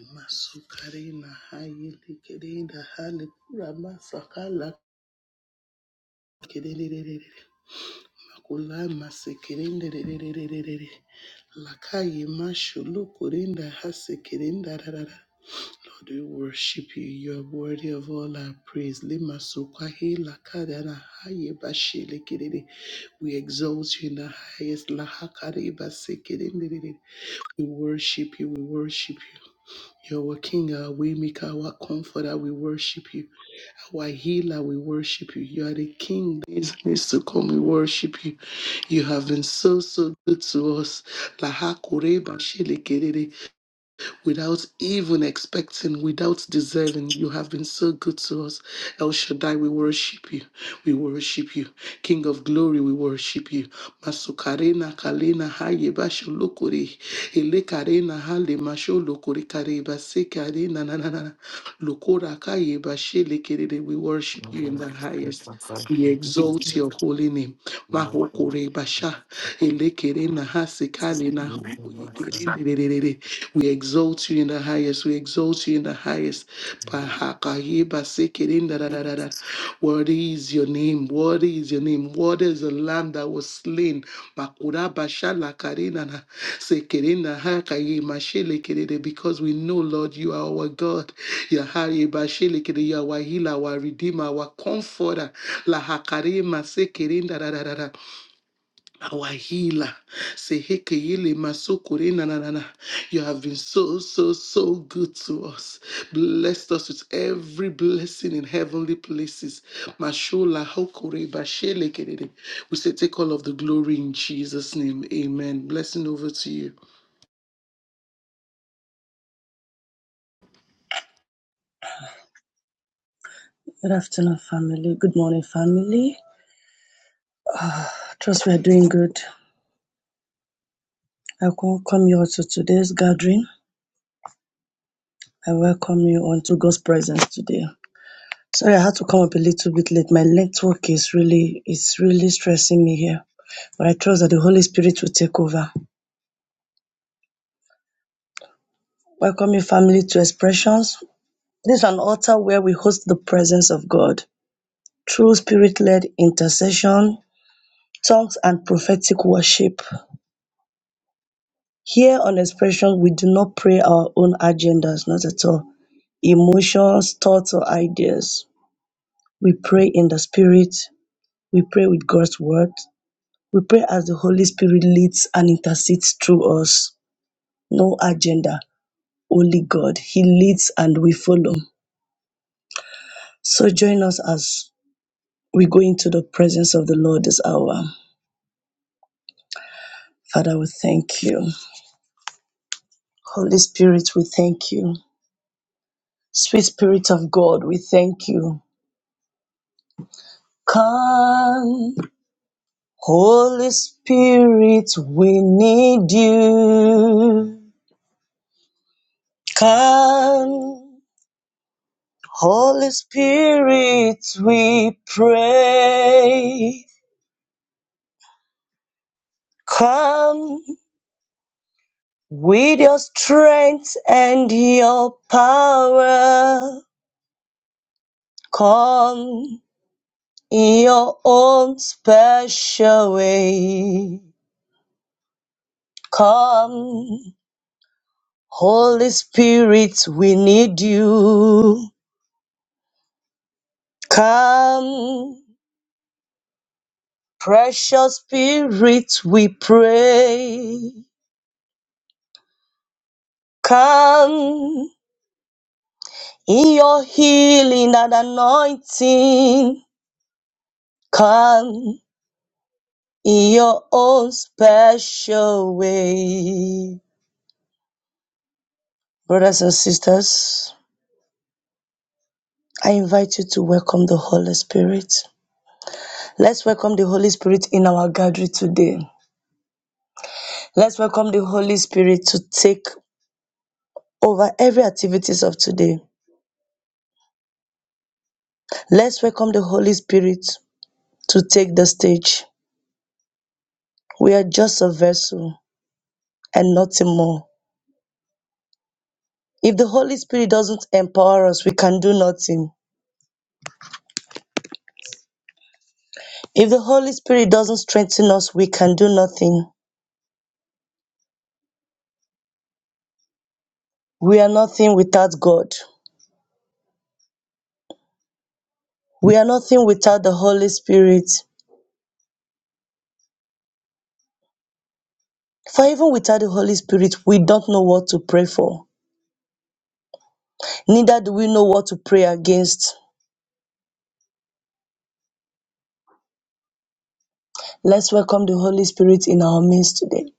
Imasukarina hayilikirinda halikura masakala kirerere makula masikirinde rererererere lakayi mashulukurinda hasikirinda rarara. Lord, we worship you. You are worthy of all our praise. Lima sukahi lakadana haye bashilikirini. We exalt you in the highest. Lahakariba sikirinde rerere. We worship you. We worship you. You're our king, our waymaker, our comforter. We worship you. Our healer, we worship you. You are the king that is needs to come. We worship you. You have been so, so good to us. Lahakureba without even expecting, without deserving. You have been so good to us. El Shaddai, we worship you. We worship you. King of glory, we worship you. Masukarena kalena haye basho lokore. Ele karena hale masho lokore kare base karena na na na. na. Lokora kaye bashe lekerere. We worship you in the highest. We exalt your holy name. Mahokore basha. Elekere na hasekale na hoye kerere. We exalt you in the highest. We exalt you in the highest. Bahakayiba sekirinda da da da da. Worthy is your name. Worthy is your name. Worthy is the lamb that was slain. Bakura bashala karina na sekirinda hakayi mashele kirede. Because we know, Lord, you are our God. Yahari bashele kirede. You are our healer, our redeemer, our comforter. La hakarima sekirinda da da da da our healer. say heke Sehekeyele masokore na na na na. You have been so, so, so good to us. Blessed us with every blessing in heavenly places. Mashola hokore bashele kerere. We say, take all of the glory in Jesus' name. Amen. Blessing over to you. Thank Good afternoon, family. Good morning, family. Uh, trust we are doing good. I welcome you all to today's gathering. I welcome you onto God's presence today. Sorry, I had to come up a little bit late. My network is really, it's really stressing me here. But I trust that the Holy Spirit will take over. Welcome you, family, to Expressions. This is an altar where we host the presence of God through spirit-led intercession, songs, and prophetic worship. Here on expression, we do not pray our own agendas, not at all, emotions, thoughts or ideas. We pray in the Spirit, we pray with God's word, we pray as the Holy Spirit leads and intercedes through us. No agenda, only God. He leads and we follow. So join us as we go into the presence of the Lord this hour. Father, we thank you. Holy Spirit, we thank you. Sweet Spirit of God, we thank you. Come. Holy Spirit, we need you. Come, Holy Spirit, we pray. Come with your strength and your power. Come in your own special way. Come, Holy Spirit, we need you. Come. Precious Spirit, we pray. Come in your healing and anointing. Come in your own special way. Brothers and sisters, I invite you to welcome the Holy Spirit. Let's welcome the Holy Spirit in our gathering today. Let's welcome the Holy Spirit to take over every activities of today. Let's welcome the Holy Spirit to take the stage. We are just a vessel and nothing more. If the Holy Spirit doesn't empower us, we can do nothing. If the Holy Spirit doesn't strengthen us, we can do nothing. We are nothing without God. We are nothing without the Holy Spirit. For even without the Holy Spirit, we don't know what to pray for. Neither do we know what to pray against. Let's welcome the Holy Spirit in our midst today.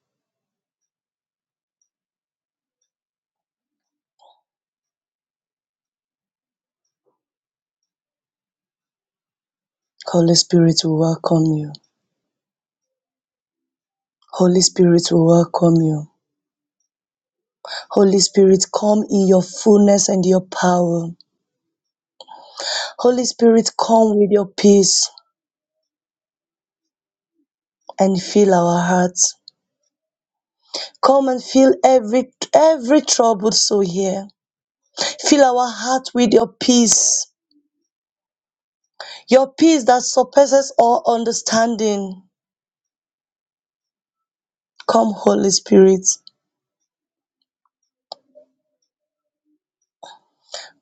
Holy Spirit, we welcome you. Holy Spirit, we welcome you. Holy Spirit, come in your fullness and your power. Holy Spirit, come with your peace and fill our hearts. Come and fill every every troubled soul here. Fill our heart with your peace. Your peace that surpasses all understanding. Come, Holy Spirit.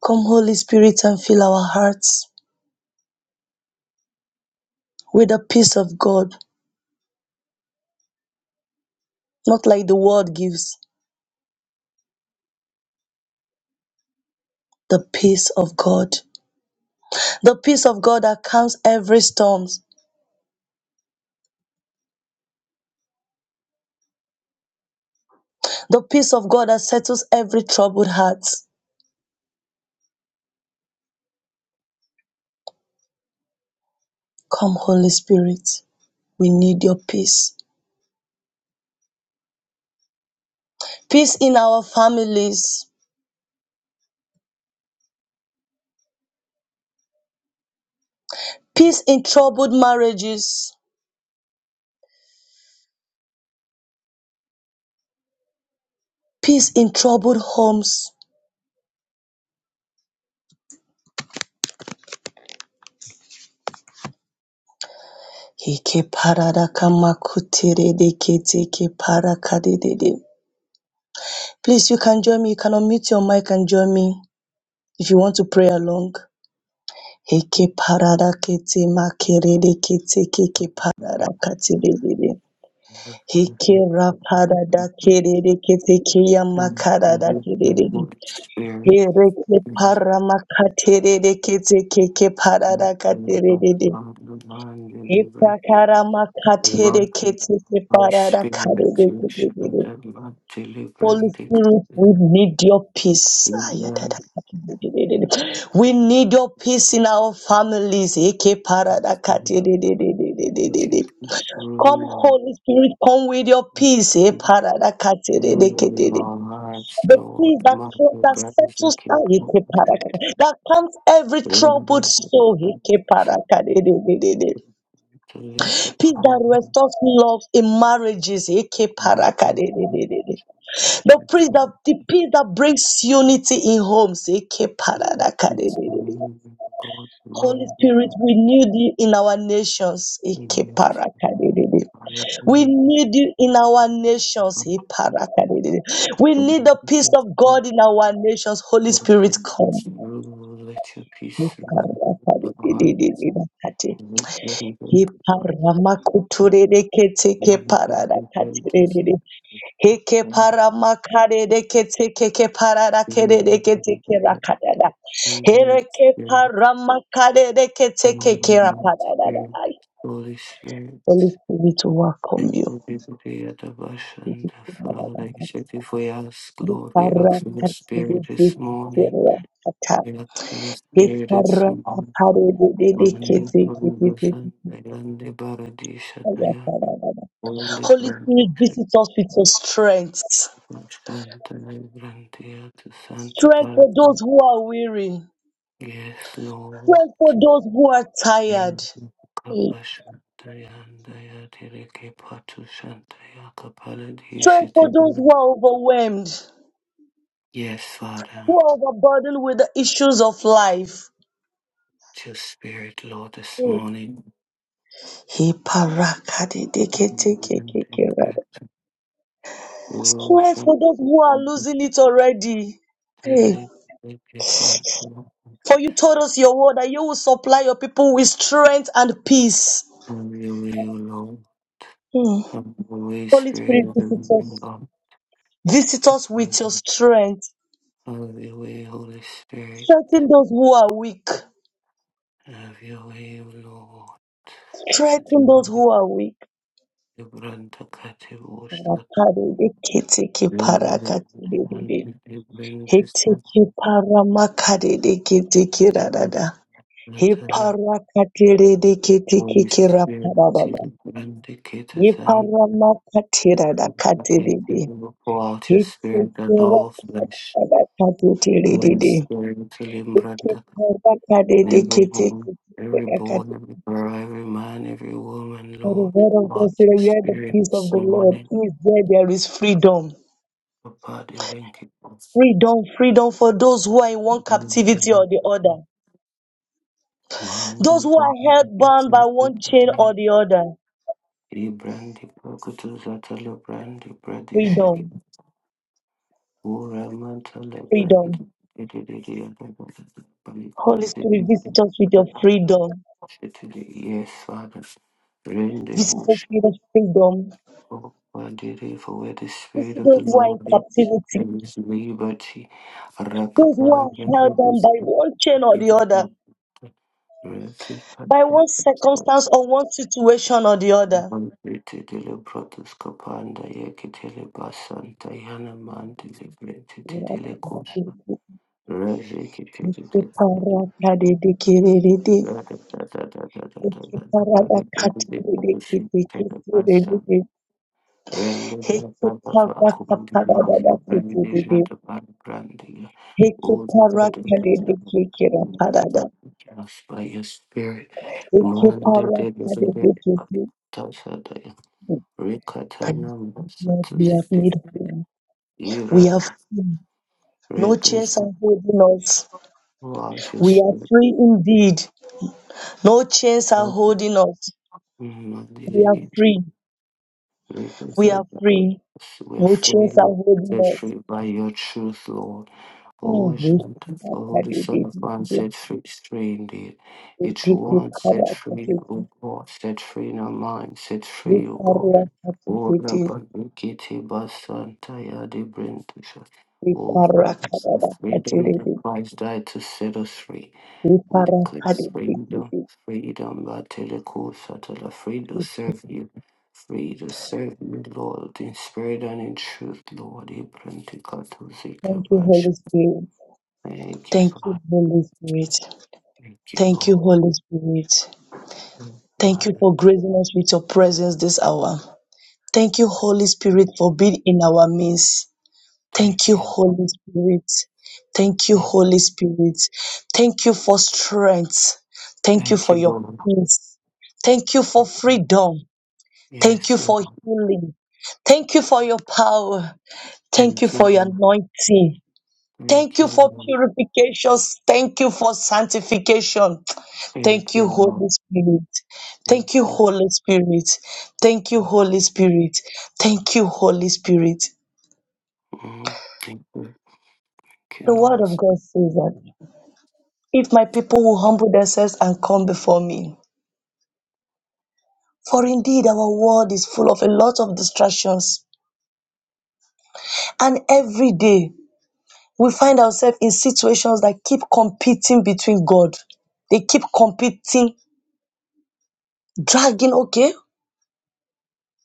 Come, Holy Spirit, and fill our hearts with the peace of God, not like the world gives. The peace of God. The peace of God that calms every storm. The peace of God that settles every troubled heart. Come, Holy Spirit, we need your peace. Peace in our families, peace in troubled marriages, peace in troubled homes. Please, you can join me. You can unmute your mic and join me if you want to pray along. Heke parada kete makerede kete keke parada kate de de de. Hikera parada kerere ketekeya makarada kerere. Hereke Spirit, para makaterere ketekeke parada katerere. Hepakara makatere keteke parada karere kerere. Holy Spirit, we need your peace. Ayadada kerere. We need your peace in our families. Heke parada katerere. Come, Holy Spirit, come with your peace. eh, in paradakatereleketele. our lives, The Lord. peace that, Mother, that brothers, settles and down, eh, people, parakata, that calms every troubled remember soul. the eh, parakatereleketele. simply Peace power that restores love in marriages. eh, Mother, parakatereleketele. The peace that, the peace that brings unity in homes. eh, it's the parakatereleketele. name God, Holy man, Spirit, renew thee in our nations. eh, amen. parakatereleketele. I have We been need you in our nations. He Iparakadididi. We need the peace of God in our nations. Holy Spirit, come. It's you let your peace rule in our heart. Parakadedededededededede. and let your will be He done. paramakuturedekete ke Man, we pray paradakatededede. He ke paramakaredekete ke ke paradakededekete ke to us. rakadada. He Holy Iparakadidididididakati. Spirit, Holy Iparamakuturedeketekeparadakatidididi. Hekeparamakaredeketekekeparadakeredeketekerakadada. Spirit, Herekeparamakaredeketekekerapadadadai. Holy Spirit, Holy Spirit, welcome and the Adabasha and the Father, you. you said if we ask, Holy Lord, we ask Spirit, for your Spirit visit this morning. We ask for your Spirit this morning. Mandi Burundo Santa Yandi Baradi Shataya, Holy Brand, us with your strength. Santa Brandia to Santa Strength for Baradi. those who are weary. Yes, Lord, Strength for those who are tired. Kappa Shantaya and Daya Tireke Patu Shantaya Kapala Strength for those who Dishitibuna. are overwhelmed, Yes, Father, who are overburdened with the issues of life. with your spirit, Lord, this morning. Strength Have for those who are losing it already. For you told us your word that you will supply your people with strength and peace. your way, O Lord. Mm. Have your way, Holy Spirit Spirit, of the visit living us. God. Visit us with your strength. Have your way, Holy Spirit. Strengthen those who are weak. Have your way, O Strengthen those who are weak. Lord. Holy He paramakatirada Spirit, indicated and katiridi. unbelievable. pour out your For the spirit on word all of God flesh. said that Holy Spirit, to Limbranda, in every home, every born, every girl, every man, every woman, Lord, pour out your We where the spirit peace of this the Lord morning. He is, there there is freedom. Papa, the link it was. Freedom, freedom for those who are in one captivity or the other. Those Man, who are held bound by one chain or the other. Ibrandi Brakutu Zatala Brandi Bradi Shiki Freedom, Ura Mantala freedom. Brandi Holy Spirit, visit us with your freedom. Yes, Father. Rende Visit us Bush. with your freedom. Oh, Badiri, for where the Spirit Visit of those the who are in Lord is, captivity. there is liberty. Those who are Rakapanda, held there down is by one chain or the liberty. other, Raki by one circumstance or one situation or the other. Titili Brotus Capanda Yakitili Basanta Yana Mantili Brenti We have Titili Cosa made Raji Kitty whole. Render by your spirit, Manda de Tasa Rikatana Masakiziki Ira We have no Regus chance of holding us. We Lashes are free indeed. No chains are holding us. We are Mandiliki free. Regus We are free. we are No free, chains are Lord, holding set us. free by your truth, Lord. Oh, Mm. Janta, for who the Son of Man set free is free indeed. Each one set free, O God, set free in our mind, set free, O God. Ora Kitty Basanta Yadi Brindusha. Oh, for it is the freedom that Christ died to set us free. We declare freedom, freedom, Bateleko Satala, free to serve you, free to serve you, Lord, in spirit and in truth, Lord. Ibrantikatu Thank you, Zikabash. Holy Spirit. Thank you, Thank Father. you, Holy Spirit. Thank you, Thank you, Lord. Holy Spirit. Thank you Thank for gracing us with your presence this hour. Thank you, Holy you, Spirit, Lord. for being in our midst. Thank you, Thank you, Lord. Holy Spirit. Thank you, Thank Holy Spirit. Thank you for strength. Thank you thank for you, your Lord. peace. Thank you for freedom. Thank you Yes, Lord. for healing. Thank you for your power. Thank you Thank for you, your Lord. anointing. Thank Thank you you, for Lord. purification. Thank you for sanctification. Thank Thank you, you, Lord. Holy Spirit. Thank Thank you, you. Holy Spirit. Thank you, Holy Spirit. Thank you, Holy Spirit. Mm-hmm. Thank you. Thank The you, word Lord. of God says that if my people will humble themselves and come before me, for indeed our world is full of a lot of distractions, and every day we find ourselves in situations that keep competing between God. They keep competing, dragging, okay,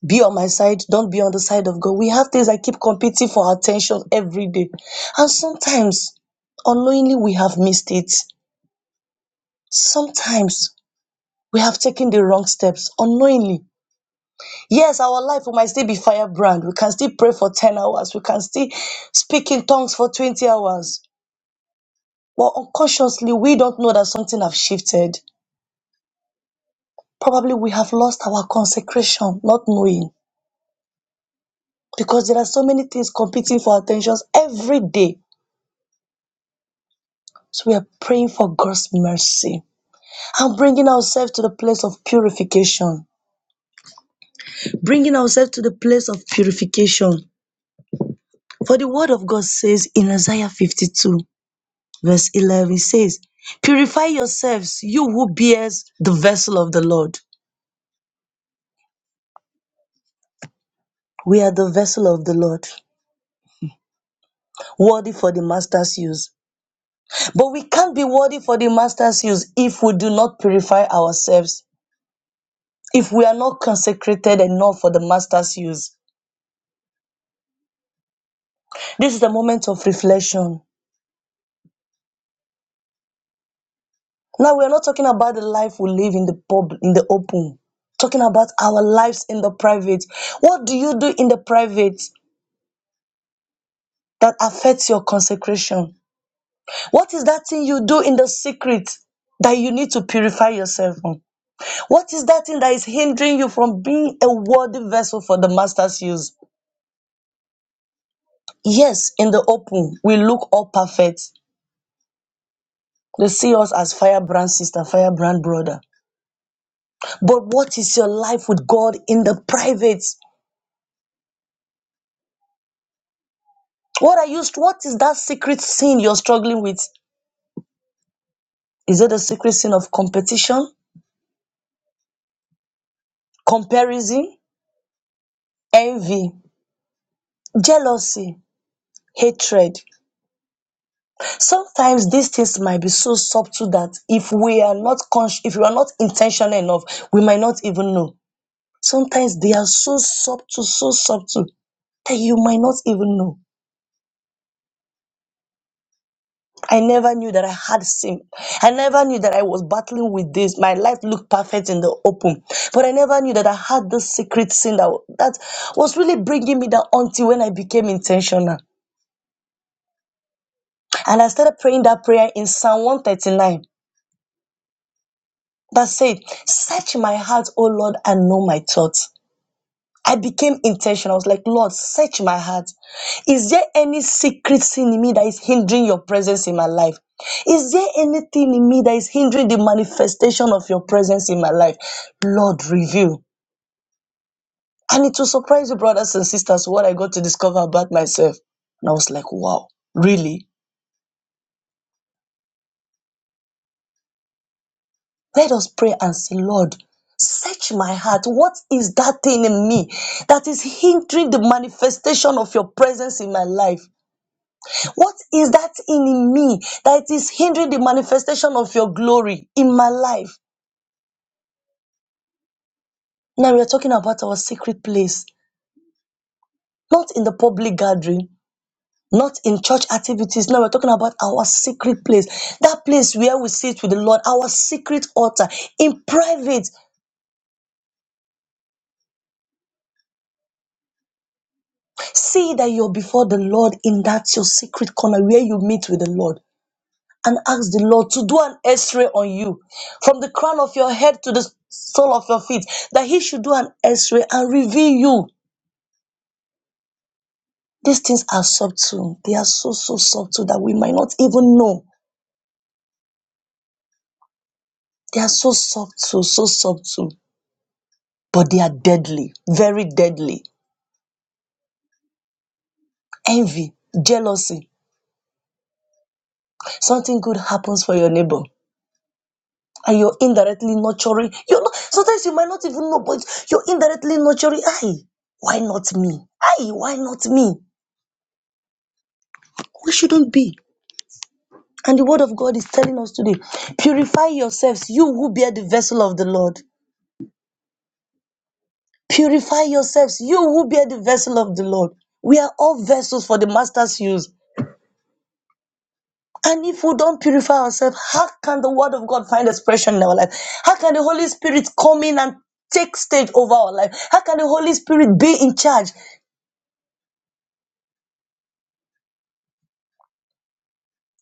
be on my side, don't be on the side of God. We have things that keep competing for our attention every day. And sometimes, unknowingly, we have missed it. Sometimes, we have taken the wrong steps unknowingly. Yes, our life we might still be firebrand. We can still pray for 10 hours. We can still speak in tongues for 20 hours. But unconsciously, we don't know that something has shifted. Probably we have lost our consecration, not knowing. Because there are so many things competing for our attentions every day So we are praying for God's mercy and bringing ourselves to the place of purification. Bringing ourselves to the place of purification. For the word of God says in Isaiah 52, verse 11, it says, Purify yourselves, you who bears the vessel of the Lord. We are the vessel of the Lord, worthy for the master's use. But we can't be worthy for the master's use if we do not purify ourselves, if we are not consecrated enough for the master's use. This is a moment of reflection. Now we are not talking about the life we live in the pub, in the open. Talking about our lives in the private. What do you do in the private that affects your consecration? What is that thing you do in the secret that you need to purify yourself on? What is that thing that is hindering you from being a worthy vessel for the master's use? Yes, in the open, we look all perfect. They see us as firebrand sister, firebrand brother. But what is your life with God in the private? What are you what is that secret sin you're struggling with? Is it the secret sin of competition, comparison, envy, jealousy, hatred? Sometimes these things might be so subtle that if we are not conscious, if we are not intentional enough, we might not even know. Sometimes they are so subtle, so subtle that you might not even know. I never knew that I had sin. I never knew that I was battling with this. My life looked perfect in the open, but I never knew that I had this secret sin that, that was really bringing me down until when I became intentional. And I started praying that prayer in Psalm 139 that said, Search my heart, O Lord, and know my thoughts. I became intentional. I was like, Lord, search my heart. Is there any secret sin in me that is hindering your presence in my life? Is there anything in me that is hindering the manifestation of your presence in my life? Lord, reveal. And it will surprise you, brothers and sisters, what I got to discover about myself. And I was like, wow, really? Let us pray and say, Lord, search my heart. What is that thing in me that is hindering the manifestation of your presence in my life? What is that in me that is hindering the manifestation of your glory in my life? Now we are talking about our secret place, not in the public gathering, not in church activities. Now we're talking about our secret place, that place where we sit with the Lord, our secret altar in private. See that you're before the Lord in that your secret corner where you meet with the Lord. and ask the Lord to do an x ray on you from the crown of your head to the sole of your feet, that He should do an x ray and reveal you. These things are subtle. They are so, so subtle that we might not even know. They are so subtle, so subtle, but they are deadly, very deadly. Envy, jealousy. Something good happens for your neighbor. And you're indirectly nurturing. You're not, sometimes you might not even know, but you're indirectly nurturing. Aye, why not me? Aye, why not me? We shouldn't be. And the word of God is telling us today purify yourselves, you who bear the vessel of the Lord. Purify yourselves, you who bear the vessel of the Lord. We are all vessels for the master's use. And if we don't purify ourselves, how can the word of God find expression in our life? How can the Holy Spirit come in and take stage over our life? How can the Holy Spirit be in charge?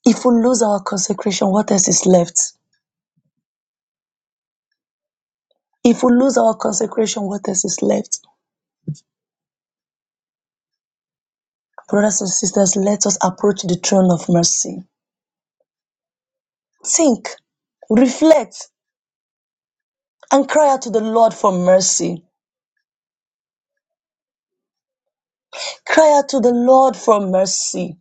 If we lose our consecration, what else is left? If we lose our consecration, what else is left? Brothers and sisters, let us approach the throne of mercy. Think, reflect, and cry out to the Lord for mercy. Cry out to the Lord for mercy.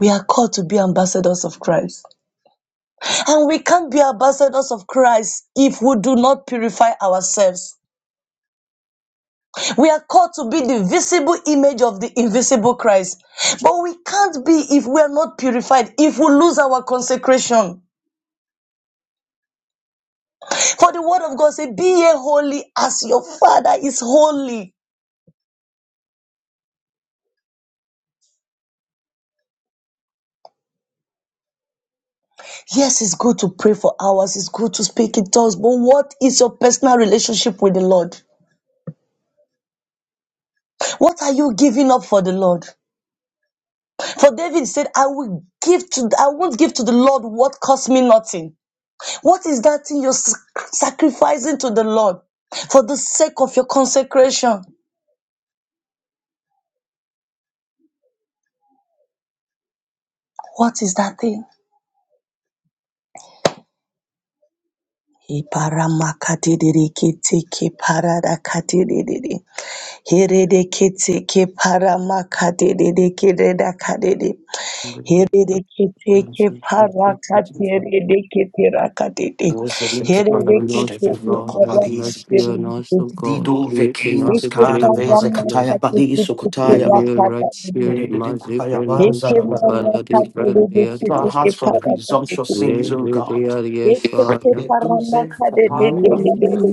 We are called to be ambassadors of Christ. And we can't be ambassadors of Christ if we do not purify ourselves. We are called to be the visible image of the invisible Christ. But we can't be if we are not purified, if we lose our consecration. For the word of God says, Be ye holy as your Father is holy. Yes, it's good to pray for hours. It's good to speak in tongues. But what is your personal relationship with the Lord? What are you giving up for the Lord? For David said, I will give to, I won't give to the Lord what costs me nothing. What is that thing you're sac- sacrificing to the Lord for the sake of your consecration? What is that thing? Iparamakadededeketekeparadakadedede. Heredeketeke paramakadededekede dakadede. Here Somebody and Hererekete seek and seek seeking parakate for me. rerekete rakatete. Moses and Look to your Keparavich nose to Hererekete Devin God, have Dokopalis. parakate mercy on us, O rerekete God. Dido Create in us Vekinas a Kara clean Veze heart, Lord. Kataya paramakate Bali kete Sukotaya Ba. Renew a right rakate. spirit, Dededu mercy, Kutaya Ba Brendan, Eke Zalabadaba. Scopala, the Keep marakate Brandia, keep our to rerekete hearts from Satana. parakate presumptuous kete. ke parakati te te. sins, O Live God. the air, yes, Eke Father. Kedu Zen paramakate You Kataya Ba. rerekete.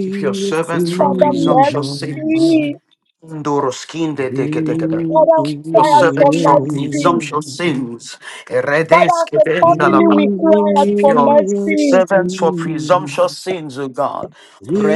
Keep your servants from Father, presumptuous sins. see mercy. Ndoroskinde tekedekede. Your Father, we Keep your cry spirit out for servant from mercy. presumptuous sins. Father, as a family, Eredeskedendalaba. we cry out Keep for your mercy. servants for presumptuous sins, O God.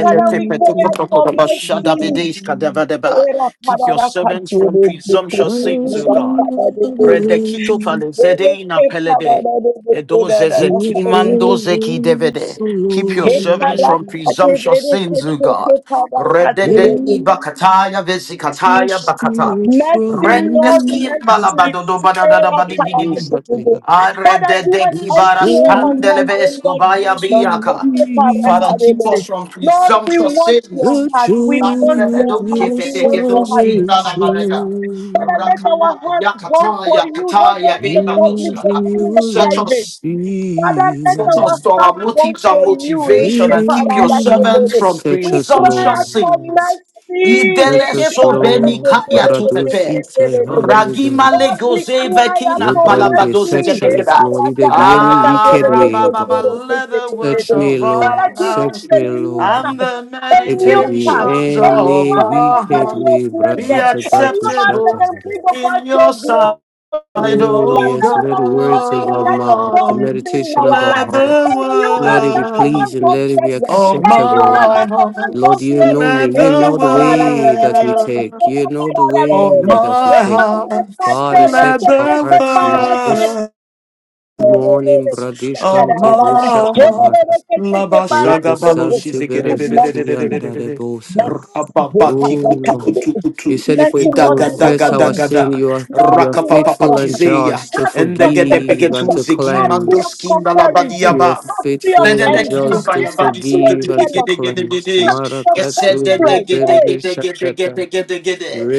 Father, we cry out for mercy. Era Keep your parada servants from katiri presumptuous sins, O kukukukuka God. parada de Redekito bere palezedeina ke pelede. parada de kukuda Edoze da da zeki parada mando zeki devede. Keep your servants from parada de presumptuous bere ke sins, O ke God. parada katiri Rededed de ibakataya vesikataya bakata. from mercy Rendes Lord me, mercy kimbalabado era badadabadi and do parada bididi. kukuda something. Father, Father do an You extra still on us O Lord to Jesus ke parada me. keep katiri us de from Lord we presumptuous want your sins. The heart we want joy your of Landeledoke heart your we want your heart pedegedoskindala Jesus barega. Father, let salvation our Rakapa hearts burn yakata for you, not yakata just in the yabinga public, and but doskada. even in the Search your private. us, Father, let Set our us experience. to our hearts burn motives for and you. motivation and keep Living your in servants Ekeparadakelele. from such We a cry slow, out presumptuous for sins. mercy. such Idele a soveni slow, Ekeparadakelele. kaya tu pepe. Maradosita Ragima Yanibara. Lord, we legoze cry out vetina for Liberally palabadoze mercy. such as zebegeda. Lord, if there be any Ah, wicked Ekeparadakelele. way, O rabababa, God. let the words Search me, of Lord, our Father, give us mouth search a me, new and Lord. heart, the a If there new be heart, meditations a new any of heart that can our wicked carry heart your way, be presence, Brazuta a new Batu heart that acceptable can Shatan. bring about in your your sight. glory glory. That I Oh, know yes, God, let wherever the we step words in of the our light of mouth, God the is seen in meditation of our our let life. A hearts, new heart let it be that the commands pleasing, word God's let it be presence. A of new acceptable, heart my that Lord. commands heart, Lord, God's you glory. know me. let You Eke the know the parada way kerere that we keke take. word You kera know the parada way of rerere. that we my take. Ema heart, rata Father, tere let search our keke the ke hearts, Lord. parata This word morning, Bradish Oh, Kante ma, Bushakabara, la basha Repo gabalo rerere. Sante Lord, Berezuti mercy. shizigedebedebedebedebedebede. Yandarebosa. Mercy, oh Rababadi Father, kutu Oh, kutu Kadosh. you kutu. said if we mercy, Lord, Idaga give us daga confess your our daga heart. sin, da. you are Lord, you are we want faithful your and heart. Rakapapapatizeya. just to Heart free of forgive and competition. Endegedebegetu to zegi Heart free mando of cleanse. skinda la comparison. You are badiaba. Heart free of faithful and Rakamba envy. just to Heart free of forgive and to jealousy. cleanse. Heart free of Marakatu hatred. Hey, reprendi shakata.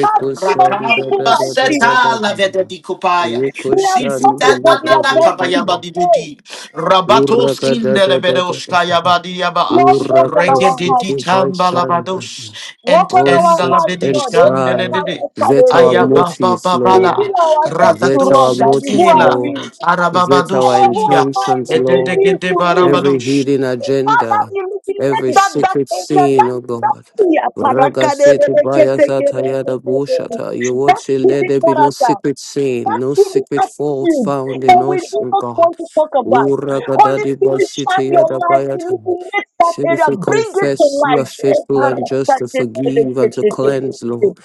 heart free of shanda evil da da da vices. da da. seta la vede di kopaya. Riku They are shanda subtle, Zifita but na they na libro are na kabaya deadly. busata. badi di Hey, di. Rabato Uraka skin da de le da da bede da oskaya da. badi yaba. Lord, work on Uraka Renge our di heart. di siti tamba la vaishanda. bados. Work Ent on Oh, our enda la sit heart, bede and Lord. Hey, skan de hey, try. le de hey, hey, de. That hey, hey, our hey, hey. Ayaba motives, baba Lord. Reveal ourselves to That us, our Daddy. Who motives, are ela, we? Lord. That our Father, who arababadusia, am I? intentions, Reveal Lord you edegede to me. every barabadush. hidden Father, agenda, illuminate every that dark secret area, sin, that oh that God. fear. Raga City Bayasatayada Parakadebeleketekerepetete. Bushata. You would That say, let hidden there be no character. secret sin, That no hidden secret fault attitude found that in we us, do oh not God. want to talk about. Holy Uragadadi Spirit, shine your Bashitayada light, Bayata. illuminate that Say if area, we bring it to confess, you are light. Eh, faithful and just to parasakete- forgive and to cleanse, Lord.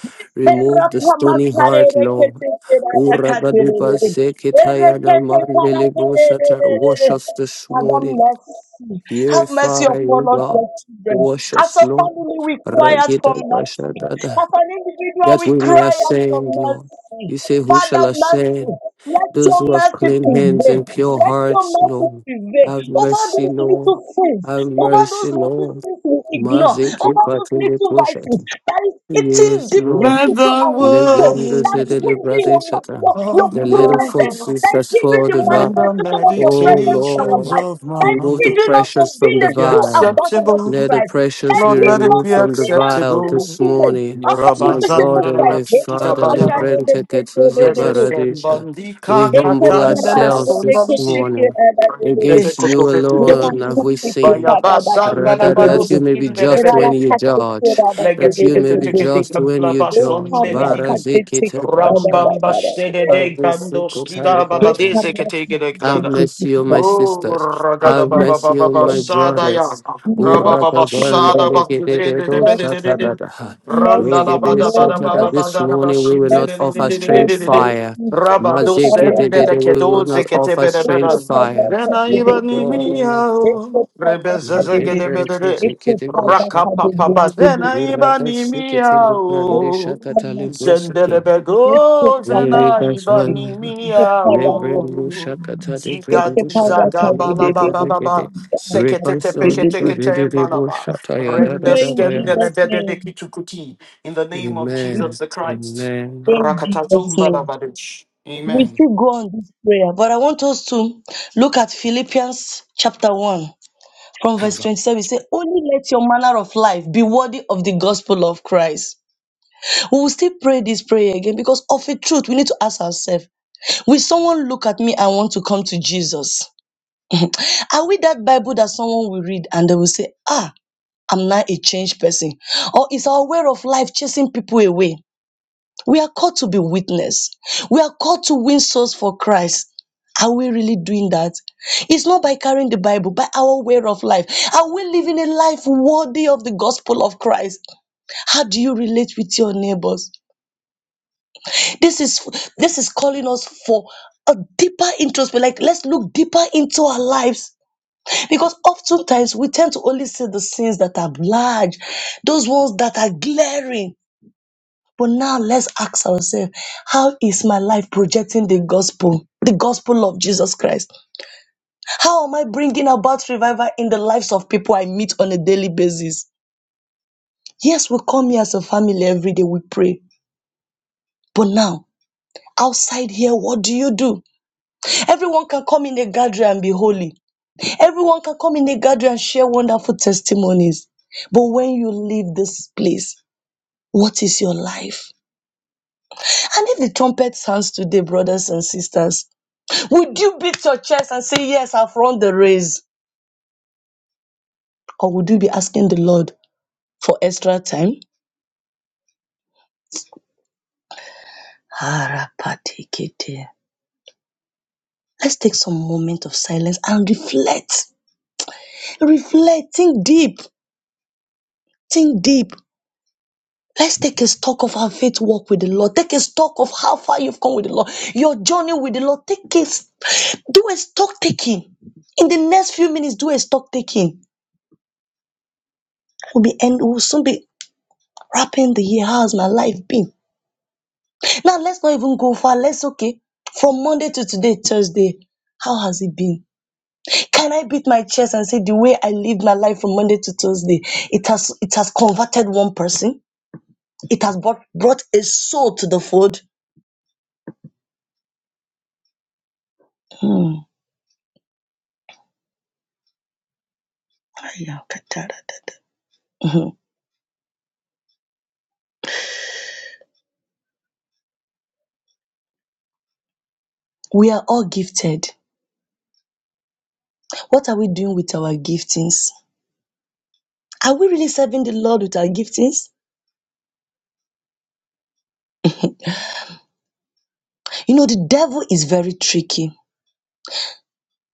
Eh, Remove the stony heart, rapamakarere- Lord. Uragadipa sekitayana mandelebo sata. Wash us this Have morning. mercy. Have mercy Purify, upon O us, your God. children. Wash As us, a Lord. family, we cry out for Ragida mercy. bashadada. As an individual, That we we may cry out for ascend, Lord. mercy. You say, Who Father, shall mercy. ascend? Let Those your who have mercy clean hands prevail. and pure Let your hearts, mercy Lord. prevail Have over mercy, those little Lord. sins, Have over those mercy, little Lord. sins we ignore, Maziki over those patili little vices kushata. that is eating Yes, deeply Lord. Let into the our soul, Lebranders, that's the words little hindering brother, your, shata. your, your of The little my presence, foxes that's heart that's hindering for the the devour. and the manifestation of your O presence in our meditations Lord, of life. my Thanks remove him, the heart you us for precious from being the the be true vial. ambassador of acceptable. Let the Christ. precious Thanks be Lord, him, let you it us removed be for from the being that vial visible acceptable. this image morning. of that My invisible God and my Christ. They come Father, back Rabazandarabatikitabayana. and they Librente keep, they they Ketuza they do. Baradisha, we Lezesembandika they keep, they keep, they. keep, They kept humble her out katandele of it, ourselves they this kept they sondalisi. kept morning. her out of it, they did. Tebe Against you kotope They tukebi. were alone have we kept they kept her sinned. Bayaba out they sandala Rather, did, they that baros you did. may be They just were when indele you kept they kept her judge, out they that did, you may they be did, they just did. when you They were judge. Legedekete-tekete-gablabasondedidi. kept they kept Barazikite her out of it, they did. They were kept they kept her Pashanta, Avisukotalibai. Have Rambambashtedede-gandoskidabaladezekete-gedegedada. mercy on my out of it, they did. Oh, sisters. Oh, ragada Have baba mercy mercy, baba on my Lord basada ya, Jesus. brothers. raba baba Mercy, sada Lord. bakuze de de de de de de Mercy, de, Uratabandelegedededoshatadada. randa la mercy, bada Lord. bada bada Regedeshatadada. This Mercy, bada la morning we bashin will de not de de mercy, de offer de de Lord. strange de de de, fire. Mercy. Take raba a dosen de paraka le Mazikidididi, de We will kedo de not de. zekete offer bere Take strange a bere, fire. paraka rena de de My de ibani de God, de. and my miya, God, Take a rebeze paraka de de zekete de. bere Take a Mazikidididi, paraka de de de de de. Rakapapazena ibanimia Urratasikitidi, Take o. a Brandishakatali, paraka de de Brusiki. de. Take a paraka de de de. Take a paraka de de de. Take a Zendelebego zena paraka Irrigation, ibanimia Lebredo o. Shakata, Lebredo Zigadu Shakata, zagabala de baba baba. Lebredo Seketete de de Reconcile, de de. peketekete Tradidibo malaba. Shataya, We da da pray da in baya. Jesus' name. Rendeskendelebedebekitukuti. In the name of We Amen, Jesus the Christ. Amen. pray in Jesus' Rakatatum name. balabadish. We Amen. still go on this prayer, but I want us to look at Philippians chapter 1 from verse 27. It says, Only let your manner of life be worthy of the gospel of Christ. We will still pray this prayer again because of a truth, we need to ask ourselves Will someone look at me and want to come to Jesus? Are we that Bible that someone will read and they will say, Ah, I'm now a changed person? Or is our way of life chasing people away? We are called to be witness. We are called to win souls for Christ. Are we really doing that? It's not by carrying the Bible, by our way of life. Are we living a life worthy of the gospel of Christ? How do you relate with your neighbors? This is this is calling us for a deeper introspect. Like let's look deeper into our lives. Because oftentimes we tend to only see the sins that are large, those ones that are glaring. But now let's ask ourselves, how is my life projecting the gospel, the gospel of Jesus Christ? How am I bringing about revival in the lives of people I meet on a daily basis? Yes, we come here as a family every day, we pray. But now, outside here, what do you do? Everyone can come in a gathering and be holy. Everyone can come in a gathering and share wonderful testimonies. But when you leave this place, what is your life? And if the trumpet sounds today, brothers and sisters, Would you beat your chest and say, Yes, I've run the race? Or would you be asking the Lord for extra time? Harapatikete. Let's take some moment of silence and reflect. Reflect. Think deep. Think deep. Let's take a stock of our faith walk with the Lord. Take a stock of how far you've come with the Lord. Your journey with the Lord. Take a, do a stock taking. In the next few minutes, do a stock taking. We'll be end, we'll soon be wrapping the year. How's my life been? Now let's not even go far. Let's okay. From Monday to today, Thursday, how has it been? Can I beat my chest and say the way I lived my life from Monday to Thursday, it has it has converted one person. It has brought brought a soul to the fold. Hmm. Mhm. We are all gifted. What are we doing with our giftings? Are we really serving the Lord with our giftings? You know, the devil is very tricky.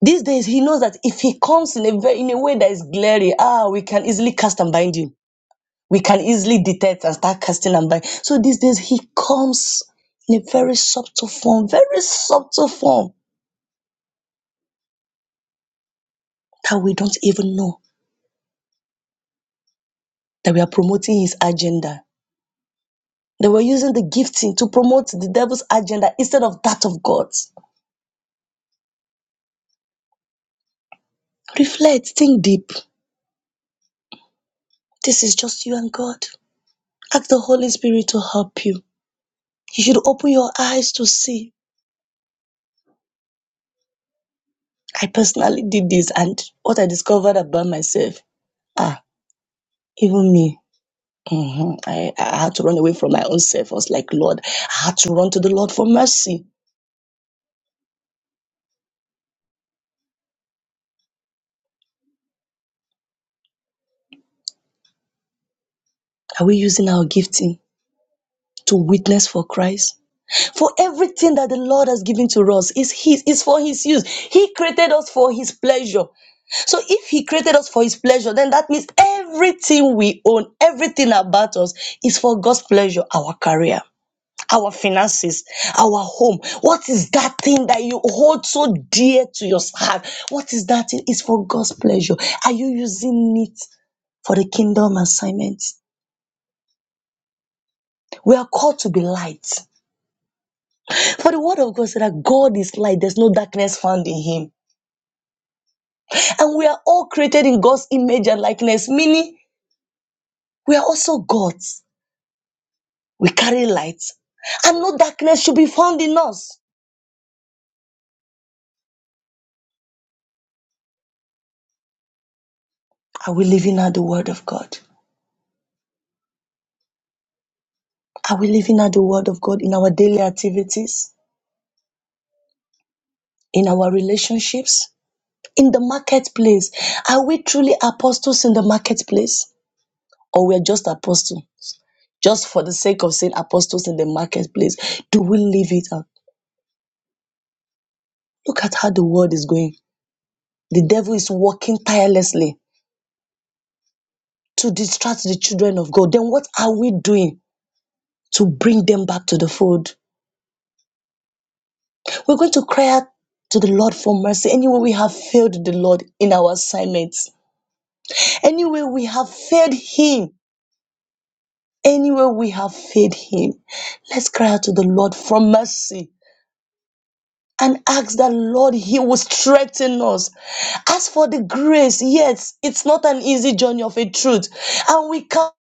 These days, he knows that if he comes in a very, in a way that is glaring, ah, we can easily cast and bind him. We can easily detect and start casting and bind. So these days, he comes in a very subtle form, very subtle form that we don't even know that we are promoting his agenda. That we're using the gifting to promote the devil's agenda instead of that of God's. Reflect, think deep. This is just you and God. Ask the Holy Spirit to help you. You should open your eyes to see I personally did this, and what I discovered about myself, ah, even me, mhm, I, I had to run away from my own self. I was like, Lord, I had to run to the Lord for mercy. Are we using our gifting to witness for Christ? For everything that the Lord has given to us is His, is for His use. He created us for His pleasure. So if He created us for His pleasure, then that means everything we own, everything about us is for God's pleasure, our career our finances, our home. What is that thing that you hold so dear to your heart? What is that thing? It's for God's pleasure. Are you using it for the kingdom assignment? We are called to be light. For the word of God said that God is light, there's no darkness found in him. And we are all created in God's image and likeness, meaning we are also God's. We carry light, and no darkness should be found in us. Are we living out the word of God? Are we living out the word of God in our daily activities? in our relationships, in the marketplace. Are we truly apostles in the marketplace? Or we're just apostles, just for the sake of saying apostles in the marketplace? Do we live it out? Look at how the world is going. The devil is working tirelessly to distract the children of God. Then what are we doing to bring them back to the fold? We're going to cry out to the Lord for mercy. Anyway, we have failed the Lord in our assignments. Anyway, we have failed Him Anywhere we have failed Him, let's cry out to the Lord for mercy and ask that Lord, He will strengthen us. As for the grace, yes, it's not an easy journey of a truth, and we can't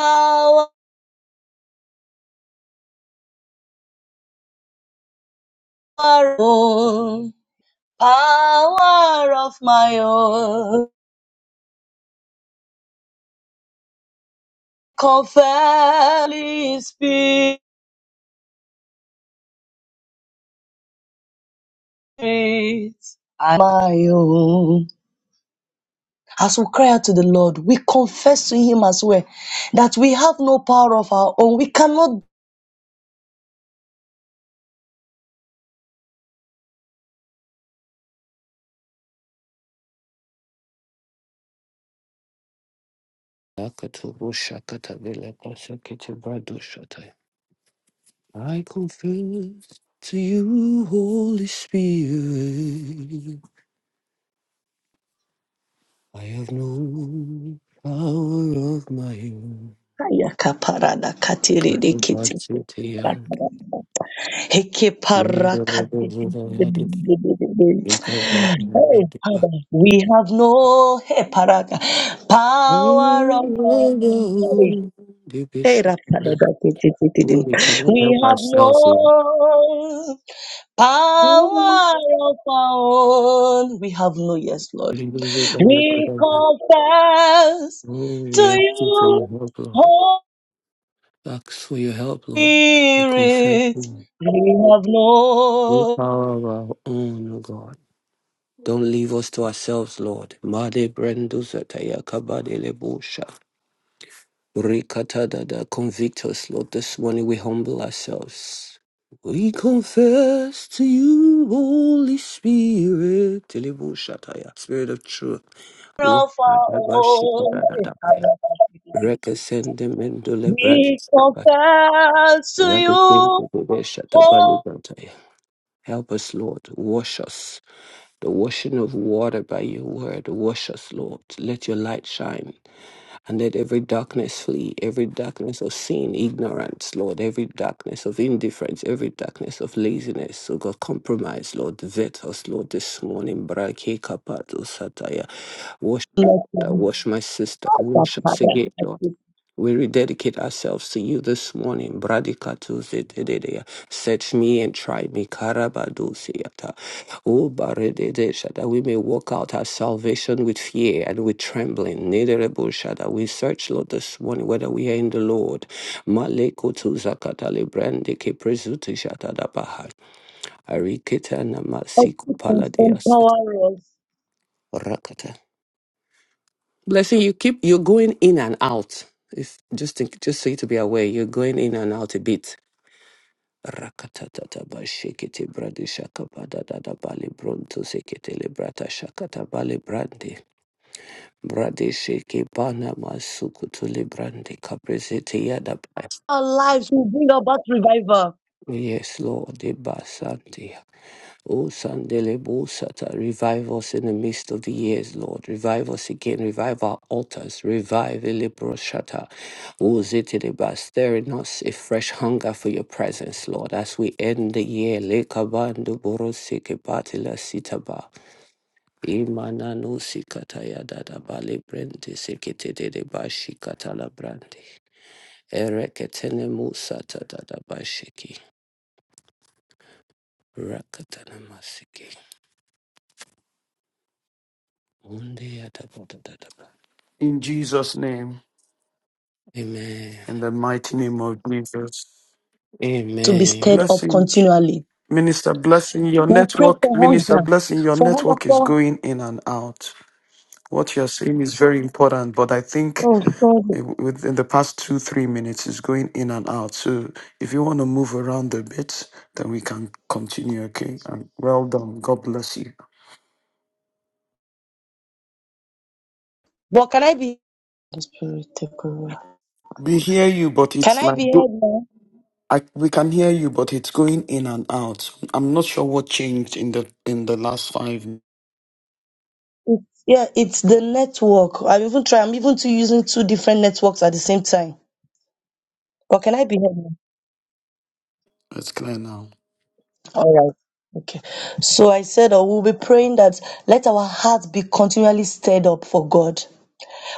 our own power of my own. Confess, Spirit, i my own. As we cry out to the Lord, we confess to Him as well that we have no power of our own. We cannot. Akatubo Shakata, Veleka Sakiti Brado Shataya. I confess to you, Holy Spirit, I have no power of my own. Hey, But Oh, Father, we have no hey, paraga, power of our own. Hey, Paraka, we cannot We help have ourselves here. no power of our own. We have no yes, Lord. We confess Oh, to we ask you for your you, help, Lord. Holy Ask for your help, Lord. We confess Spirit, you. we have No no power of our own, O God. Don't leave us to ourselves, Lord. Made brendo zataya kabadele busha. Rikatadada, convict us, Lord. This morning we humble ourselves. We confess to you, Holy Spirit. Delibu Shataya, Spirit of truth. Wa- of our own. Rabashikadadada. Rekasendemendole We Bradis. confess to you, Rakasendemendole Holy Shatabani Brataya. Help us, Lord. Wash us. The washing of water by your word. Wash us, Lord. Let your light shine. And let every darkness flee, every darkness of sin, ignorance, Lord, every darkness of indifference, every darkness of laziness, so God, compromise, Lord, vet us, Lord, this morning. Brake kapato sataya. Wash my Spirit, brother, wash my sister, wash us again, Lord. We rededicate ourselves to you this morning. Bradikatuze dedeya. Search me and try me. Karabadusiata. O barededesha. That we may walk out our salvation with fear and with trembling. Nederebusha. That we search, Lord, this morning whether we are in the Lord. Malekutuzakatale brandike presutisha tadabaha. Ariketa namasiku paladias. empower us. Blessing, you keep you're going in and out. If just think, just so you to be aware, you're going in and out a bit. Rakatatata ba shekete brade shaka ba da da da bale bronto sekete le brata shakata bale brande brade sheke bana masuku to le brande kapresete yada ba. Our lives will bring about revival Yes, Lord, de basante. O sandele bosata, revive us in the midst of the years, Lord. Revive us again. Revive our altars. Revive eleproshata. Uzitiriba, stirring us a fresh hunger for your presence, Lord, as we end the year. Lekabandu borosike batila sitaba. Imana no sikata ya dada bali brandi sikete de bashi katala brandi. Ereketene musa ta dada bashiki. Rakatana masiki. Undi ya daba dada ba. In Jesus' name, Amen. in the mighty name of Jesus. to be Amen. stirred up Blessing. continually. Minister Blessing, your We'll pray network, for Minister hunger, Blessing, your for hunger network is for. going in and out. What you're saying is very important, but I think Oh, sorry. i- within the past two, three minutes, it's going in and out. So if you want to move around a bit, then we can continue, okay? And well done. God bless you. But can I be Holy Spirit, take over. We hear you, but Can it's I be like, do- heard now? I, we can hear you, but it's going in and out. I'm not sure what changed in the in the last five. Yeah, it's the network. I'm even trying. I'm even to using two different networks at the same time. But can I be heard now? It's clear now. All right. Okay. So I said, uh, we'll be praying that let our hearts be continually stirred up for God.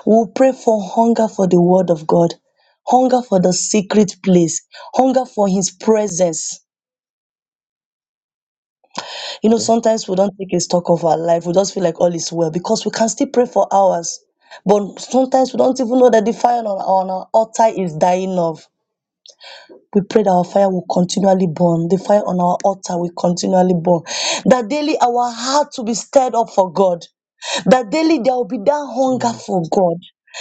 We'll pray for hunger for the word of God, hunger for the secret place, hunger for His presence. You know, Yes, sometimes we don't take a stock of our life. We just feel like all is well because we can still pray for hours. But sometimes we don't even know that the fire on, on our altar is dying off. We pray that our fire will continually burn. The fire on our altar will continually burn. That daily our heart will be stirred up for God. That daily there will be that hunger Lord. for God.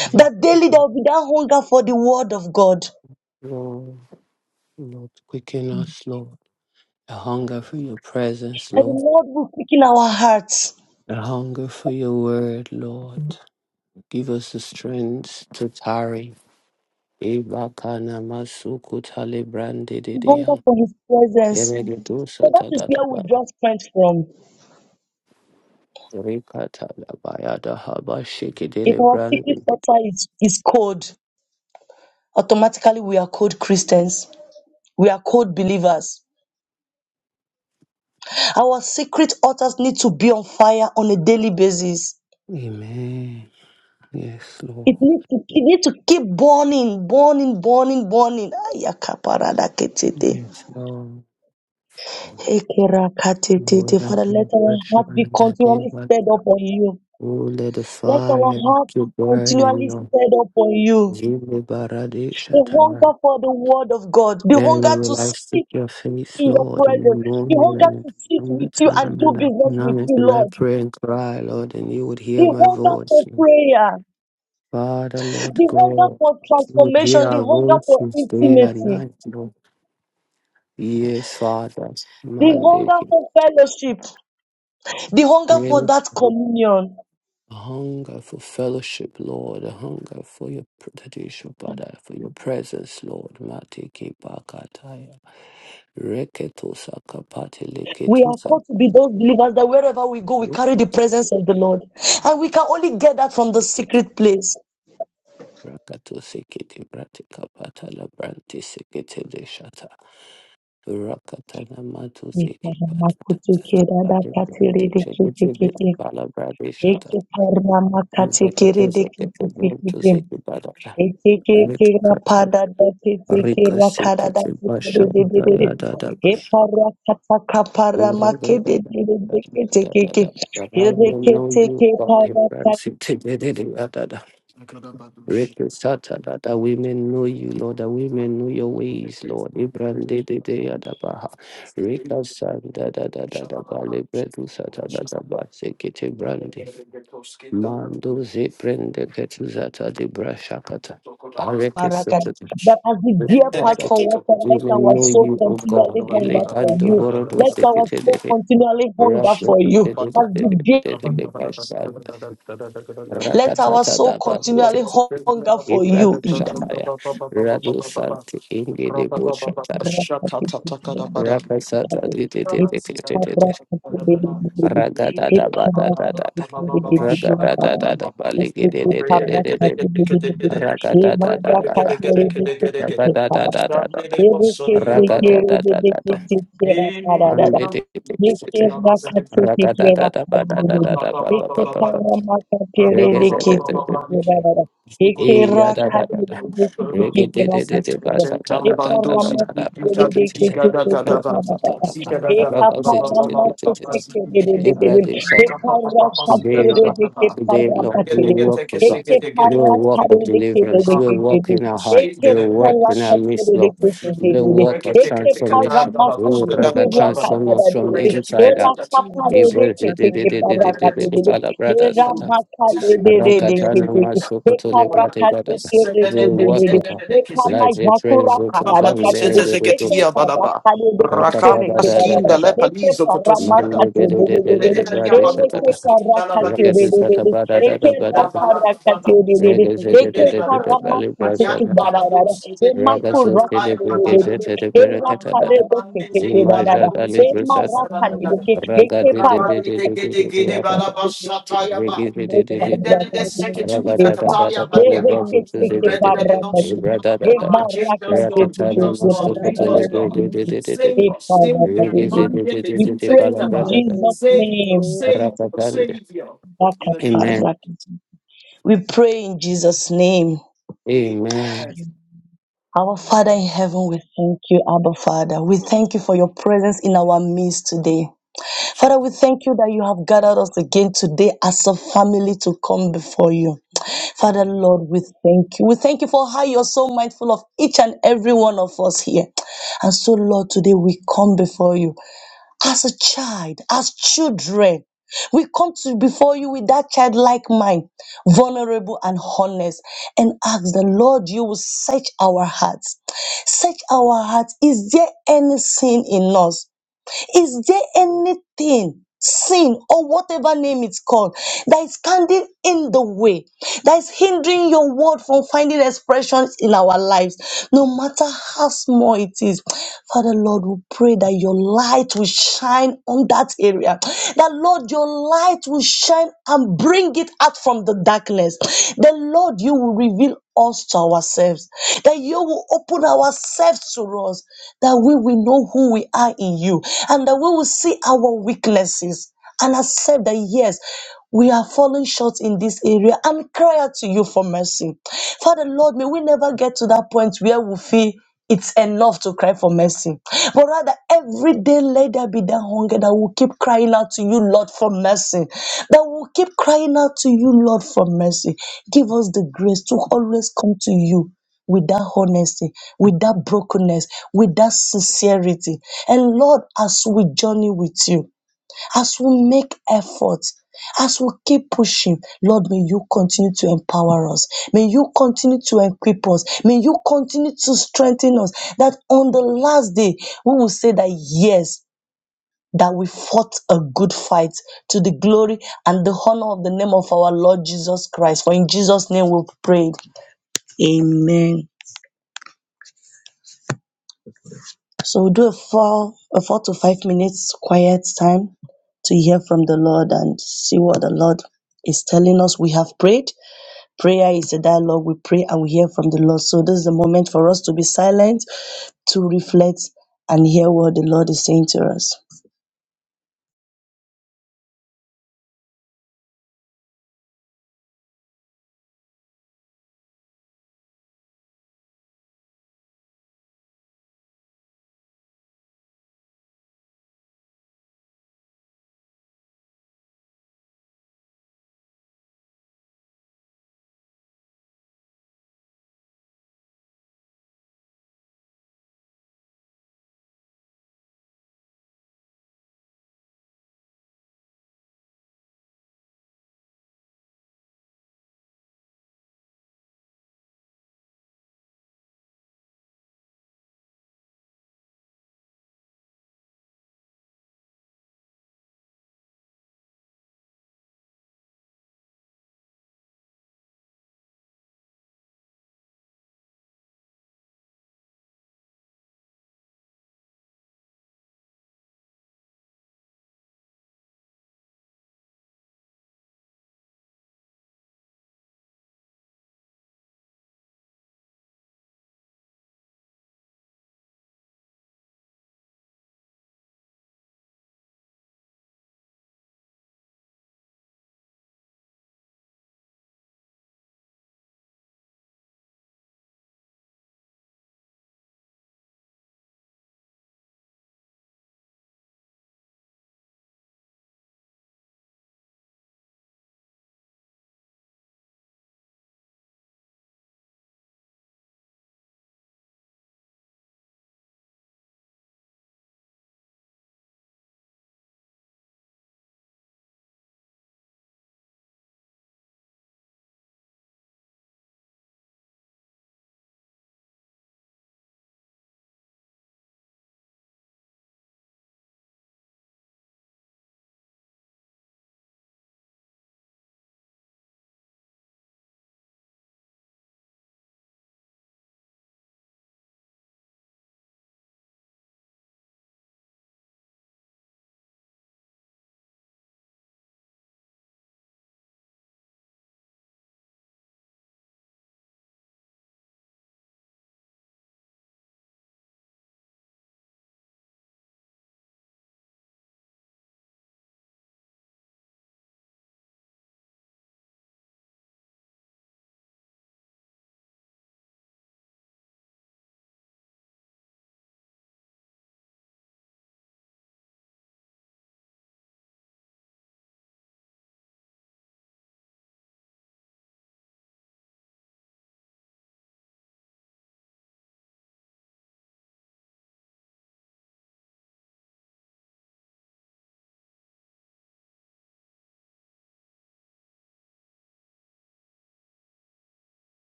Yes, That daily there will be that hunger for the word of God. Lord, Lord, quicken us, Lord. A hunger for your presence, That the Lord. Lord will quicken our hearts. A hunger for your word, Lord. Give us the strength to tarry. Ebakana masuku talibrandi Hunger didia. for his presence. Eredu So that is where we satadadabaya. draw strength from. Rikatalabaya dahaba If shikidili our secret brandi. altar is, is cold, automatically we are cold Christians. We are cold believers. Our secret altars need to be on fire on a daily basis. Amen. Yes, It Lord. needs to, it need to keep burning, burning, burning, burning. Ayakaparadaketete. Yes, Lord. Ekerakatete. Lord, I Father, let do our heart worship and be adore you. continually stirred up on you. Oh, let the Let our fire heart be to burn in continually Lord. stirred up on you. Jimmy The Baradi hunger for the word of God, the And hunger to will I seek seek your face, in your Lord, in presence. the They morning hunger and to at sit noon with you and time do and at business with night you, will I Lord. pray and cry, Lord, and you would They hear my hunger voice. for Lord. prayer. Father, Lord They hunger God, for you would hear transformation. They our hunger for voices day and intimacy. night, Lord. Yes, Father. They Monday. hunger for fellowship. They hunger for Yes. that communion. A hunger for fellowship, Lord, a hunger for your tradition, Father, for your presence, Lord. Matiki Bakataya. Reketo Sakapati We are Leketo called to be those believers that wherever we go, we carry the presence of the Lord. And we can only get that from the secret place. Rakato sekete bratika kapata la brante sekete de shata. Rakata na mato seke patata tata branti brante sekete pala brade shata. Rakata sekete brante seke patata. That Vete katala. Rika sekete basha braya da da bash. Ura da da da da da da da da da. I will know you about him, Brad. Sekete de de da da da. Rekesata, that that we may know you, Lord, that we may know your ways, Lord. Ibran de de de adabaha. Rekasanda da da da da ba le bredu sata da da ba sekete brande. Mando ze prende ketu zata de brashakata. Arekesata. as the And dear then I path Father, can take forward, up it. we let may our know soul you, O God. continually hunger for Ilekando you. borodo Let our sekete de soul de. continually hunger Rasu for you. Rasekete de As de de the de dear, de de de de let our Rakatata soul da continually Bakutis. hunger for Ibrad you. in the Shataya. Radu Santi Indi de Bushata. Ekera Rakasata di di di di di di di Santa di. Ragada da ba da da da da. Ragada da da da baligi di di di di di di. Ragada da da da da. Ragada da da da da da. Ragada da da da da. Andi di di di di di di. Ragada da da ba da da da da ba ba ba ba ba. Reggae se te te te. Ibrahim Thank Bandozi, Gada Gada Rekete Today, Lord, today, Lord, do a work of God, do a work of deliverance, do a work in our hearts, do a work in our midst, Lord, do a work of transformation. Oh, Raga, transform us from the inside out. Ibrahim, Rakatana Masukutuli Pratigada. We work you. with God. Like the Ekamajakura trains of some many kabarakatiri, good books. Rakatata Rakam da da ekekarakarireketerekerara, paskinda da le da. palizo Man kotosigada. the good of the ekekaramaketererere, Brady Bedebedia matoto Satata. skinda la erekekarakatiri, badis. Rakatu Satabada da da da da. Bedekida bala bala ekerakarakatiriri, isu Regazited indebada. the Valley Ayam Brasata. ekekaramaketekerara, bala dos gedini Ragasu Tede tatataya emakurakaririri, balaga. Bregazited the Ram Berekata da bam da. bam de se bala erakarereketekerara, Imajata dos Lifrusata. gedisa balaga. emarakarireke, Ragadi de de Rabadi de de de de gede gede bala ekeparakatiriri. bashataya ba. We de de pray de Endene de seketu Amen. in zakataya badiaba. Rendele dosu bala bala. Change us God, give us God, make us God. Savior, Savior, Monday, the things I think about Jesus' Savior, name. Savior, Savior. In the name of Jesus. We pray in Jesus' name. Amen. Amen. Our Father Amen. in heaven, we thank you, Abba Father. We thank you for your presence in our midst today. Father, we thank you that you have gathered us again today as a family to come before you. Father, Lord, we thank you. We thank you for how you're so mindful of each and every one of us here. And so, Lord, today we come before you as a child, as children. We come to before you with that childlike mind, vulnerable and honest, and ask the Lord, you will search our hearts. Search our hearts. Is there any sin in us? Is there anything, sin, or whatever name it's called, that is standing in the way, that is hindering your word from finding expressions in our lives, no matter how small it is? Father, Lord, we pray that your light will shine on that area, that, Lord, your light will shine and bring it out from the darkness. The Lord, you will reveal us to ourselves, that you will open ourselves to us, that we will know who we are in you, and that we will see our weaknesses and accept that yes, we are falling short in this area and cry out to you for mercy. Father Lord, may we never get to that point where we feel it's enough to cry for mercy. But rather, every day let there be that hunger that will keep crying out to you, Lord, for mercy. That will keep crying out to you, Lord, for mercy. Give us the grace to always come to you with that honesty, with that brokenness, with that sincerity. And Lord, as we journey with you, as we make efforts, as we keep pushing, Lord, may you continue to empower us. May you continue to equip us. May you continue to strengthen us. That on the last day, we will say that yes, that we fought a good fight to the glory and the honor of the name of our Lord Jesus Christ. For in Jesus' name we prayed. Amen. So we'll do a four, a four to five minutes quiet time to hear from the Lord and see what the Lord is telling us. We have prayed. Prayer is a dialogue. We pray and we hear from the Lord. So this is the moment for us to be silent, to reflect and hear what the Lord is saying to us.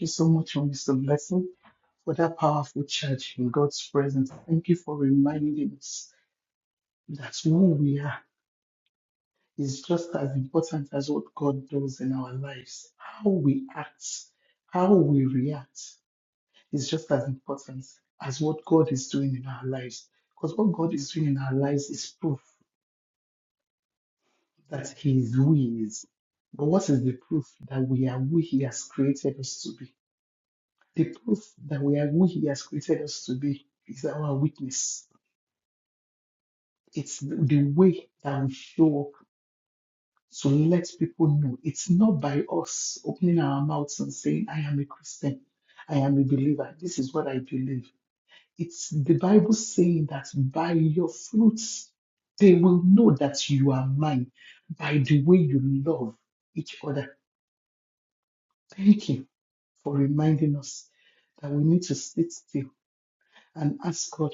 you so much, Mr. Blessing, for that powerful church in God's presence. Thank you for reminding us that who we are is just as That's what God does in our lives. How we act, how we act is just as important as what He's doing in our lives. Because what God is doing in our lives is proof that He is who He is. But what is the proof that we has created us to be? The proof that we are who He has created us to be is our witness. It's the the way that we show up to let people know. It's not by us opening our mouths and saying, I am a Christian, I am a believer, this is what I believe It's the Bible saying that by your fruits they will know that you are mine by the way you love each other. Thank you for reminding us that we need to sit still and ask God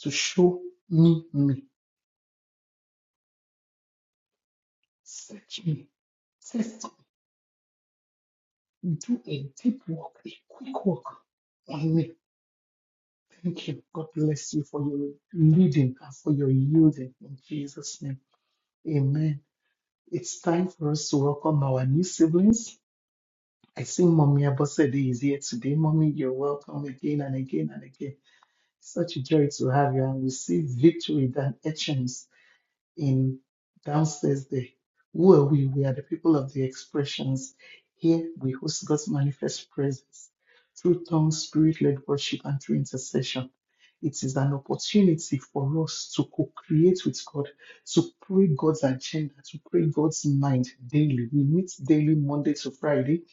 to show me me, search me, test me, do a deep work, a quick work on me. Thank you. God bless you for your leading and for your yielding in Jesus' name. Amen. It's time for us to welcome our new siblings. I see, Mommy Abosede is here today. Mommy, you're welcome again and again and again. Such a joy to have you. And we see victory than etchings in downstairs there. Who are we? We are the people of the expressions. Here we host God's manifest presence through tongue, spirit led worship, and through intercession. It is an opportunity for us to co create with God, to pray God's agenda, to pray God's mind daily. We meet daily, Monday to Friday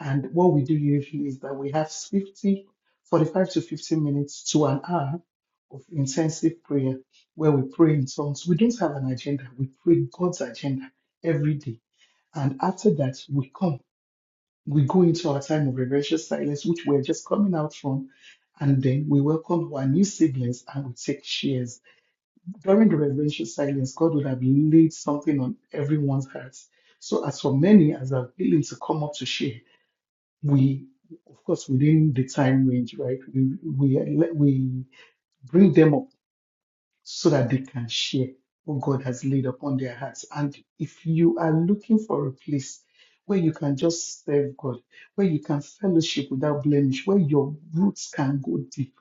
and what we do usually is that we have 50, 45 to 50 minutes to an hour of intensive prayer where we pray in tongues. We don't have an agenda, we pray God's agenda every day. And after that, we come, we go into our time of reverential silence, which we're just coming out from. And then we welcome our new siblings and we take shares. During the reverential silence, God would have laid something on everyone's hearts. So, as for many as are willing to come up to share, we of course within the time range right we we, we bring them up so that they can share what god has laid upon their hearts and if you are looking for a place where you can just serve god where you can fellowship without blemish where your roots can go deep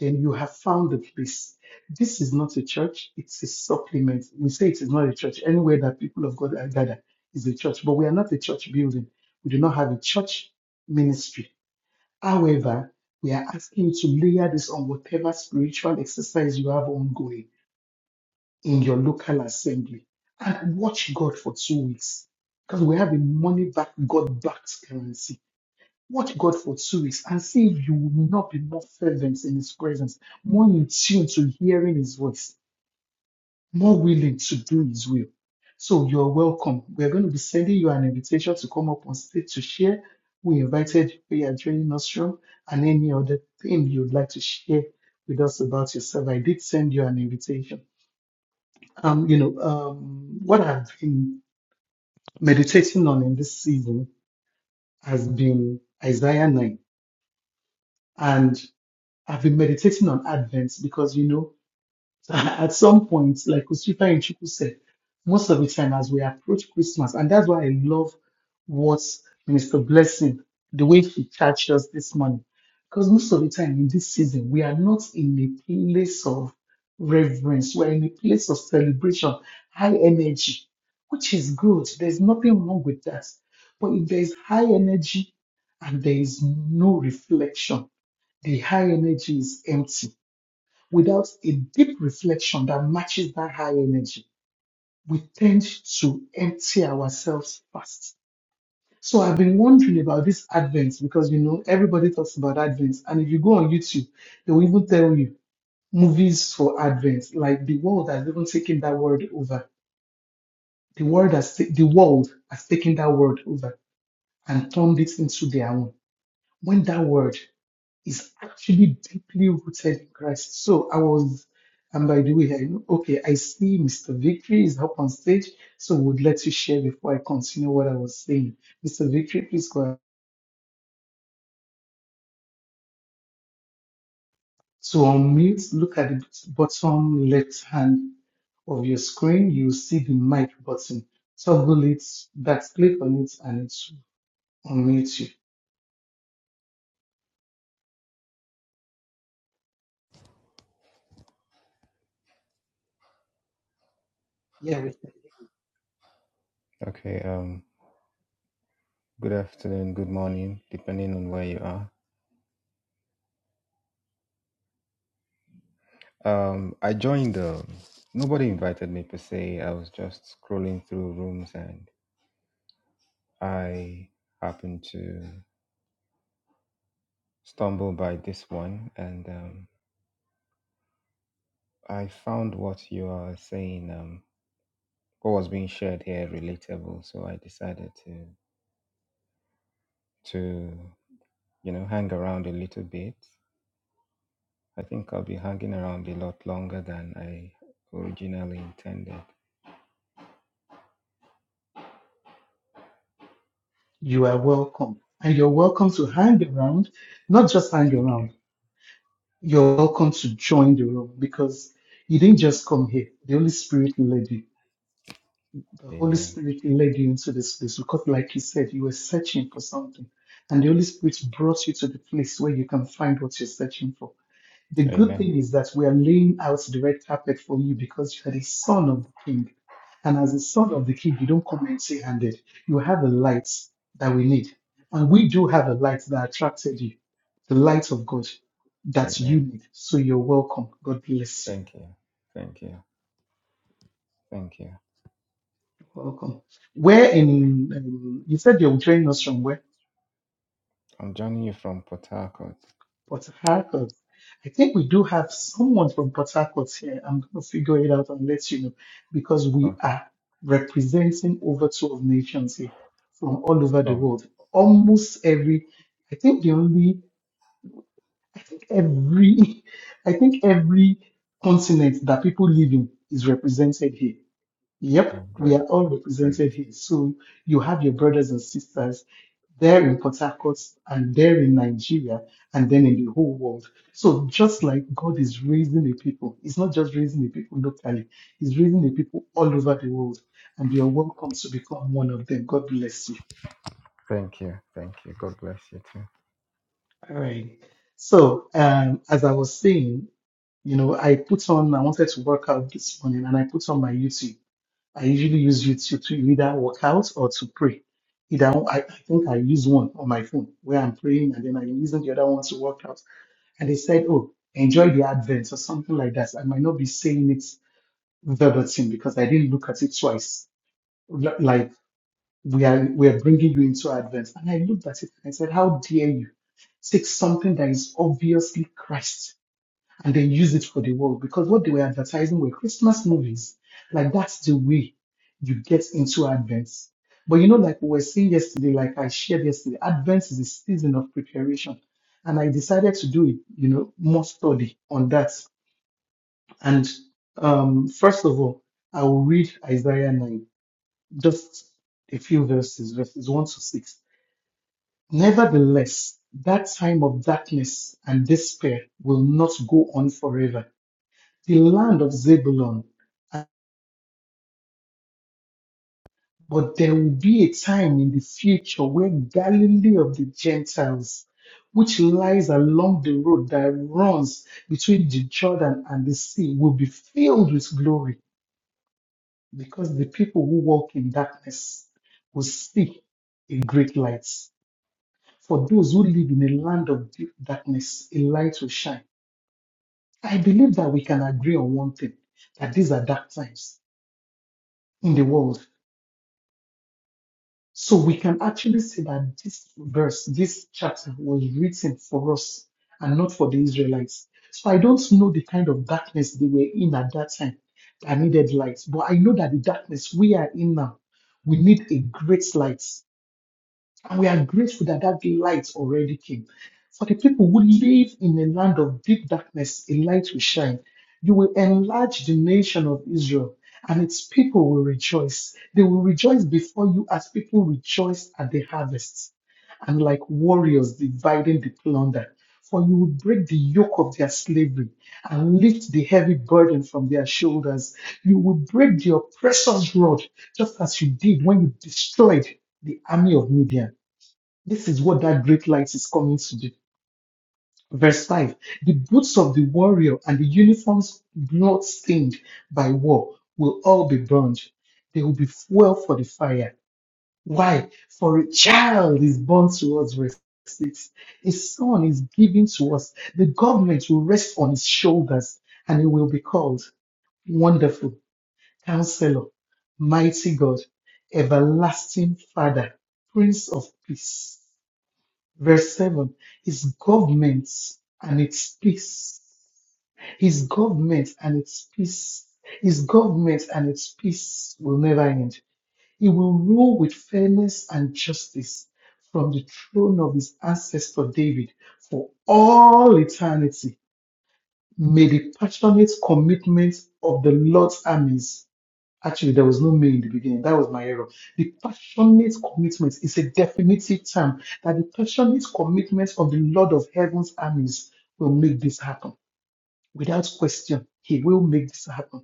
then you have found the place this is not a church it's a supplement we say it is not a church anywhere that people of god are gathered is a church but we are not a church building we do not have a church ministry However, we are asking you to layer this on whatever spiritual exercise you have ongoing in your local assembly and watch God for two weeks because we have a money back, God backed currency. Watch God for two weeks and see if you will not be more fervent in His presence, more in tune to hearing His voice more willing to do His will. So you're welcome. We're going to be sending you an invitation to come up on stage to share. We invited you where you're joining us from and any other thing you'd like to share with us about yourself. I did send you an invitation. Um, you know, um, what I've been meditating on in this season has been Isaiah 9. And I've been meditating on Advent because, you know, at some point, like Christopher and Chiku said, most of the time as we approach Christmas, and that's why I love what Mr. Blessing, the way he charged us this morning. Because most of the time in this season, we are not in a place of reverence, we're in a place of celebration, high energy, which is good. There's nothing wrong with that. But if there is high energy and there is no reflection, the high energy is empty without a deep reflection that matches that high energy, we tend to empty ourselves fast. So I've been wondering about this Advent because you know everybody talks about Advent, and if you go on YouTube, they will even tell you movies for Advent. Like the world has even taken that word over. The world has ta- the world has taken that word over and turned it into their own. When that word is actually deeply rooted in Christ. So I was, and by the way, I know, okay, I see Mr. Victory is up on stage, so would let you share before I continue what I was saying. Mr. Victory, please go ahead. To unmute, look at the bottom left hand of your screen. you see the mic button. Toggle it, that click on it, and it will unmute you. Yeah, we can. Okay, um, good afternoon, good morning, depending on where you are. Um, I joined, um, nobody invited me per se. I was just scrolling through rooms and I happened to stumble by this one and um, I found what you are saying, um, what was being shared here relatable. So I decided to, to, you know, hang around a little bit. I think I'll be hanging around a lot longer than I originally intended. You are welcome. And you're welcome to hang around, not just hang Thank you. around. you're welcome to join the room because you didn't just come here. The Holy Spirit led you. The Holy Amen. Spirit led you into this place because, like you said, you were searching for something. And the Holy Spirit brought you to the place where you can find what you're searching for. The good Amen. thing is that we are laying out the red carpet for you because you are the son of the king. And as the son of the king, you don't come empty handed. You have the light that we need. And we do have a light that attracted you, the light of God that you Amen. need. So you're welcome. God bless you. Thank you. Thank you. Thank you. Welcome. Where in, um, you said you're joining us from where? I'm joining you from Port Harcourt. Port Harcourt. I think we do have someone from Port Harcourt here. I'm going to figure it out and let you know because we Okay. are representing over 12 nations here from all over the Oh, world. Almost every, I think the only, I think every, I think every continent that people live in is represented here. Yep, oh, we great. are all Great. represented here. So you have your brothers and sisters there in Port Harcourt and there in Nigeria and then in the whole world. So just like God is raising a people, He's not just raising the people locally, He's raising the people all over the world. And you're welcome to become one of them. God bless you. Thank you. Thank you. God bless you too. All right. So um, as I was saying, you know, I put on, I wanted to work out this morning and I put on my YouTube. I usually use YouTube to either work out or to pray. Either one- I, I think I use one on my phone where I'm praying and then I'm using the other one to work out. And they said, oh, enjoy the Advent or something like that. I might not be saying it verbatim because I didn't look at it twice. L- Like we are we are bringing you into Advent, and I looked at it and I said, how dare you take something that is obviously Christ? and they use it for the world because what they were advertising were Christmas movies. Like that's the way you get into Advent. But you know, like we were saying yesterday, like I shared yesterday, Advent is a season of preparation. And I decided to do it, you know, more study on that. And um, first of all, I will read Isaiah 9, just a few verses, verses 1 to 6. Nevertheless, that time of darkness and despair will not go on forever the land of Zebulun. Uh, But there will be a time in the future where Galilee of the Gentiles, which lies along the road that runs between the Jordan and the sea, will be filled with glory because the people who walk in darkness will see a great light. For those who live in a land of deep darkness, a light will shine. I believe that we can agree on one thing that these are dark times in the world So we can actually say that this verse, this chapter was written for us and not for the Israelites. So I don't know the kind of darkness they were in at that time that needed light, but I know that the darkness we are in now, we need a great light. And we are grateful that that light already came. For the people who live in a land of deep darkness, a light will shine. You will enlarge the nation of Israel, and its people will rejoice. They will rejoice before you as people rejoice at the harvest, and like warriors dividing the plunder. For you will break the yoke of their slavery and lift the heavy burden from their shoulders. You will break the oppressor's rod, just as you did when you destroyed the army of Midian. This is what that great light is coming to do. Verse 5 The boots of the warrior and the uniforms blood stained by war will all be burned. They will be fuel for the fire. Why? For a child is born to us, verse 6. A son is given to us. The government will rest on his shoulders and he will be called Wonderful, Counselor, Mighty God, Everlasting Father, Prince of Peace. Verse 7 His governments and its peace. His government and its peace. His government and its peace will never end. He will rule with fairness and justice from the throne of his ancestor David for all eternity. May the passionate commitment of the Lord's armies Actually, there was no male in the beginning. That was my error. The passionate commitment is a definitive term that the passionate commitment of the Lord of heaven's armies will make this happen. Without question, he will make this happen.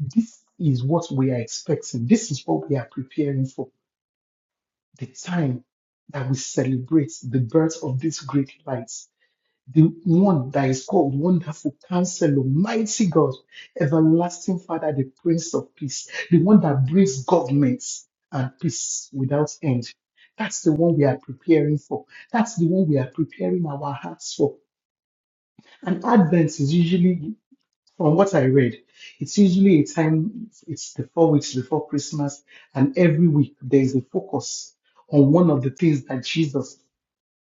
This is what we are expecting. This is what we are preparing for. The time that we celebrate the birth of this great light the one that is called Wonderful Counselor, Mighty God, Everlasting Father, the Prince of Peace, the one that brings governments and peace without end. That's the one we are preparing for. That's the one we are preparing our hearts for. And Advent is usually, from what I read, it's usually a time, it's the four weeks before Christmas, and every week there is a focus on one of the things that Jesus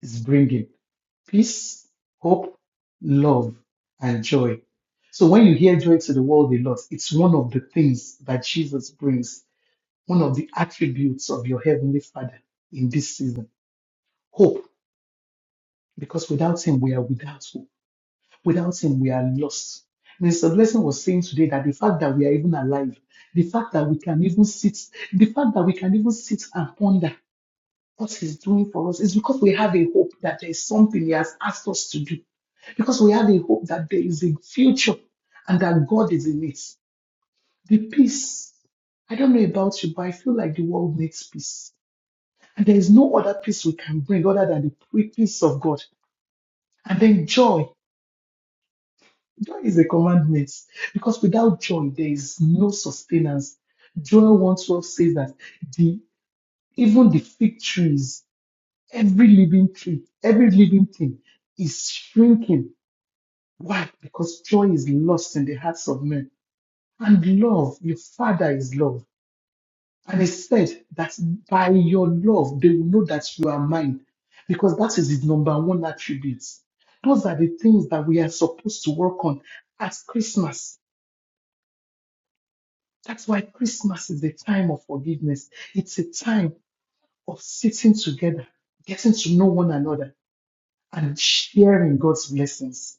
is bringing peace, hope, love, and joy. So when you hear joy to the world a lot, it's one of the things that Jesus brings, one of the attributes of your heavenly Father in this season. Hope, because without him we are without hope. Without him we are lost. Mr. Blessing was saying today that the fact that we are even alive, the fact that we can even sit, the fact that we can even sit and ponder what He's doing for us is because we have a hope that there is something He has asked us to do. Because we have a hope that there is a future and that God is in it. The peace. I don't know about you, but I feel like the world needs peace. And there is no other peace we can bring other than the pre- peace of God. And then joy. Joy is a commandment. Because without joy, there is no sustenance. Joel 112 says that the even the fig trees Every living tree, every living thing is shrinking. Why? Because joy is lost in the hearts of men. And love, your father is love. And he said that by your love, they will know that you are mine. Because that is his number one attribute. Those are the things that we are supposed to work on at Christmas. That's why Christmas is a time of forgiveness. It's a time of sitting together, getting to know one another, and sharing God's blessings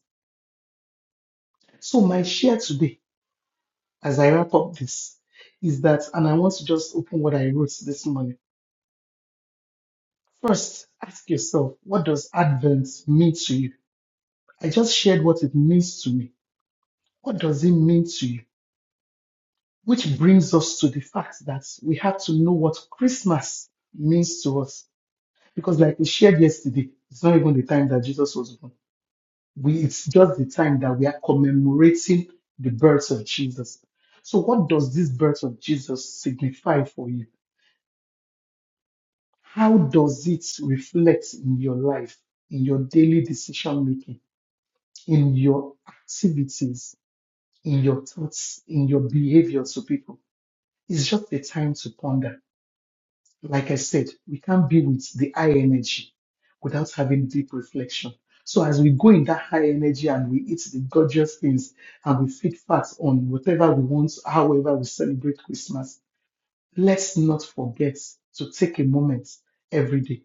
So my share today, as I wrap up this, is that, and I want to just open what I wrote this morning. First, ask yourself, what does Advent mean to you? I just shared what it means to me. What does it mean to you? Which brings us to the fact that we have to know what Christmas means to us. Because like we shared yesterday, it's not even the time that Jesus was born. We, it's just the time that we are commemorating the birth of Jesus. So what does this birth of Jesus signify for you? How does it reflect in your life, in your daily decision making, in your activities, in your thoughts, in your behavior to people? It's just a time to ponder. Like I said, we can't be with the high energy without having deep reflection. So as we go in that high energy and we eat the gorgeous things and we feed fast on whatever we want, however we celebrate Christmas, let's not forget to take a moment every day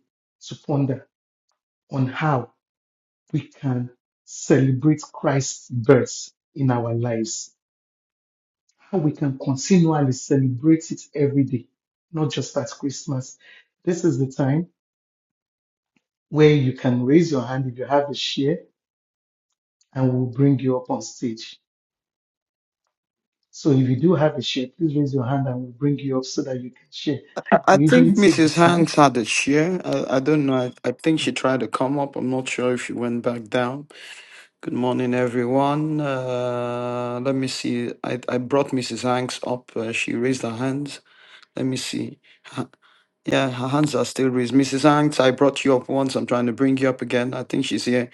to ponder on how we can celebrate Christ's birth in our lives, how we can continually celebrate it every day, not just at Christmas. This is the time where you can raise your hand if you have a share and we'll bring you up on stage. So if you do have a share, please raise your hand and we'll bring you up so that you can share. I I We usually think take the Mrs. time Hanks had a share. I, I don't know. I, I think she Okay. tried to come up. I'm not sure if she went back down. Good morning, everyone. Uh, let me see. I, I brought Mrs. Hanks up. Uh, she raised her hands. Let me see. Ha- Yeah, her hands are still raised. Mrs. Hanks, I brought you up once. I'm trying to bring you up again. I think she's here.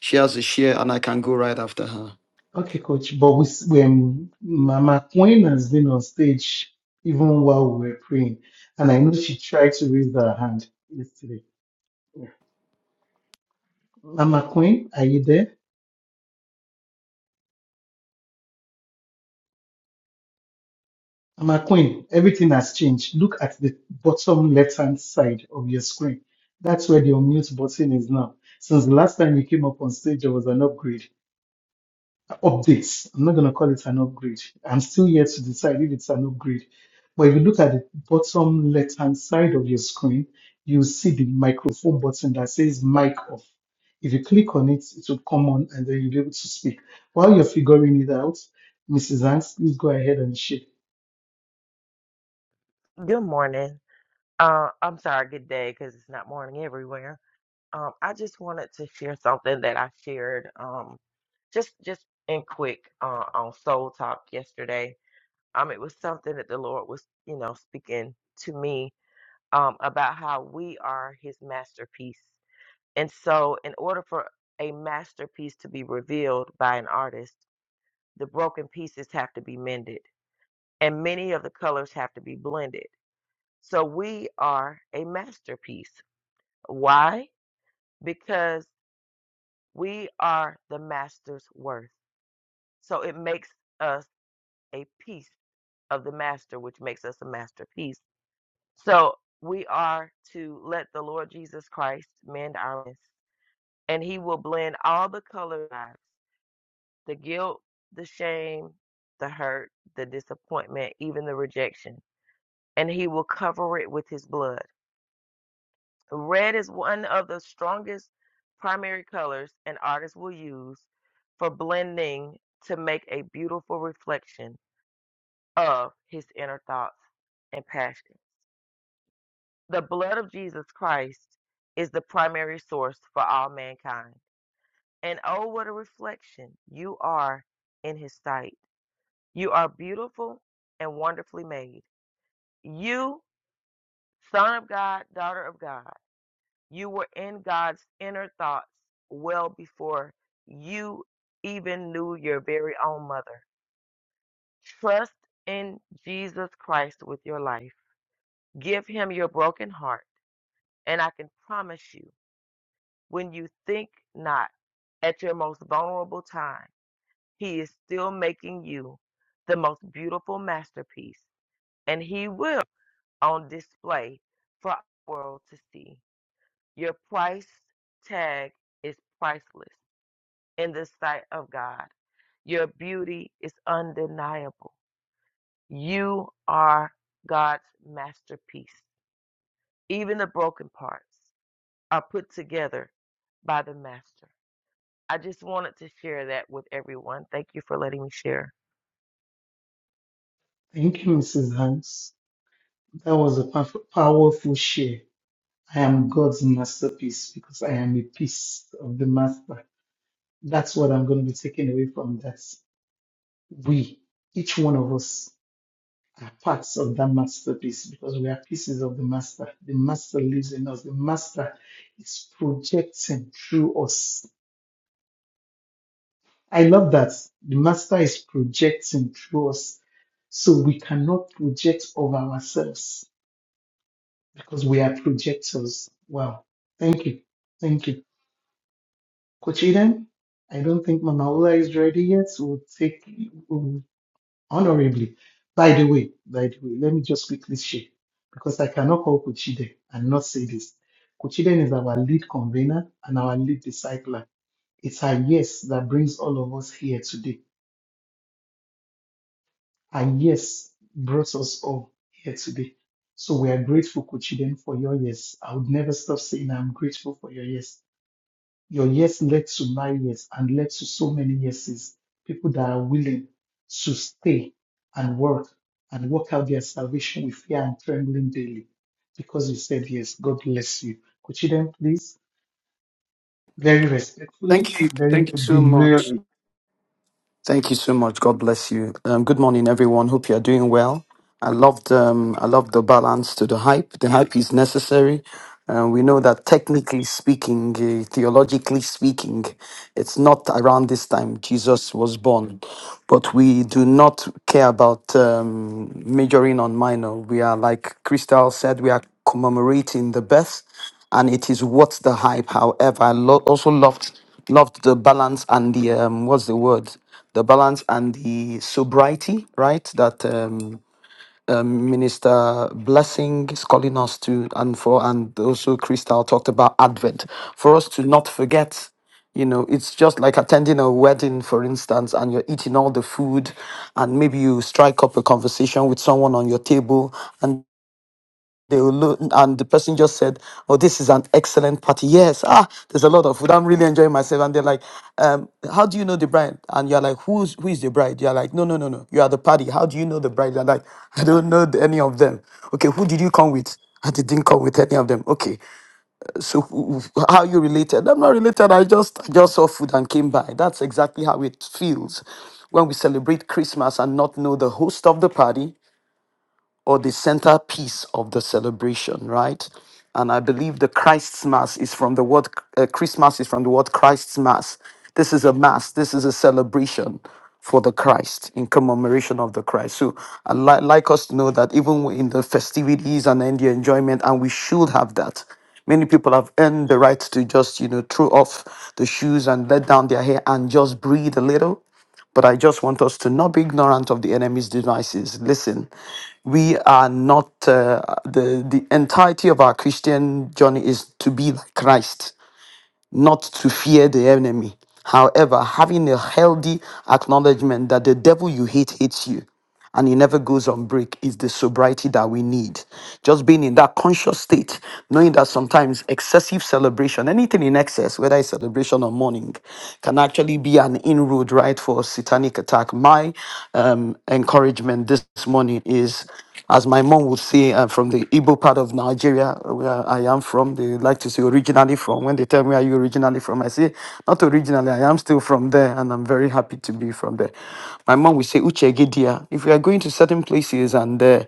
She has a share, and I can go right after her. Okay, coach. But we, s- when Mama Queen has been on stage even while we were praying, and I know she tried to raise her hand yesterday. Yeah. Mama Queen, are you there? my queen, everything has changed. Look at the bottom left-hand side of your screen. That's where the unmute button is now. Since the last time you came up on stage, there was an upgrade, updates. I'm not going to call it an upgrade. I'm still yet to decide if it's an upgrade. But if you look at the bottom left-hand side of your screen, you'll see the microphone button that says mic off. If you click on it, it will come on and then you'll be able to speak. While you're figuring it out, Mrs. Hanks, please go ahead and share. Good morning. Uh, I'm sorry, good day, because it's not morning everywhere. Um, I just wanted to share something that I shared um, just just in quick uh, on Soul Talk yesterday. Um, it was something that the Lord was, you know, speaking to me um, about how we are His masterpiece, and so in order for a masterpiece to be revealed by an artist, the broken pieces have to be mended, and many of the colors have to be blended. So we are a masterpiece. Why? Because we are the master's worth. So it makes us a piece of the master, which makes us a masterpiece. So we are to let the Lord Jesus Christ mend our mess, and He will blend all the color lives, the guilt, the shame, the hurt, the disappointment, even the rejection, and He will cover it with His blood. Red is one of the strongest primary colors an artist will use for blending to make a beautiful reflection of his inner thoughts and passions. The blood of Jesus Christ is the primary source for all mankind. And oh, what a reflection you are in his sight. You are beautiful and wonderfully made. You, son of God, daughter of God. You were in God's inner thoughts well before you even knew your very own mother. Trust in Jesus Christ with your life. Give him your broken heart. And I can promise you, when you think not at your most vulnerable time, he is still making you the most beautiful masterpiece. And he will on display for our world to see. Your price tag is priceless. in the sight of God. Your beauty is undeniable. You are God's masterpiece. Even the broken parts are put together by the Master. I just wanted to share that with everyone. Thank you for letting me share. Thank you, Mrs. Hanks. That was a powerful powerful share. I am God's masterpiece because I am a piece of the master. That's what I'm going to be taking away from that. We, each one of us, are parts of that masterpiece because we are pieces of the master. The master lives in us. The master is projecting through us. I love that. The master is projecting through us. So we cannot project of ourselves because we are projectors. Wow. Thank you. Thank you. Coach Eden, I don't think Mama Ola is ready yet, so we'll take um, honorably. By the way, by the way, let me just quickly share because I cannot call Coach Eden and not say this. Coach Eden is our lead convener and our lead discipler. It's her yes that brings all of us here today. Her yes brought us all here today. So we are grateful, Coach Eden, for your yes. I would never stop saying I'm grateful for your yes Your yes led to my yes and led to so many yeses. People that are willing to stay and work and work out their salvation with fear and trembling daily because you said yes. God bless you. Could you Then please, very respectfully Thank you. and very Thank you so much. demurely. Thank you so much. God bless you. Um, good morning, everyone. Hope you are doing well. I loved um, I loved the balance to the hype. The hype is necessary. Uh, we know that technically speaking, uh, theologically speaking, it's not around this time Jesus was born. But we do not care about um, majoring on minor. We are, like Crystal said, we are commemorating the birth, and it is what's the hype. However, I lo- also loved loved the balance and the um, what's the word the balance and the sobriety, right? That um, um, Minister Blessing is calling us to, and for, and also Crystal talked about Advent, for us to not forget you know, it's just like attending a wedding, for instance, and you're eating all the food, and maybe you strike up a conversation with someone on your table, and they will look, and the person just said, "Oh, this is an excellent party." Yes, ah, there's a lot of food. I'm really enjoying myself. And they're like, um, "How do you know the bride?" And you're like, "Who's who is the bride?" You're like, "No, no, no, no. You are the party. How do you know the bride?" They're like, "I don't know the- any of them." Okay, who did you come with? I didn't come with any of them. Okay, so who- who- how are you related? I'm not related. I just I just saw food and came by. That's exactly how it feels when we celebrate Christmas and not know the host of the party or the centerpiece of the celebration, right? And I believe the Christ's Mass is from the word uh, Christmas is from the word Christ's Mass. This is a mass. This is a celebration for the Christ in commemoration of the Christ. So I li- like us to know that even in the festivities and in the enjoyment, and we should have that. Many people have earned the right to just you know throw off the shoes and let down their hair and just breathe a little but I just want us to not be ignorant of the enemy's devices. Listen, we are not, uh, the, the entirety of our Christian journey is to be like Christ not to fear the enemy. However, having a healthy acknowledgement that the devil you hate hates you and he never goes on break is the sobriety that we need. Just being in that conscious state, knowing that sometimes excessive celebration, anything in excess, whether it's celebration or mourning, can actually be an inroad, right, for satanic attack. My um, encouragement this morning is, as my mom would say, uh, from the Igbo part of Nigeria, where I am from from, they like to say originally from. When they tell me, Are you originally from? I say, Not originally, I am still from there, and I'm very happy to be from there. My mom will say, Uche Gedia. If we are going to certain places and uh,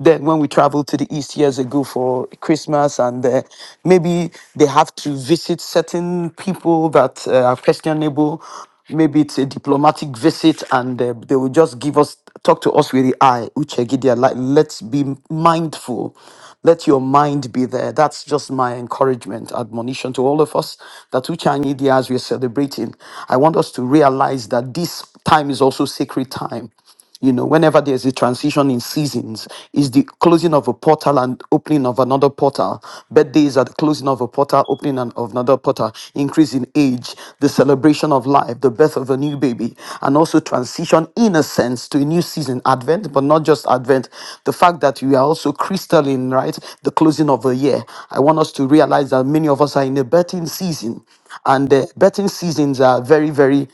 then when we traveled to the east years ago for christmas and uh, maybe they have to visit certain people that uh, are questionable Maybe it's a diplomatic visit, and uh, they will just give us talk to us with the eye. Uchegidia, like let's be mindful. Let your mind be there. That's just my encouragement, admonition to all of us that Uchanyidia, as we're celebrating, I want us to realize that this time is also sacred time. You know, whenever there's a transition in seasons, is the closing of a portal and opening of another portal. Birthdays are the closing of a portal, opening an- of another portal, increase in age, the celebration of life, the birth of a new baby, and also transition in a sense to a new season, Advent, but not just Advent. The fact that you are also crystalline, right? The closing of a year. I want us to realize that many of us are in a betting season and the betting seasons are very very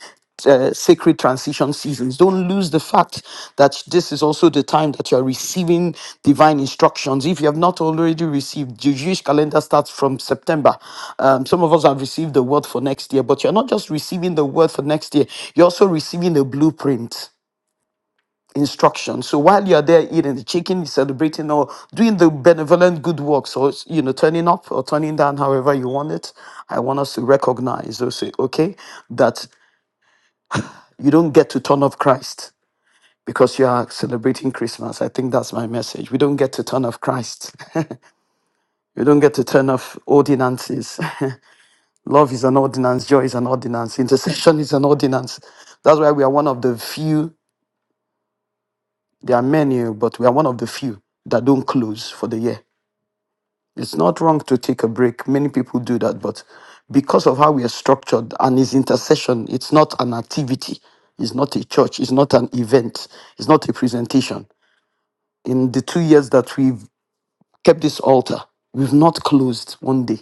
uh, sacred transition seasons. Don't lose the fact that this is also the time that you are receiving divine instructions. If you have not already received, the Jewish calendar starts from September. Um, some of us have received the word for next year, but you're not just receiving the word for next year, you're also receiving a blueprint instruction. So while you're there eating the chicken, celebrating or doing the benevolent good works or you know turning up or turning down however you want it, I want us to recognize also, okay, that you don't get to turn off Christ because you are celebrating Christmas. I think that's my message. We don't get to turn off Christ. We don't get to turn off ordinances. Love is an ordinance, joy is an ordinance, intercession is an ordinance. That's why we are one of the few, there are many, but we are one of the few that don't close for the year. It's not wrong to take a break. Many people do that, but because of how we are structured and is intercession, it's not an activity, it's not a church, it's not an event, it's not a presentation in the two years that we've kept this altar, we've not closed one day.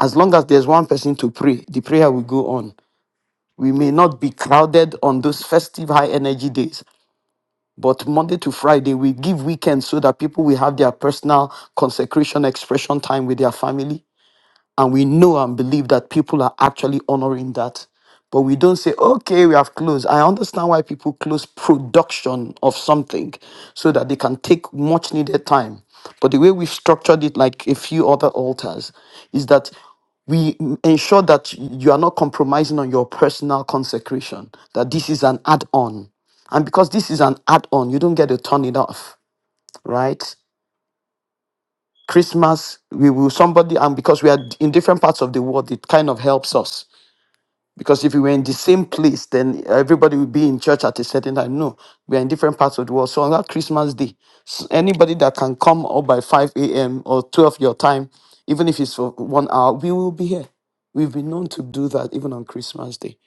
As long as there's one person to pray, the prayer will go on. We may not be crowded on those festive high energy days, but Monday to Friday, we give weekends so that people will have their personal consecration expression time with their family and we know and believe that people are actually honoring that. But we don't say, okay, we have closed. I understand why people close production of something so that they can take much needed time. But the way we've structured it, like a few other altars, is that we m- ensure that you are not compromising on your personal consecration, that this is an add on. And because this is an add on, you don't get to turn it off, right? Christmas, we will somebody, and because we are in different parts of the world, it kind of helps us. Because if we were in the same place, then everybody would be in church at a certain time. No, we are in different parts of the world. So on that Christmas day, s- anybody that can come up by 5 a.m. or 12 your time, even if it's for one hour, we will be here. We've been known to do that even on Christmas day.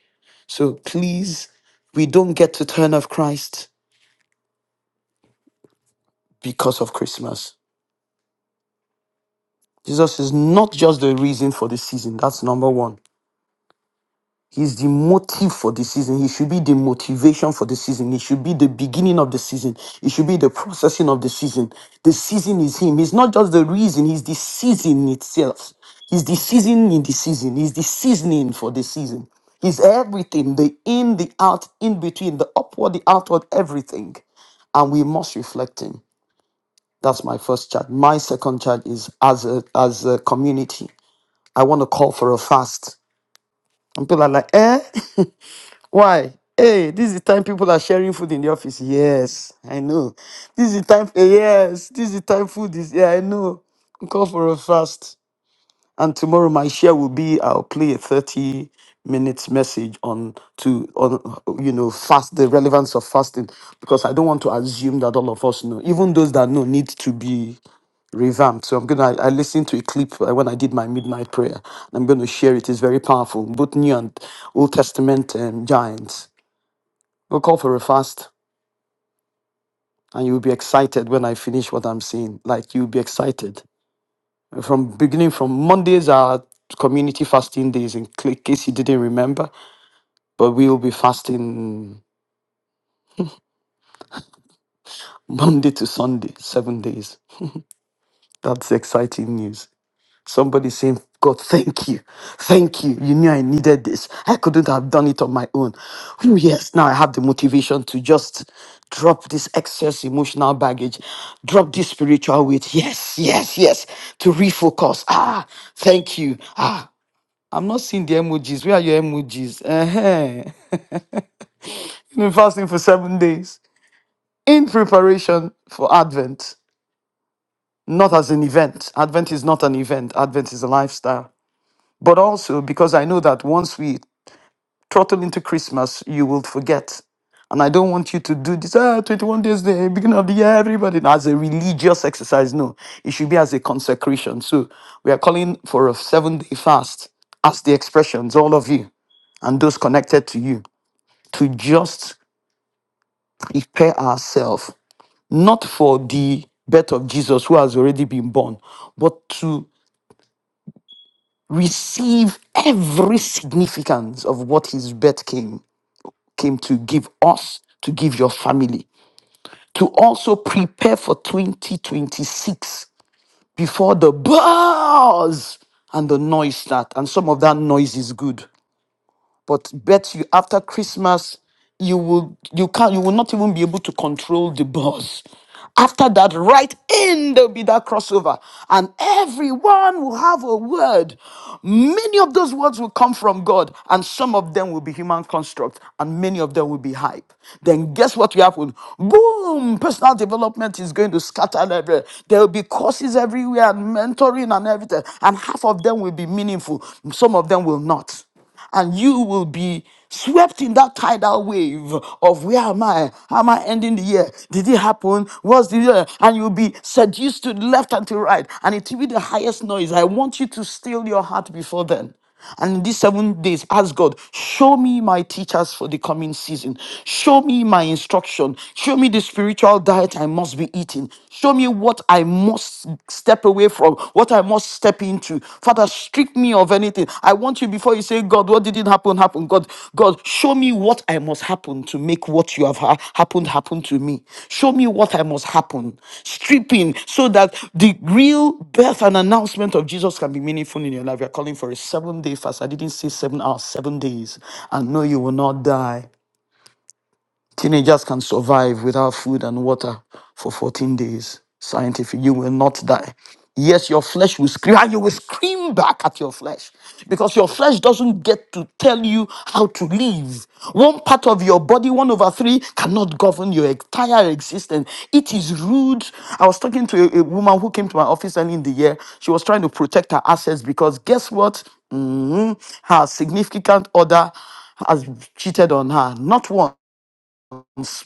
So please, we don't get to turn off Christ because of Christmas. Jesus is not just the reason for the season. That's number one. He's the motive for the season. He should be the motivation for the season. He should be the beginning of the season. He should be the processing of the season. The season is him. He's not just the reason, he's the season itself. He's the season in the season. He's the seasoning for the season. He's everything the in, the out, in between, the upward, the outward, everything. And we must reflect him. That's my first charge. My second charge is as a as a community. I want to call for a fast. And people are like, eh? Why? Hey, this is the time people are sharing food in the office. Yes, I know. This is the time. eh, yes, this is the time food is. Yeah, I know. We Call for a fast. And tomorrow my share will be I'll play a 30 minutes message on to on you know fast the relevance of fasting because I don't want to assume that all of us know. Even those that know need to be revamped. So I'm gonna I listened to a clip uh, when I did my midnight prayer. and I'm gonna share it. It's very powerful, both new and old testament um, giants. We'll call for a fast and you'll be excited when I finish what I'm saying. Like you'll be excited. From beginning from Mondays are community fasting days in cl- case you didn't remember, but we'll be fasting Monday to Sunday, seven days. That's exciting news. Somebody saying, God, thank you. Thank you. You knew I needed this. I couldn't have done it on my own. Oh, yes. Now I have the motivation to just drop this excess emotional baggage, drop this spiritual weight. Yes, yes, yes. To refocus. Ah, thank you. Ah, I'm not seeing the emojis. Where are your emojis? Uh-huh. You've been fasting for seven days in preparation for Advent, not as an event. Advent is not an event, Advent is a lifestyle. but also because I know that once we throttle into Christmas, you will forget. And I don't want you to do this, ah, 21 days, the beginning of the year, everybody, No, as a religious exercise. No, it should be as a consecration. So we are calling for a seven day fast as the expressions, all of you and those connected to you, to just prepare ourselves, not for the birth of Jesus who has already been born, but to receive every significance of what his birth came came to give us, to give your family, to also prepare for 2026 before the buzz and the noise start. And some of that noise is good. But bet you after Christmas, you will you can't you will not even be able to control the bus. After that, right in there'll be that crossover, and everyone will have a word. Many of those words will come from God, and some of them will be human construct, and many of them will be hype. Then guess what will happen? Boom! Personal development is going to scatter everywhere. There will be courses everywhere and mentoring and everything, and half of them will be meaningful, some of them will not and you will be swept in that tidal wave of where am I? How Am I ending the year? Did it happen? What's the year? And you'll be seduced to the left and to right, and it will be the highest noise. I want you to still your heart before then. And in these seven days, ask God, show me my teachers for the coming season. Show me my instruction. Show me the spiritual diet I must be eating. Show me what I I must step away from, what I must step into. Father, strip me of anything. I want you before you say, God, what didn't happen, happen. God, God, show me what I must happen to make what you have ha- happened happen to me. Show me what I must happen. Stripping so that the real birth and announcement of Jesus can be meaningful in your life. We are calling for a seven day fast. I didn't say seven hours, seven days. And no, you will not die. Teenagers can survive without food and water for 14 days. Scientific, you will not die. Yes, your flesh will scream, and you will scream back at your flesh because your flesh doesn't get to tell you how to live. One part of your body, one over three, cannot govern your entire existence. It is rude. I was talking to a, a woman who came to my office early in the year. She was trying to protect her assets because guess what? Mhm. Her significant other has cheated on her. Not one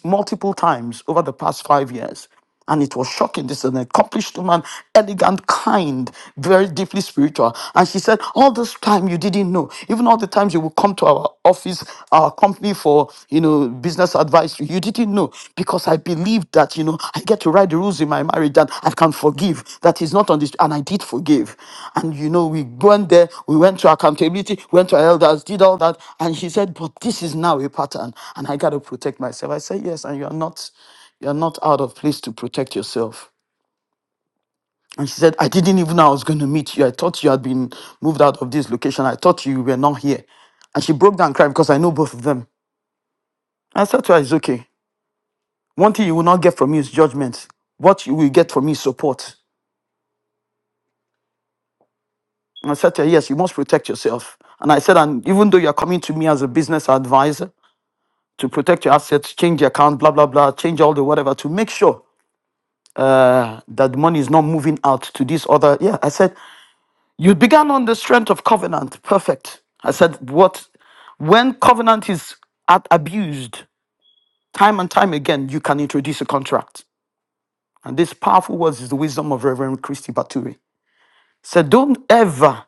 multiple times over the past five years. And it was shocking. This is an accomplished woman, elegant, kind, very deeply spiritual. And she said, All this time you didn't know. Even all the times you would come to our office, our company for you know business advice, you didn't know. Because I believed that you know I get to write the rules in my marriage that I can forgive. That is not on this, and I did forgive. And you know, we went there, we went to accountability, went to our elders, did all that, and she said, "But this is now a pattern, and I got to protect myself." I said, "Yes, and you are not, you are not out of place to protect yourself." And she said, "I didn't even know I was going to meet you. I thought you had been moved out of this location. I thought you were not here." And she broke down and cried because I know both of them. I said to her, It's okay. One thing you will not get from me is judgment. What you will get from me is support. I said to her, Yes, you must protect yourself. And I said, And even though you're coming to me as a business advisor to protect your assets, change your account, blah, blah, blah, change all the whatever to make sure uh, that the money is not moving out to this other. Yeah, I said, You began on the strength of covenant. Perfect. I said, What? When covenant is at abused time and time again, you can introduce a contract. And this powerful words is the wisdom of Reverend Christy Baturi. Said, Don't ever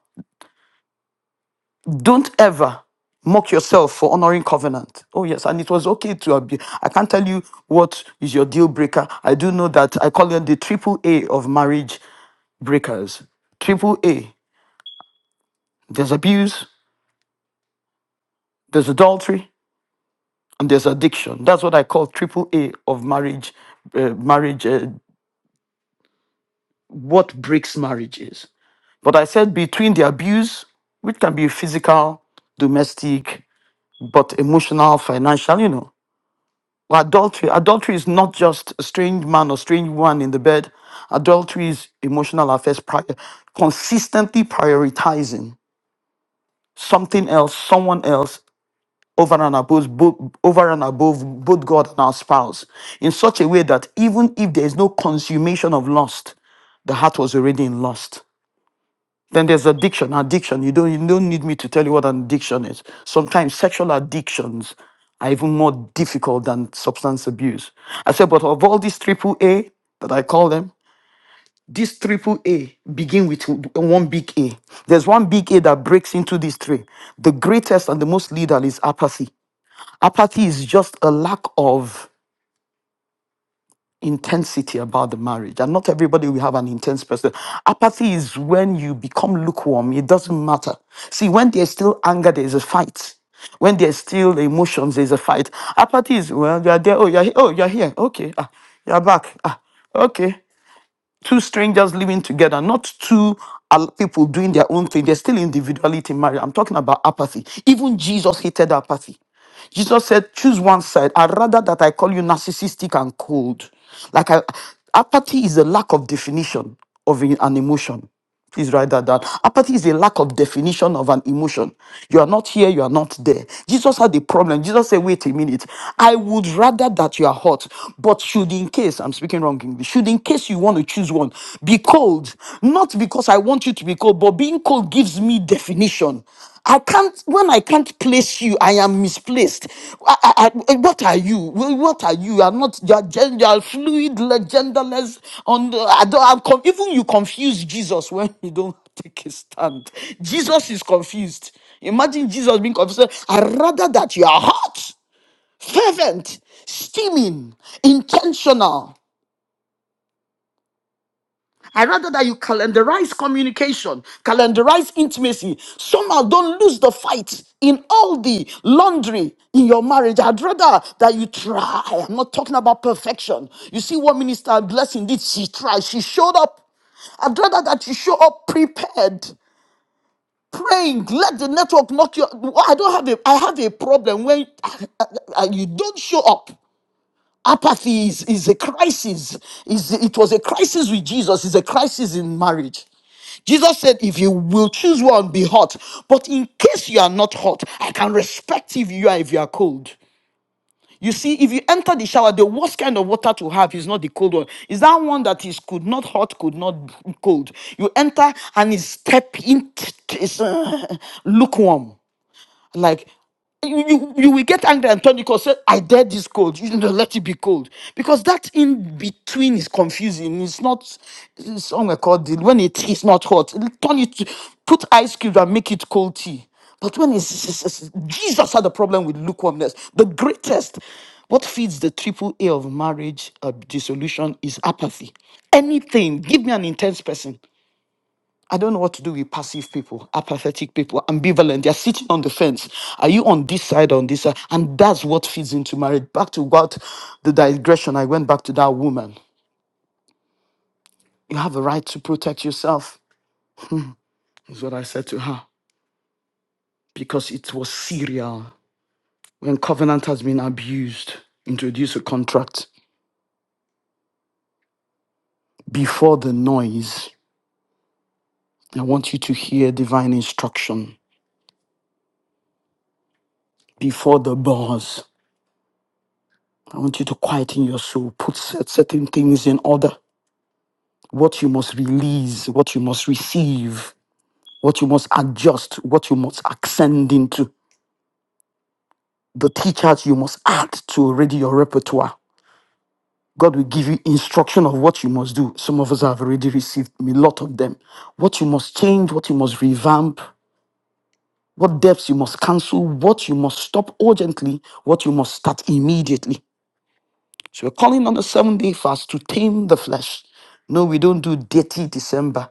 Don't ever mock yourself for honoring covenant. Oh, yes. And it was okay to abuse. I can't tell you what is your deal breaker. I do know that I call them the triple A of marriage breakers. Triple A. There's abuse, there's adultery, and there's addiction. That's what I call triple A of marriage, uh, marriage, uh, what breaks marriage is. But I said between the abuse, which can be physical, domestic, but emotional, financial, you know Well, adultery adultery is not just a strange man or strange woman in the bed adultery is emotional affairs prior, consistently prioritizing something else someone else over and above bo- over and above both god and our spouse in such a way that even if there is no consummation of lust the heart was already in lust then there's addiction. Addiction. You don't you don't need me to tell you what an addiction is. Sometimes sexual addictions are even more difficult than substance abuse. I said, but of all these triple A that I call them, this triple A begin with one big A. There's one big A that breaks into these three. The greatest and the most lethal is apathy. Apathy is just a lack of intensity about the marriage. And not everybody will have an intense person. Apathy is when you become lukewarm. It doesn't matter. See, when there's still anger, there's a fight. When there's still emotions, there's a fight. Apathy is, well, you're there. Oh, you're, he- oh, you're here. Okay. Ah, you're back. Ah, okay two strangers living together, not two al- people doing their own thing. There's still individuality in marriage. I'm talking about apathy. Even Jesus hated apathy. Jesus said, choose one side. I'd rather that I call you narcissistic and cold. Like I, apathy is a lack of definition of an emotion. Please write that down. Apathy is a lack of definition of an emotion. You are not here, you are not there. Jesus had a problem. Jesus said, Wait a minute. I would rather that you are hot, but should in case, I'm speaking wrong English, should in case you want to choose one, be cold. Not because I want you to be cold, but being cold gives me definition. I can't when I can't place you, I am misplaced. I, I, I- what are you? Wh- What are you? I'm not you are, gen- you are fluid, le- genderless. On the, I don't, I'm con- even you confuse Jesus when you don't take a stand. Jesus is confused. Imagine Jesus being confused. I rather that you are hot, fervent, steaming, intentional. I rather that you calendarize communication, calendarize intimacy. Somehow don't lose the fight in all the laundry in your marriage. I'd rather that you try. I'm not talking about perfection. You see what Minister Blessing did? She tried. She showed up. I'd rather that you show up prepared, praying. Let the network knock you. Well, I don't have a. I have a problem when you don't show up. Apathy is, is a crisis. Is it was a crisis with Jesus. Is a crisis in marriage. Jesus said, if you will choose one, be hot. But in case you are not hot, I can respect if you are if you are cold. You see, if you enter the shower, the worst kind of water to have is not the cold one. Is that one that is could not hot, could not cold. You enter and it's step in, it's uh, lukewarm. Like you, you, you will get angry and turn the cold. Say, I dare this cold. You know, let it be cold. Because that in between is confusing. It's not it's somewhere called the, when it is not hot. Turn it to- put ice cubes and make it cold tea. But when it's, it's- it's- Jesus had a problem with lukewarmness. The greatest what feeds the triple A of marriage uh, dissolution is apathy. Anything, give me an intense person. I don't know what to do with passive people, apathetic people, ambivalent. They're sitting on the fence. Are you on this side, on this side? And that's what feeds into marriage. Back to what the digression, I went back to that woman. You have a right to protect yourself, is what I said to her, because it was serial. When covenant has been abused, introduce a contract. Before the noise, I want you to hear divine instruction. Before the buzz, I want you to quieten your soul, put cer- certain things in order what you must release, what you must receive, what you must adjust, what you must ascend into, the teachers you must add to already your repertoire. God will give you instruction of what you must do. Some of us have already received a lot of them. What you must change, what you must revamp, what depths you must cancel, what you must stop urgently, what you must start immediately. So we're calling on the seven day fast to tame the flesh. No, we don't do dirty December.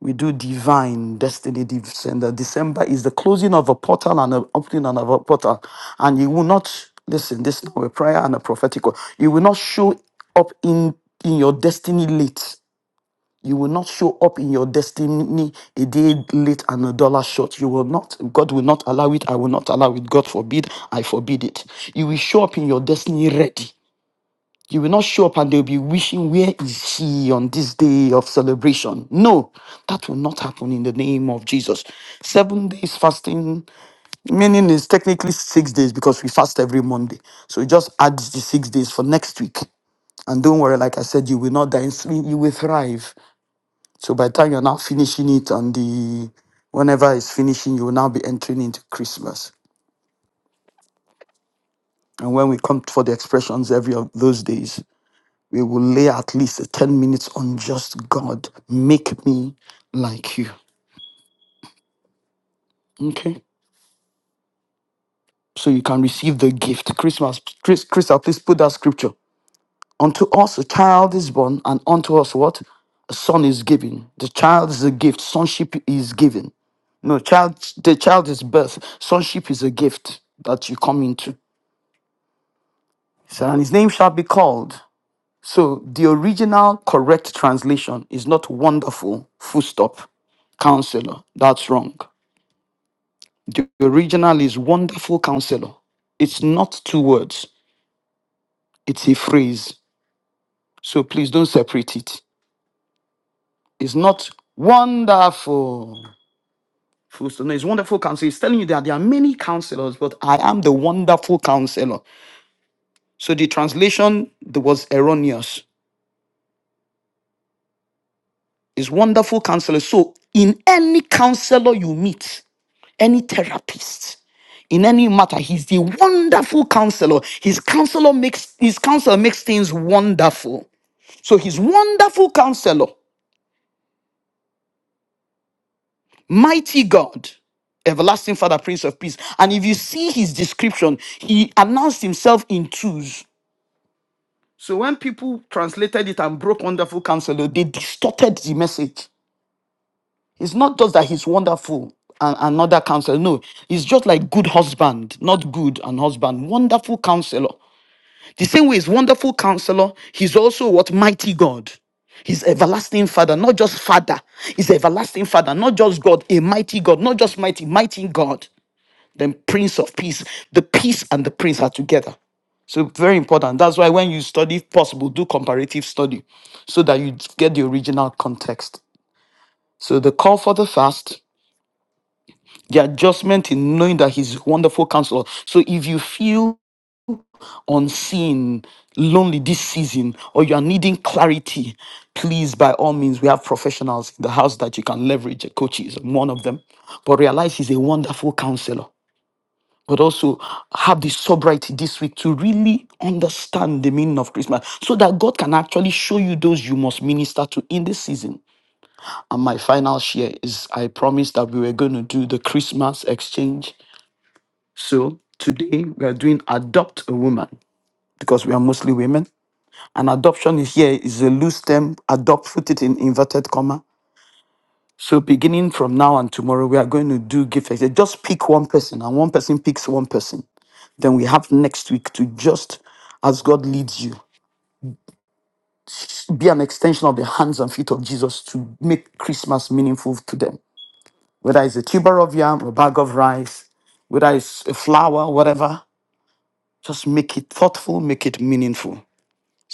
we do divine destiny descender. December is the closing of a portal and an opening of a portal. And you will not listen, this is now a prayer and a prophetic word. You will not show up in, in your destiny late. You will not show up in your destiny a day late and a dollar short. You will not. God will not allow it. I will not allow it. God forbid. I forbid it. You will show up in your destiny ready. You will not show up and they'll be wishing, Where is he on this day of celebration? No, that will not happen in the name of Jesus. Seven days fasting, meaning is technically six days because we fast every Monday. So you just add the six days for next week. And don't worry, like I said, you will not die, in sleep, you will thrive. So by the time you're now finishing it on the whenever it's finishing, you will now be entering into Christmas. And when we come for the expressions every of those days, We will lay at least 10 minutes on just God, make me like you. Okay? So you can receive the gift. Christmas, Chris, Crystal, please put that scripture. Unto us a child is born, and unto us what? A son is given. The child is a gift. Sonship is given. No, child, the child is birth. Sonship is a gift that you come into. So, and his name shall be called. So the original correct translation is not wonderful, full stop, counselor. That's wrong. The original is wonderful counselor. It's not two words, it's a phrase. So please don't separate it. It's not wonderful. Full stop. No, it's wonderful counselor. It's telling you that there are many counselors, but I am the wonderful counselor. So the translation that was erroneous. It's wonderful counselor. So in any counselor you meet, any therapist, in any matter. He's the wonderful counselor. His counselor makes his counselor makes things wonderful. So he's wonderful counselor, mighty God, everlasting Father, Prince of Peace. And if you see his description, he announced himself in twos. So when people translated it and broke wonderful counselor, they distorted the message. It's not just that he's wonderful and another counselor. No, he's just like good husband, not good and husband, wonderful counselor. The same way he's wonderful counselor, he's also what mighty God. He's everlasting father, not just father. He's everlasting father, not just God, a mighty God, not just mighty, mighty God, then prince of peace. The peace and the prince are together. So very important. That's why when you study, if possible, do comparative study so that you get the original context. So the call for the fast, the adjustment in knowing that he's a wonderful counselor. So if you feel unseen, lonely this season, or you are needing clarity, please, by all means, we have professionals in the house that you can leverage. A coach is one of them. But realize he's a wonderful counselor. But also have the sobriety this week to really understand the meaning of Christmas so that God can actually show you those you must minister to in this season. And my final share is I promised that we were going to do the Christmas exchange. So today we are doing Adopt a Woman because we are mostly women. And adoption is here is a loose term. Adopt, put it in inverted comma. So beginning from now and tomorrow, we are going to do gift exchange. Just pick one person, and one person picks one person. Then we have next week to just, as God leads you, be an extension of the hands and feet of Jesus to make Christmas meaningful to them. Whether it's a tuber of yam, a bag of rice, whether it's a flower, whatever, just make it thoughtful, make it meaningful.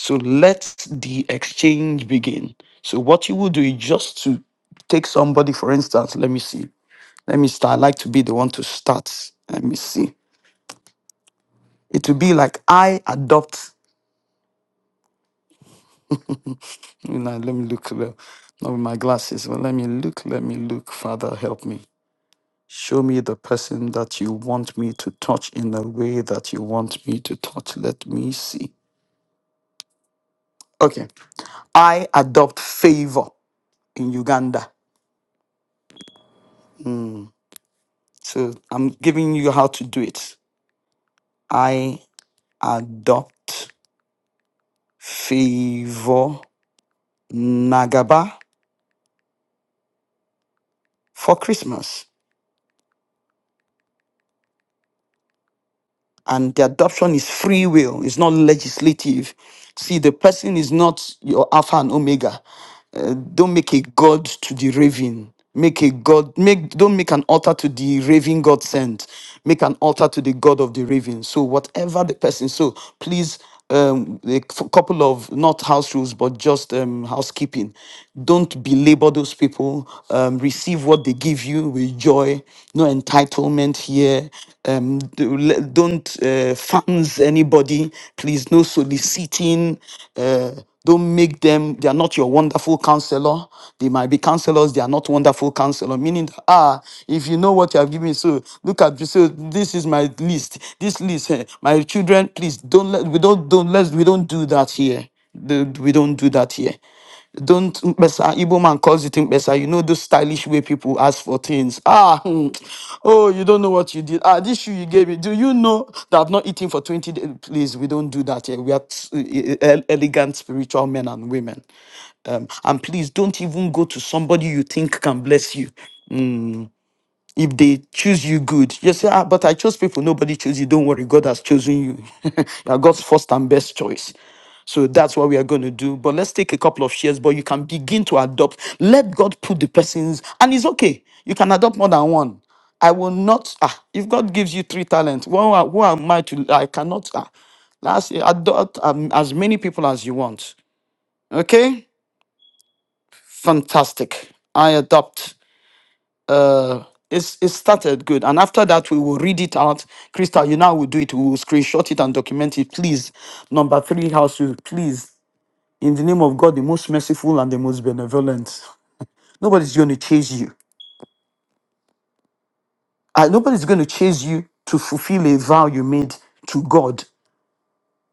So let the exchange begin. So what you will do is just to take somebody, for instance, let me see. Let me start. I like to be the one to start. Let me see. It will be like I adopt. You know, let me look le- not with my glasses, but let me look, let me look. Father, help me. Show me the person that you want me to touch in the way that you want me to touch. Let me see. Okay. I adopt favor in Uganda. So I'm giving you how to do it. I adopt Favor Nagaba for Christmas. And the adoption is free will, it's not legislative. See, the person is not your Alpha and Omega. Uh, don't make a god to the raven. Make a god. Make don't make an altar to the raven God sent. Make an altar to the god of the raven. So whatever the person. So please, um, a c- couple of not house rules, but just um, housekeeping. Don't belabor those people. Um, receive what they give you with joy. No entitlement here. Um, do- le- don't uh, fans anybody. Please, no soliciting. Uh, don't make them they are not your wonderful counselor. They might be counselors, they are not wonderful counselor. Meaning, ah, if you know what you have given, me, so look at so this is my list. This list, eh, my children, please don't let we don't don't let we don't do that here. The- We don't do that here don't Mpesa, Igbo man calls it Mpesa, you know those stylish way people ask for things. Ah, hmm, oh, you don't know what you did. Ah, this shoe you gave me. Do you know that I've not eaten for 20 days? Please, we don't do that here. We are s- e- e- elegant spiritual men and women. Um, and please don't even go to somebody you think can bless you. Mm, if they choose you, good. You say, ah, but I chose people. Nobody chose you. Don't worry. God has chosen you. you are God's first and best choice. So that's what we are going to do. But let's take a couple of shares, but you can begin to adopt. Let God put the persons, and it's okay. You can adopt more than one. I will not, ah, if God gives you three talents, who, am- who am I to, I cannot, ah, last, adopt um, as many people as you want. Okay? fantastic. I adopt. Uh, it's, it started good, and after that, we will read it out. Crystal, you now will do it. We will screenshot it and document it, please. Number three, house rule, please. In the name of God, the most merciful and the most benevolent. Nobody's going to chase you. Uh, nobody's going to chase you to fulfill a vow you made to God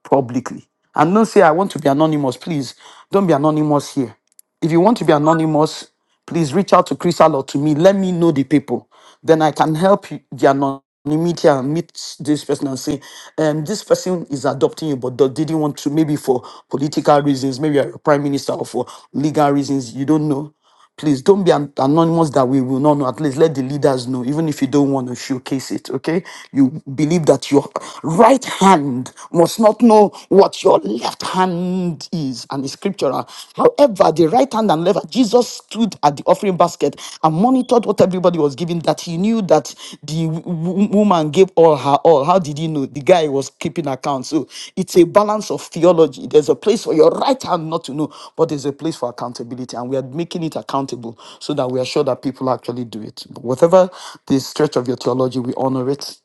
publicly. And don't say, I want to be anonymous. Please don't be anonymous here. If you want to be anonymous, please reach out to Crystal or to me. Let me know the people. Then I can help you, the anonymity and meet this person and say, um, this person is adopting you, but they didn't want to, maybe for political reasons, maybe you're a prime minister or for legal reasons, you don't know. Please don't be an- anonymous that we will not know. At least let the leaders know, even if you don't want to showcase it. Okay. You believe that your right hand must not know what your left hand is, and it's scriptural. However, the right hand and left, Jesus stood at the offering basket and monitored what everybody was doing giving that he knew that the w- w- woman gave all her all. How did he know? The guy was keeping account. So it's a balance of theology. There's a place for your right hand not to know, but there's a place for accountability. And we are making it accountable so that we are sure that people actually do it. But whatever the stretch of your theology, we honor it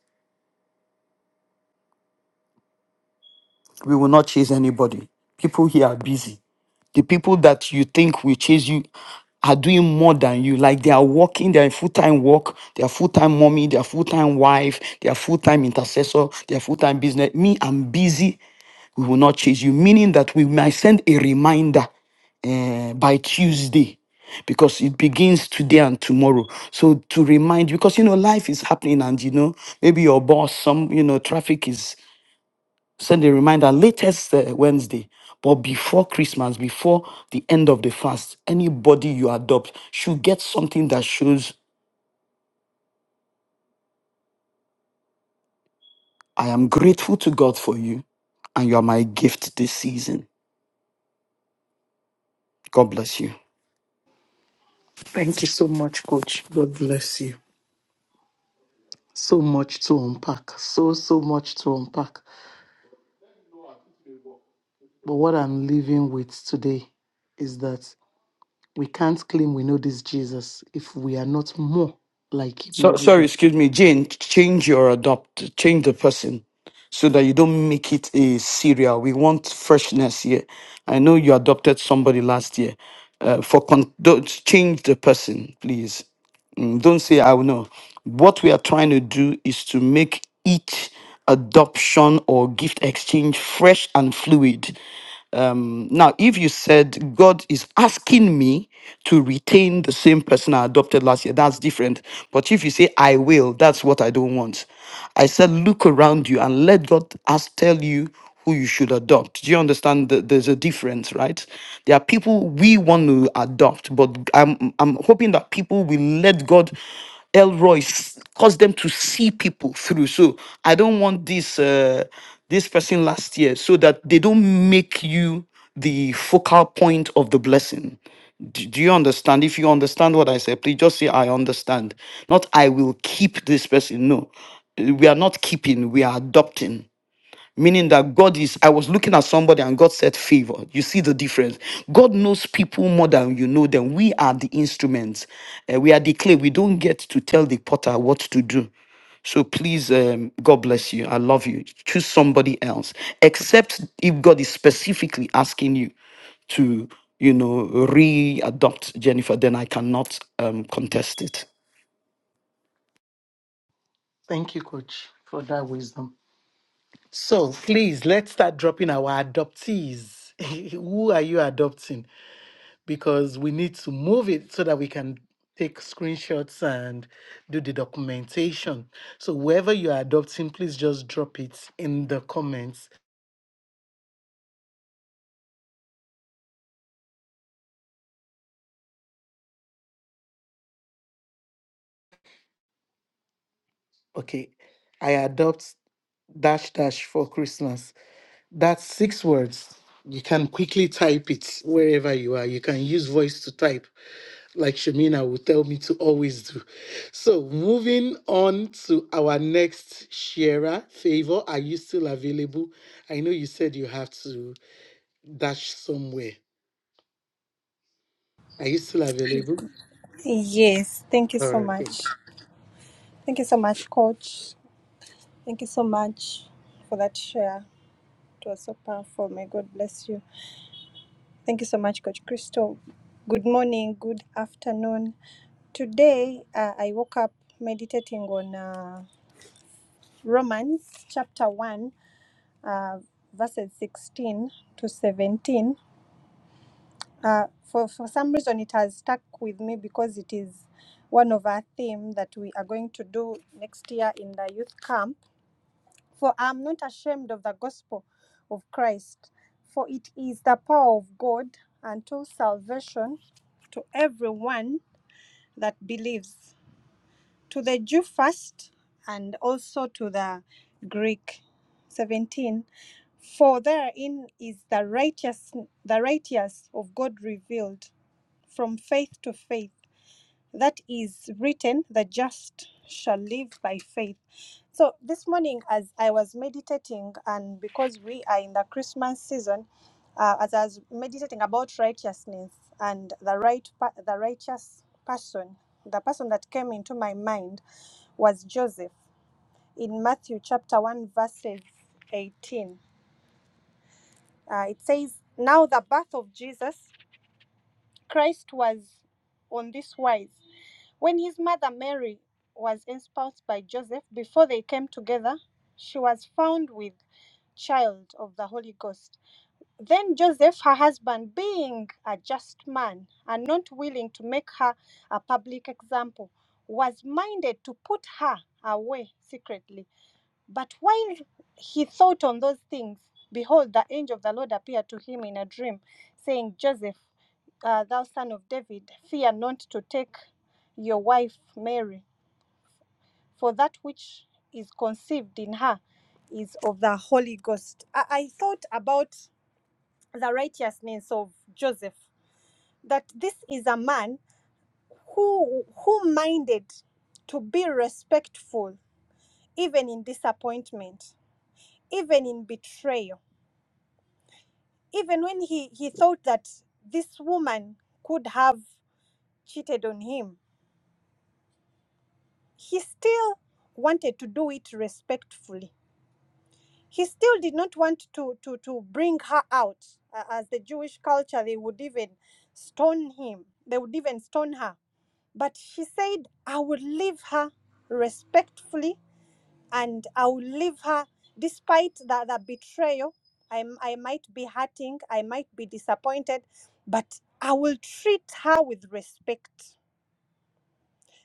We will not chase anybody. People here are busy. The people that you think will chase you are doing more than you. Like they are working, they are in full-time work, they are full-time mommy, they are full-time wife, they are full-time intercessor, they are full-time business. Me, I'm busy. We will not chase you. Meaning that we might send a reminder eh, by Tuesday because it begins today and tomorrow. So to remind you, because you know life is happening and you know maybe your boss some you know traffic is send a reminder latest uh, Wednesday. But before Christmas, before the end of the fast, anybody you adopt should get something that shows I am grateful to God for you and you are my gift this season. God bless you. Thank you so much, Coach. God bless you. So much to unpack. So, so much to unpack. But what I'm leaving with today is that. We can't claim we know this Jesus if we are not more like him So, every sorry, day. excuse me, Jane, change your adopt, change the person so that you don't make it a serial. We want freshness here. I know you adopted somebody last year. Uh, for con- don't change the person, please. Mm, don't say I will know. What we are trying to do is to make each adoption or gift exchange fresh and fluid. Um, now, if you said God is asking me to retain the same person I adopted last year, that's different. But if you say I will, that's what I don't want. I said, look around you and let God ask, tell you who you should adopt. Do you understand that there's a difference, right? There are people we want to adopt, but I'm I'm hoping that people will let God Elroy s- cause them to see people through. So I don't want this. Uh, this person last year so that they don't make you the focal point of the blessing. Do, do you understand? If you understand what I said, please just say, I understand. Not, I will keep this person. No, Uh, we are not keeping, we are adopting meaning that God is. I was looking at somebody and God said favor. You see the difference. God knows people more than you know them. We are the instruments. Uh, we are the clay. We don't get to tell the potter what to do. So please, um, God bless you. I love you. Choose somebody else, except if God is specifically asking you to, you know, re-adopt Jennifer. Then I cannot um, contest it. Thank you, coach, for that wisdom. So please let's start dropping our adoptees. Who are you adopting? Because we need to move it so that we can take screenshots and do the documentation. So whoever you are adopting, please just drop it in the comments. Okay, I adopt dash dash for Christmas. That's six words. You can quickly type it wherever you are. You can use voice to type, like Shamina will tell me to always do. So, moving on to our next sharer, Favor, are you still available? I know you said you have to dash somewhere. Are you still available? Yes, thank you All so right. much. Thank you so much, Coach. Thank you so much for that share. It was so powerful. May God bless you. Thank you so much, Coach Crystal. Good morning, good afternoon. Today, uh, I woke up meditating on uh, Romans chapter 1, uh, verses 16 to 17. Uh, for, for some reason, it has stuck with me because it is one of our theme that we are going to do next year in the youth camp For I am not ashamed of the gospel of Christ, for it is the power of God unto salvation to everyone that believes, to the Jew first, and also to the Greek. 17 For therein is the righteous the righteous of God revealed from faith to faith that is written, the just shall live by faith. So this morning, as I was meditating, and because we are in the Christmas season, uh, as I was meditating about righteousness and the right, pa- the righteous person, the person that came into my mind was Joseph in Matthew chapter one verses eighteen. Uh, it says, "Now the birth of Jesus Christ was on this wise." When his mother Mary was espoused by Joseph, before they came together, she was found with child of the Holy Ghost. Then Joseph, her husband, being a just man and not willing to make her a public example, was minded to put her away secretly. But while he thought on those things, behold, the angel of the Lord appeared to him in a dream, saying, Joseph, uh, thou son of David, fear not to take your wife Mary, for that which is conceived in her is of the Holy Ghost. I, I thought about the righteousness of Joseph, that this is a man who who minded to be respectful even in disappointment, even in betrayal even when he, he thought that this woman could have cheated on him, he still wanted to do it respectfully. He still did not want to, to, to bring her out. A- As the Jewish culture, they would even stone him, they would even stone her. But she said, I will leave her respectfully and I will leave her despite the, the betrayal. I I might be hurting, I might be disappointed, but I will treat her with respect.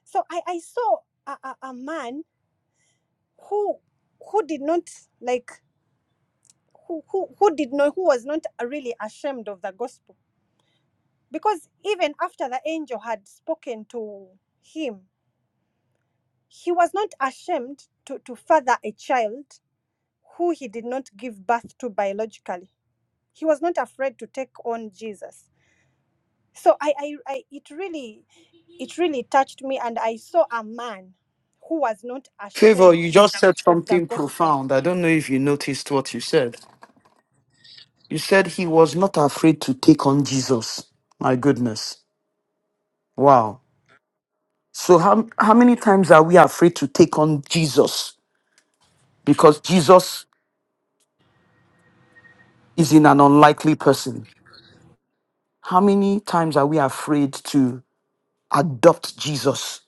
So I, I saw a, a, a man who who did not like who, who who did not who was not really ashamed of the gospel because even after the angel had spoken to him, he was not ashamed to, to father a child who he did not give birth to biologically he was not afraid to take on jesus so I, I i it really it really touched me and i saw a man who was not Favor, ashamed you just said of the something gospel profound. I don't know if you noticed what you said. You said he was not afraid to take on Jesus. My goodness. Wow. So how, how many times are we afraid to take on Jesus? Because Jesus is in an unlikely person. How many times are we afraid to adopt Jesus?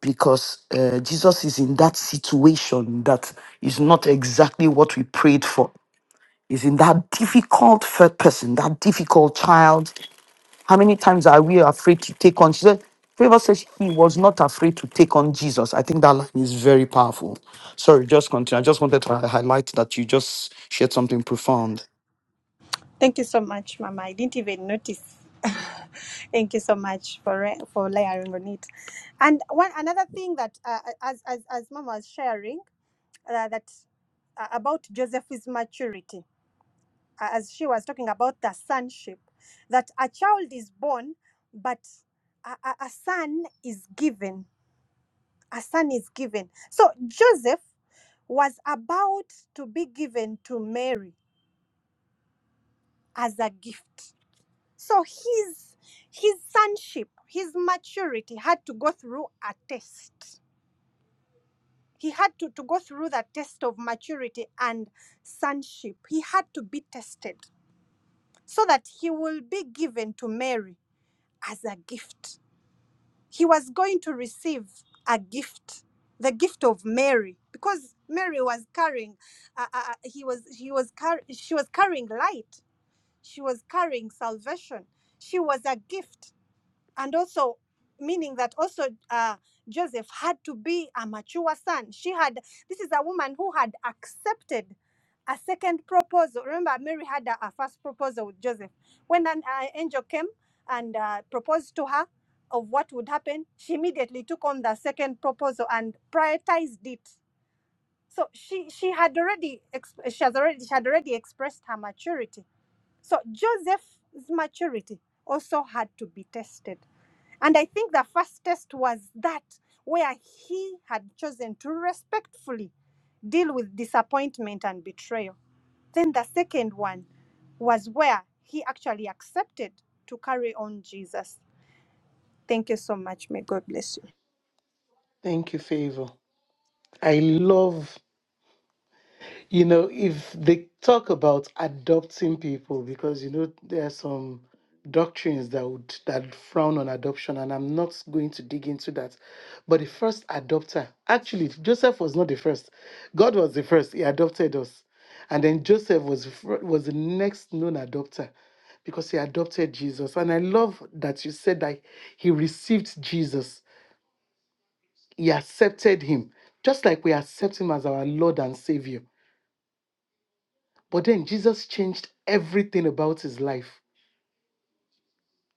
Because uh, Jesus is in that situation that is not exactly what we prayed for. Is in that difficult third person, that difficult child, How many times are we afraid to take on? She said, Favor says he was not afraid to take on Jesus. I think that line is very powerful. Sorry, just continue. I just wanted to hi- highlight that you just shared something profound. thank you so much mama i didn't even notice thank you so much for re- for layering on it and one another thing that uh, as as as mama was sharing uh, that uh, about joseph's maturity as she was talking about the sonship, that a child is born, but a, a, a son is given. A son is given. So Joseph was about to be given to Mary as a gift. So his his sonship, his maturity had to go through a test. He had to, to go through the test of maturity and sonship. He had to be tested so that he will be given to Mary as a gift he was going to receive a gift the gift of mary because mary was carrying uh, uh, uh, he was he was car- she was carrying light she was carrying salvation she was a gift and also meaning that also uh, Joseph had to be a mature son. She had this is a woman who had accepted a second proposal. Remember, Mary had a, a first proposal with Joseph. When an uh, angel came and uh, proposed to her of what would happen, she immediately took on the second proposal and prioritized it. So she she had already exp- she has already she had already expressed her maturity. So Joseph's maturity also had to be tested and I think the first test was that, where he had chosen to respectfully deal with disappointment and betrayal. Then the second one was where he actually accepted to carry on Jesus. Thank you so much. May God bless you. Thank you, Favor. I love you know, if they talk about adopting people, because you know there are some doctrines that would that frown on adoption, and I'm not going to dig into that. But the first adopter, actually, Joseph was not the first. God was the first. He adopted us, and then Joseph was the fir- was the next known adopter because he adopted Jesus. And I love that you said that he received Jesus. He accepted him, just like we accept him as our Lord and Savior. But then Jesus changed everything about his life,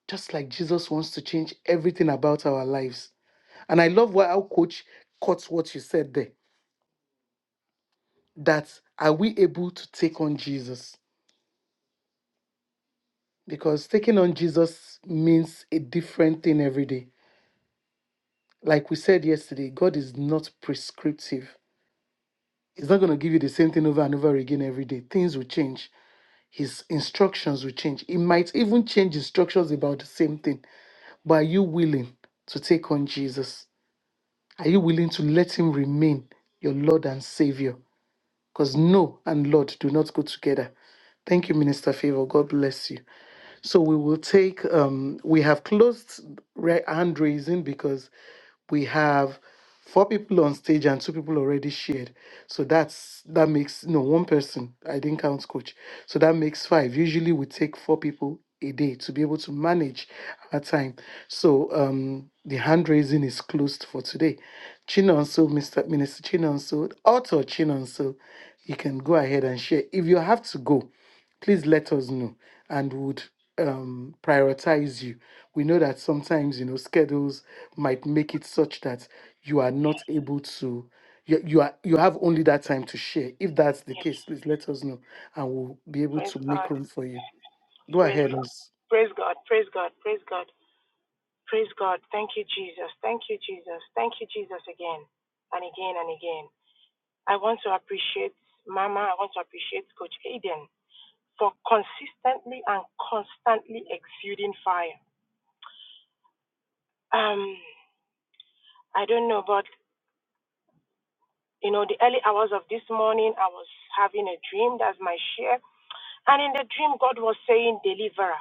just like Jesus wants to change everything about our lives. And I love why our coach caught what you said there that are we able to take on Jesus? Because taking on Jesus means a different thing every day. Like we said yesterday, God is not prescriptive. He's not going to give you the same thing over and over again every day. Things will change. His instructions will change. He might even change instructions about the same thing. But are you willing to take on Jesus? Are you willing to let him remain your Lord and Savior? Because no and Lord do not go together. Thank you, Minister Favor. God bless you. So we will take, um, we have closed ra- hand raising because we have four people on stage and two people already shared. So that's, that makes, no, one person. I didn't count coach. So that makes five. Usually we take four people a day to be able to manage our time. So um, the hand raising is closed for today. Chinonso, Mr. Minister Chinonso, Author Chinonso, you can go ahead and share. If you have to go, please let us know and would um, prioritize you. We know that sometimes you know schedules might make it such that you are not able to. You, you are you have only that time to share. If that's the case, please let us know, and we'll be able Praise to make God. room for you. Go Praise ahead, God. miss. Praise God. Praise God. Praise God. Praise God. Thank you, Jesus. Thank you, Jesus. Thank you, Jesus, again and again and again. I want to appreciate Mama. I want to appreciate Coach Aiden for consistently and constantly exuding fire. Um, I don't know, but you know, the early hours of this morning, I was having a dream. That's my share. And in the dream, God was saying, Deliverer.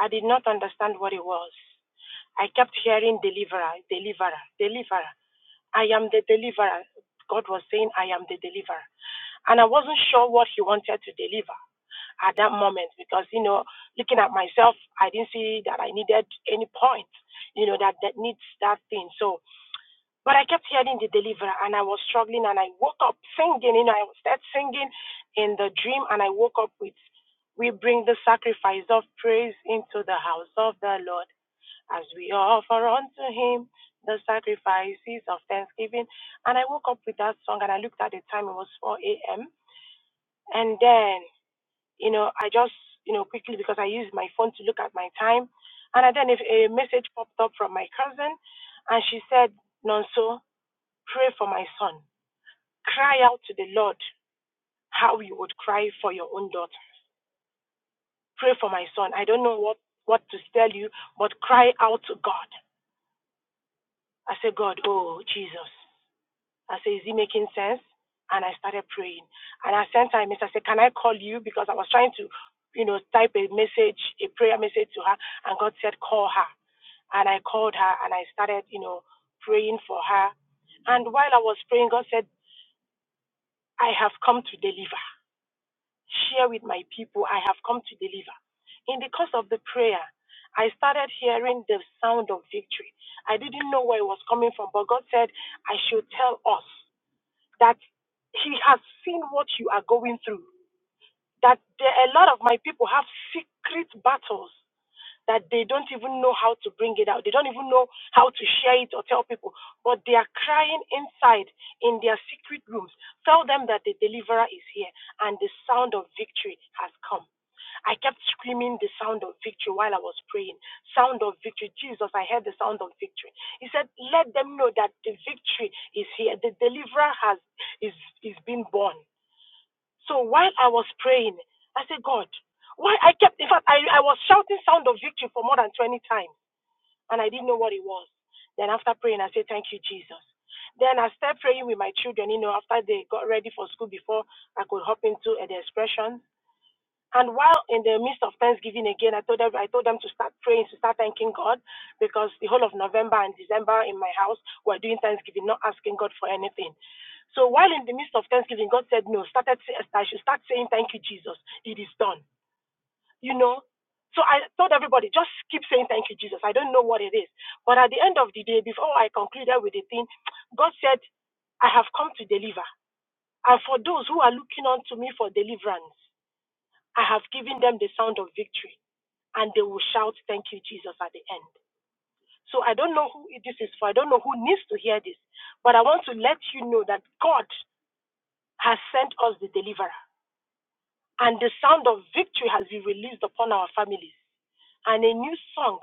I did not understand what it was. I kept hearing deliverer, deliverer, deliverer. I am the deliverer. God was saying, I am the deliverer. And I wasn't sure what he wanted to deliver at that moment because, you know, looking at myself, I didn't see that I needed any point, you know, that, that needs that thing. So, but I kept hearing the deliverer and I was struggling and I woke up singing, you know, I started singing in the dream and I woke up with, we bring the sacrifice of praise into the house of the Lord as we offer unto him the sacrifices of thanksgiving. And I woke up with that song and I looked at the time, it was 4 a.m. And then, you know, I just, you know, quickly because I used my phone to look at my time. And I then if a message popped up from my cousin and she said, Nonso, pray for my son. Cry out to the Lord how you would cry for your own daughter. Pray for my son. I don't know what, what to tell you, but cry out to God. I said, God, oh, Jesus. I said, Is it making sense? And I started praying. And I sent her a message. I said, Can I call you? Because I was trying to, you know, type a message, a prayer message to her. And God said, Call her. And I called her and I started, you know, praying for her. And while I was praying, God said, I have come to deliver. Share with my people, I have come to deliver. In the course of the prayer, I started hearing the sound of victory. I didn't know where it was coming from, but God said, I should tell us that he has seen what you are going through. That there, a lot of my people have secret battles that they don't even know how to bring it out. They don't even know how to share it or tell people, but they are crying inside in their secret rooms. Tell them that the deliverer is here and the sound of victory has come. I kept screaming the sound of victory while I was praying. Sound of victory. Jesus, I heard the sound of victory. He said, Let them know that the victory is here. The deliverer has is is been born. So while I was praying, I said, God, why I kept in fact I, I was shouting sound of victory for more than twenty times and I didn't know what it was. Then after praying, I said, Thank you, Jesus. Then I started praying with my children, you know, after they got ready for school before I could hop into the expressions. And while in the midst of Thanksgiving again, I told them I told them to start praying, to start thanking God, because the whole of November and December in my house were doing Thanksgiving, not asking God for anything. So while in the midst of Thanksgiving, God said no, started say- I should start saying thank you, Jesus. It is done. You know. So I told everybody, just keep saying thank you, Jesus. I don't know what it is. But at the end of the day, before I concluded with the thing, God said, I have come to deliver. And for those who are looking unto me for deliverance, I have given them the sound of victory, and they will shout, Thank you, Jesus, at the end. So I don't know who this is for. I don't know who needs to hear this, but I want to let you know that God has sent us the deliverer, and the sound of victory has been released upon our families, and a new song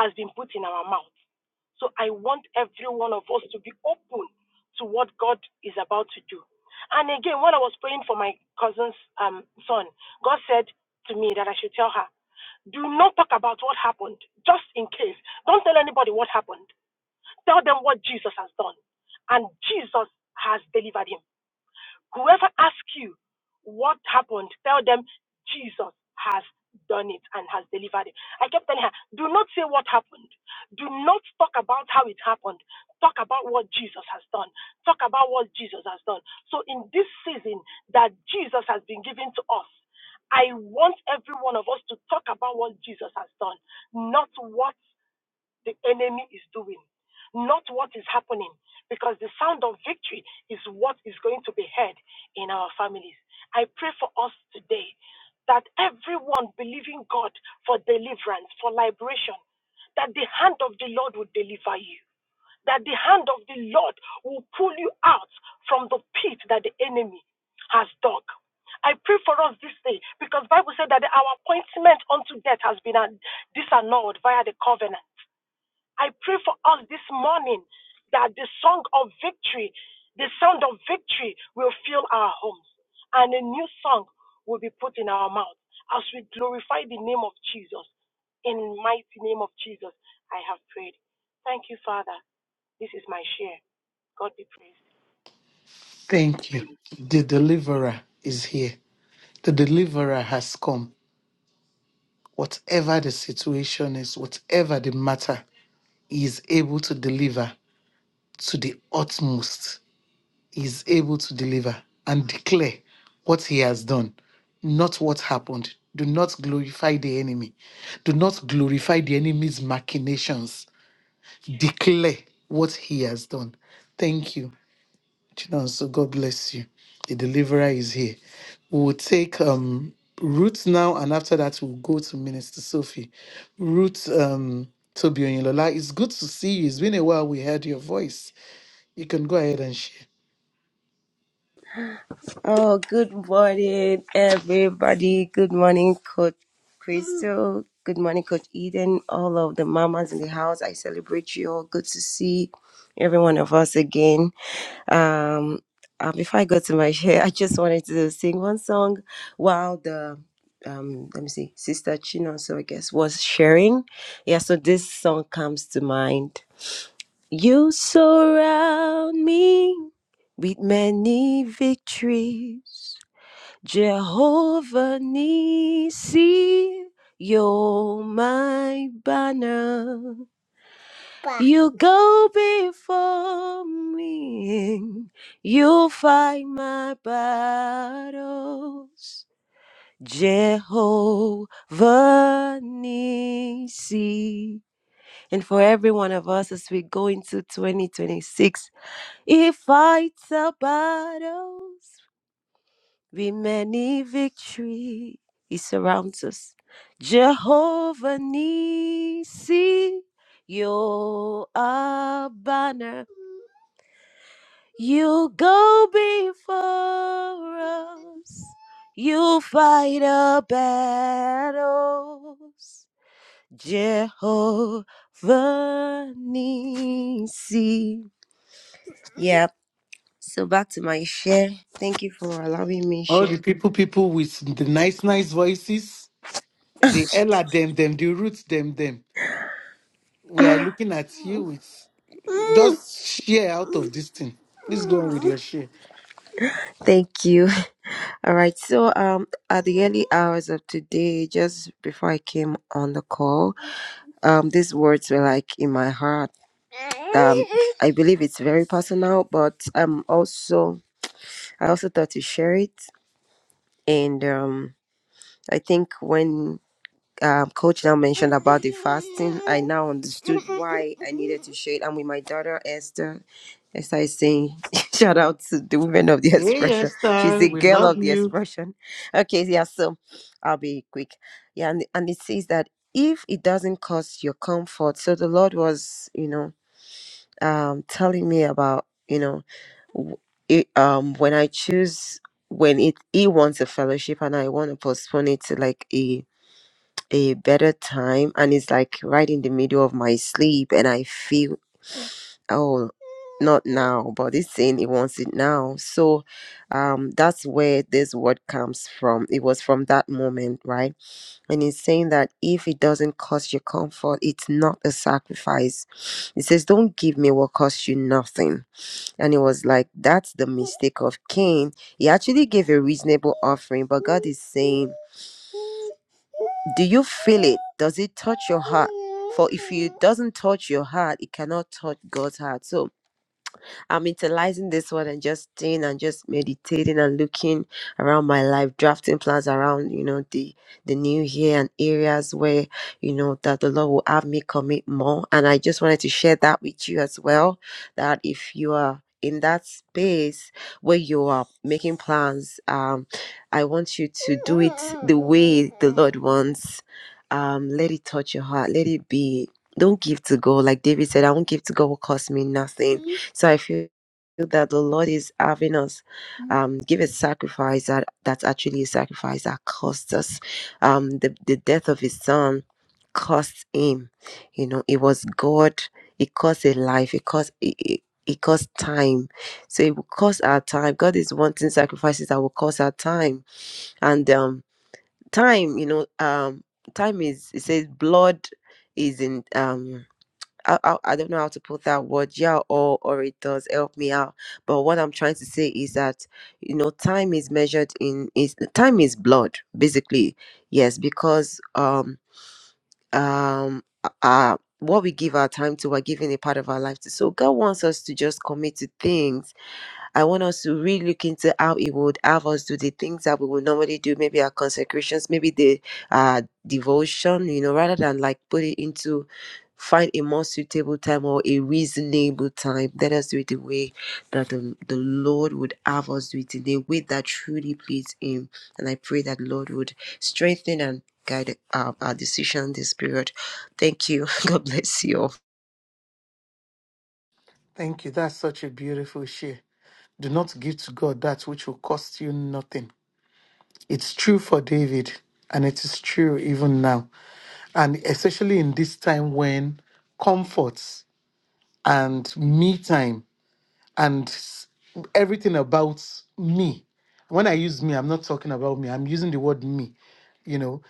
has been put in our mouth. So I want every one of us to be open to what God is about to do. And again, when I was praying for my cousin's um, son, God said to me that I should tell her. Do not talk about what happened, just in case. Don't tell anybody what happened. Tell them what Jesus has done. And Jesus has delivered him. Whoever asks you what happened, tell them Jesus has done it and has delivered it. I kept telling her, do not say what happened. Do not talk about how it happened. Talk about what Jesus has done. Talk about what Jesus has done. So in this season that Jesus has been given to us, I want every one of us to talk about what Jesus has done, not what the enemy is doing, not what is happening, because the sound of victory is what is going to be heard in our families. I pray for us today that everyone believing God for deliverance, for liberation, that the hand of the Lord will deliver you, that the hand of the Lord will pull you out from the pit that the enemy has dug. I pray for us this day because Bible said that our appointment unto death has been an- disannulled via the covenant. I pray for us this morning that the song of victory, the sound of victory will fill our homes and a new song will be put in our mouth as we glorify the name of Jesus. In mighty name of Jesus, I have prayed. Thank you, Father. This is my share. God be praised. Thank you. The deliverer is here. The deliverer has come. Whatever the situation is, whatever the matter, he is able to deliver to the utmost. is able to deliver and declare what he has done, not what happened. Do not glorify the enemy. Do not glorify the enemy's machinations. Declare what he has done. Thank you, Chinon. so God bless you. The deliverer is here. We will take um, Ruth now, and after that, we'll go to Minister Sophie. Ruth um, Tobi it's good to see you. It's been a while we heard your voice. You can go ahead and share. Oh, good morning, everybody. Good morning, Coach Crystal. Good morning, Coach Eden. All of the mamas in the house, I celebrate you all. Good to see every one of us again. Um, uh, before I go to my share, I just wanted to sing one song while the um, let me see, Sister Chino, so I guess was sharing. Yeah, so this song comes to mind. You surround me with many victories. Jehovah Nisi, you're my banner. You go before me, you fight my battles. Jehovah Nisi. And for every one of us as we go into 2026, he fights our battles. with many victory. He surrounds us. Jehovah Nisi, you're a banner. You go before us. You fight our battles. Jehovah Nisi. Yep. So back to my share. Thank you for allowing me to All the share. people, people with the nice, nice voices, the Ella them, them, the roots them, them. We are looking at you with just share out of this thing. Please go on with your share. Thank you. All right. So, um, at the early hours of today, just before I came on the call, um, these words were like in my heart. Um, I believe it's very personal, but um, also I also thought to share it, and um, I think when um, coach now mentioned about the fasting, I now understood why I needed to share it. And with my daughter Esther, Esther is saying, shout out to the women of the Hey expression. She's Esther, the we girl love of the you. expression. Okay, yeah, so I'll be quick. Yeah, and, and it says that if it doesn't cause your comfort, so the Lord was, you know, um, telling me about, you know, w- it, um, when I choose, when it he wants a fellowship and I want to postpone it to like a a better time and it's like right in the middle of my sleep and i feel oh not now but it's saying it wants it now so um that's where this word comes from it was from that moment right and it's saying that if it doesn't cost you comfort it's not a sacrifice it says don't give me what costs you nothing and it was like that's the mistake of cain he actually gave a reasonable offering but god is saying do you feel it does it touch your heart for if it doesn't touch your heart it cannot touch god's heart so I'm utilizing this word and just staying and just meditating and looking around my life, drafting plans around, you know, the the new year and areas where, you know, that the Lord will have me commit more. And I just wanted to share that with you as well. That if you are in that space where you are making plans, um, I want you to do it the way the Lord wants. Um, let it touch your heart. Let it be don't give to God. Like David said, I won't give to God what cost me nothing. So I feel that the Lord is having us um, give a sacrifice that that's actually a sacrifice that costs us. Um, the, the death of his son cost him. You know, it was God. It cost a life. It cost it, it, it cost time. So it will cost our time. God is wanting sacrifices that will cost our time. And um time, you know, um time is it says blood is in um I, I I don't know how to put that word. Yeah, or or it does help me out. But what I'm trying to say is that you know time is measured in is time is blood basically. Yes, because um um uh uh, what we give our time to, we're giving a part of our life to. So God wants us to just commit to things I want us to really look into how He would have us do the things that we would normally do, maybe our consecrations, maybe the uh, devotion, you know, rather than like put it into find a more suitable time or a reasonable time. Let us do it the way that the, the Lord would have us do it, in a way that truly please Him. And I pray that Lord would strengthen and guide our, our decision this period. Thank you. God bless you all. Thank you. That's such a beautiful share. Do not give to God that which will cost you nothing. It's true for David, and it is true even now. And especially in this time when comforts and me time and s- everything about me when i use me i'm not talking about me i'm using the word me you know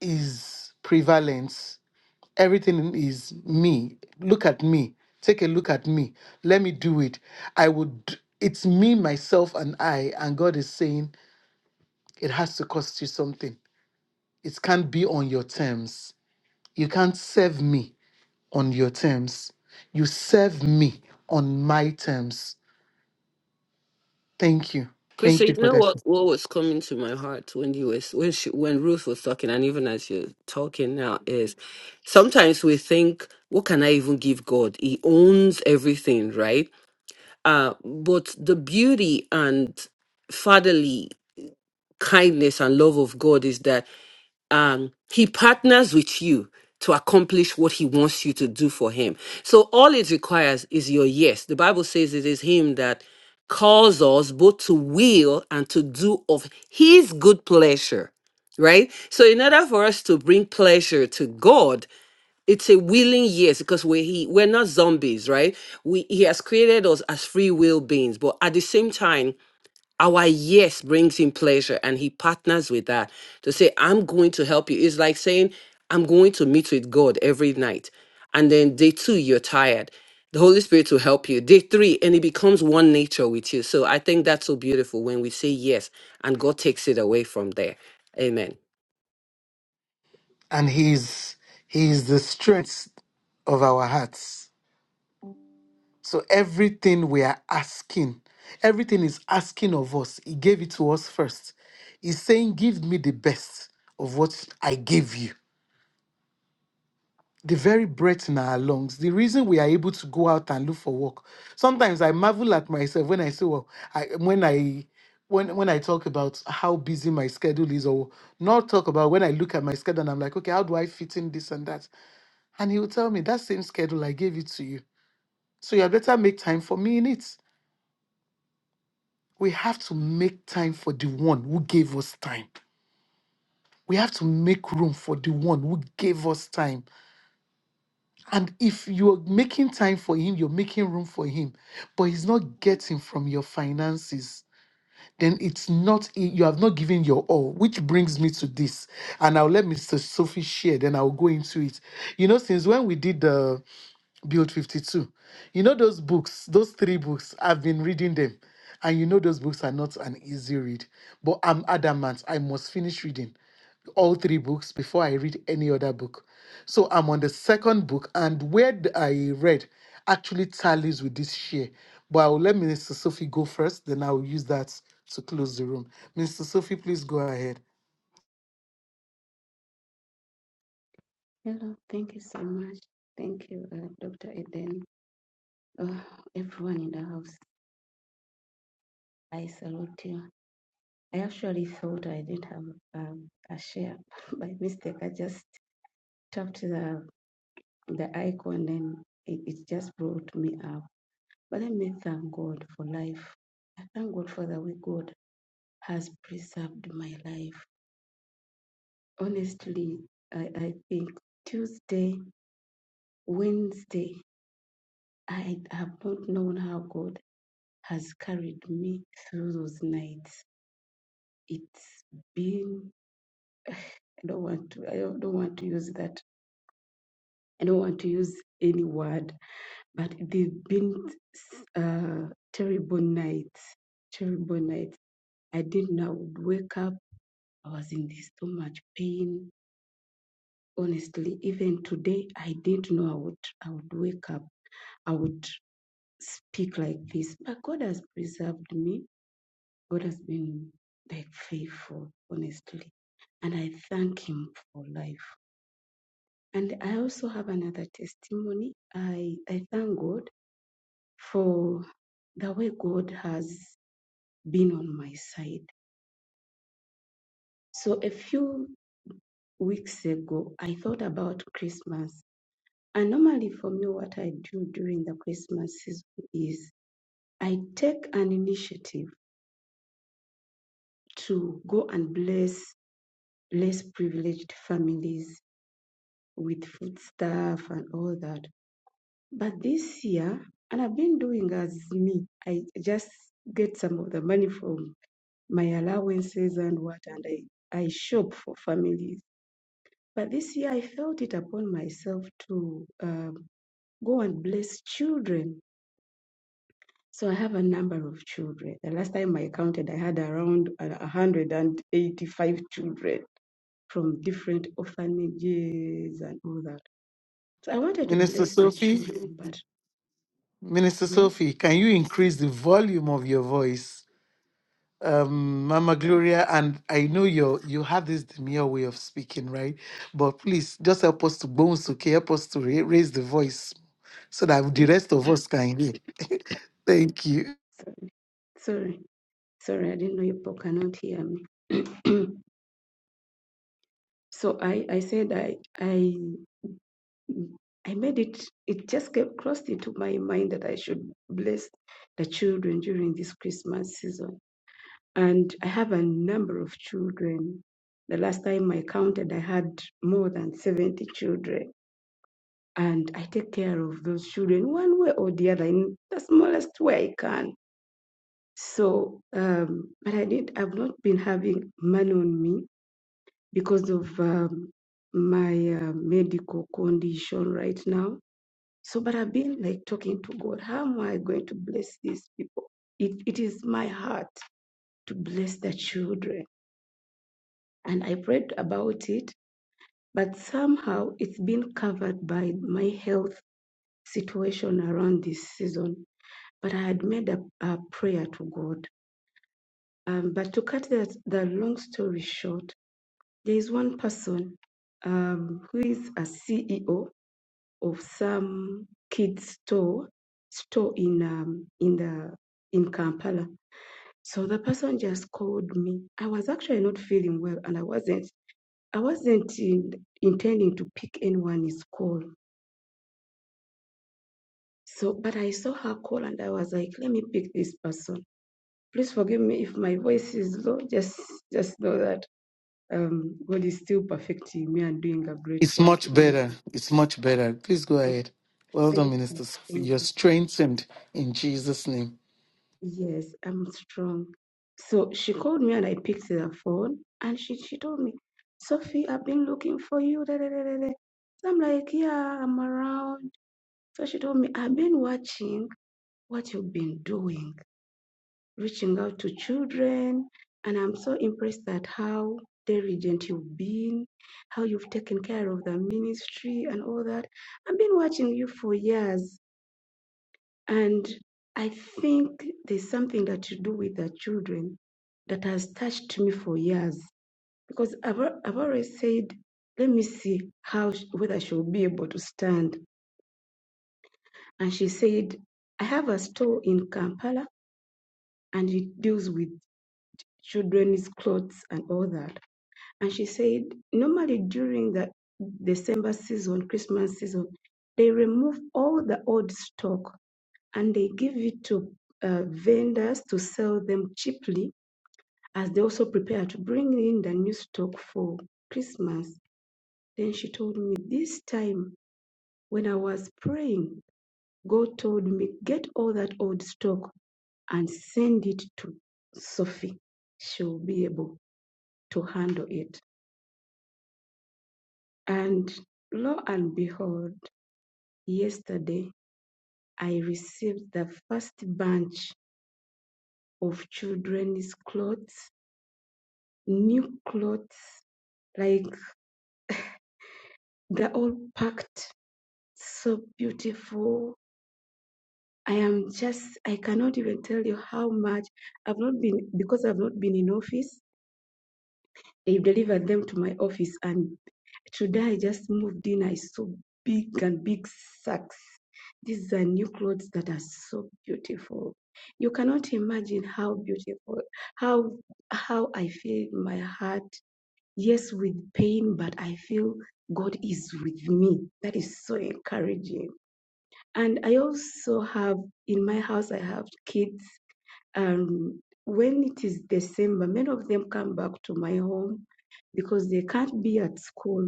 is prevalent everything is me look at me take a look at me let me do it i would it's me myself and i and god is saying it has to cost you something it can't be on your terms you can't serve me on your terms you serve me on my terms thank you Krista, thank you you for know that what, what was coming to my heart when you was when she, when Ruth was talking, and even as you're talking now, is sometimes we think, what can I even give God? He owns everything, right? Uh, but the beauty and fatherly kindness and love of God is that um, He partners with you to accomplish what He wants you to do for Him. So all it requires is your yes. The Bible says it is Him that calls us both to will and to do of His good pleasure right? So in order for us to bring pleasure to God, it's a willing yes because we he we're not zombies, right? We he has created us as free will beings, but at the same time, our yes brings him pleasure and he partners with that to say, I'm going to help you. It's like saying, I'm going to meet with God every night. And then day two, you're tired. The Holy Spirit will help you. Day three, and it becomes one nature with you. So I think that's so beautiful when we say yes and God takes it away from there. Amen. and he is he is the strength of our hearts so everything we are asking everything is asking of us he gave it to us first he's saying give me the best of what i gave you the very breath in our lungs the reason we are able to go out and look for work sometimes i marvel at myself when i say well i when i when when I talk about how busy my schedule is, or not talk about when I look at my schedule and I'm like, okay, how do I fit in this and that? And he will tell me, that same schedule, I gave it to you. So you had better make time for me in it. We have to make time for the one who gave us time. We have to make room for the one who gave us time. And if you're making time for him, you're making room for him, but he's not getting from your finances, then it's not, you have not given your all, which brings me to this. And I'll let Mr. Sophie share, then I'll go into it. You know, since when we did the Build 52. You know those books, those three books, I've been reading them. And you know those books are not an easy read. But I'm adamant, I must finish reading all three books before I read any other book. So I'm on the second book, and where th- I read actually tallies with this share. But I will let Minister Sophie go first, then I will use that to close the room. Minister Sophie, please go ahead. Hello, thank you so much. Thank you, uh, Dr. Eden. Oh, everyone in the house, I salute you. I actually thought I didn't have um, a share by mistake. I just tapped the the icon and it, it just brought me up. But let me thank God for life. I thank God for the way God has preserved my life. Honestly, I, I think Tuesday, Wednesday, I have not known how God has carried me through those nights. It's been I don't want to I don't, want to use that. I don't want to use any word, but they've been uh, terrible nights. Terrible nights. I didn't know I would wake up. I was in this so much pain. Honestly, even today, I didn't know I would I would wake up. I would speak like this. But God has preserved me God has been like faithful, honestly. And I thank him for life. And I also have another testimony. I, I thank God for the way God has been on my side. So a few weeks ago, I thought about Christmas. And normally for me, what I do during the Christmas season is I take an initiative to go and bless less privileged families with food stuff and all that. But this year, and I've been doing as me, I just get some of the money from my allowances and what, and I, I shop for families. But this year, I felt it upon myself to um, go and bless children. So I have a number of children. The last time I counted, I had around uh, 185 children from different orphanages and all that. So I wanted to Minister bless the Sophie, children, but Minister Yes. Sophie, can you increase the volume of your voice? um, Mama Gloria, and I know you you have this demure way of speaking, right? But please just help us to bones, okay? Help us to ra- raise the voice so that the rest of us can hear. Thank you. Sorry, sorry, sorry, I didn't know you people cannot hear me. So I, I said I, I, I made it. It just kept crossed into my mind that I should bless the children during this Christmas season. And I have a number of children. The last time I counted, I had more than seventy children, and I take care of those children one way or the other in the smallest way I can So, um, but I did, I've not been having money on me because of um, my uh, medical condition right now. So, but I've been like talking to God, how am I going to bless these people? It, it is my heart to bless the children. And I prayed about it, but somehow it's been covered by my health situation around this season. But I had made a, a prayer to God. Um, but to cut that, the long story short, There is one person um, who is a CEO of some kids store store in um, in the in Kampala. So the person just called me. I was actually not feeling well, and I wasn't I wasn't in, intending to pick anyone's call. So, but I saw her call, and I was like, let me pick this person. Please forgive me if my voice is low. Just just know that um, God is still perfecting me and doing a great It's work much in me. better. It's much better. Please go Oh. ahead. Well done, Thank you. Minister. Sophie. You're Thank you. strengthened in Jesus' name. Yes, I'm strong. So she called me and I picked the phone and she, she told me, Sophie, I've been looking for you. Da, da, da, da, da. So I'm like, yeah, I'm around. So she told me, I've been watching what you've been doing, reaching out to children. And I'm so impressed at how diligent you've been, how you've taken care of the ministry and all that. I've been watching you for years And I think there's something that you do with the children that has touched me for years because I've, al- I've always said, let me see how sh- whether she'll be able to stand. And she said, I have a store in Kampala and it deals with children's clothes and all that. And she said, normally during the December season, Christmas season, they remove all the old stock and they give it to uh, vendors to sell them cheaply as they also prepare to bring in the new stock for Christmas. Then she told me, This time when I was praying, God told me, Get all that old stock and send it to Sophie. She'll be able to handle it. And lo and behold, yesterday I received the first bunch of children's clothes, new clothes like they're all packed so beautiful i am just i cannot even tell you how much i've not been because i've not been in office they delivered them to my office and today i just moved in i saw big and big sacks these are new clothes that are so beautiful you cannot imagine how beautiful how how i feel in my heart yes with pain but i feel god is with me that is so encouraging and i also have in my house i have kids and when it is december many of them come back to my home because they can't be at school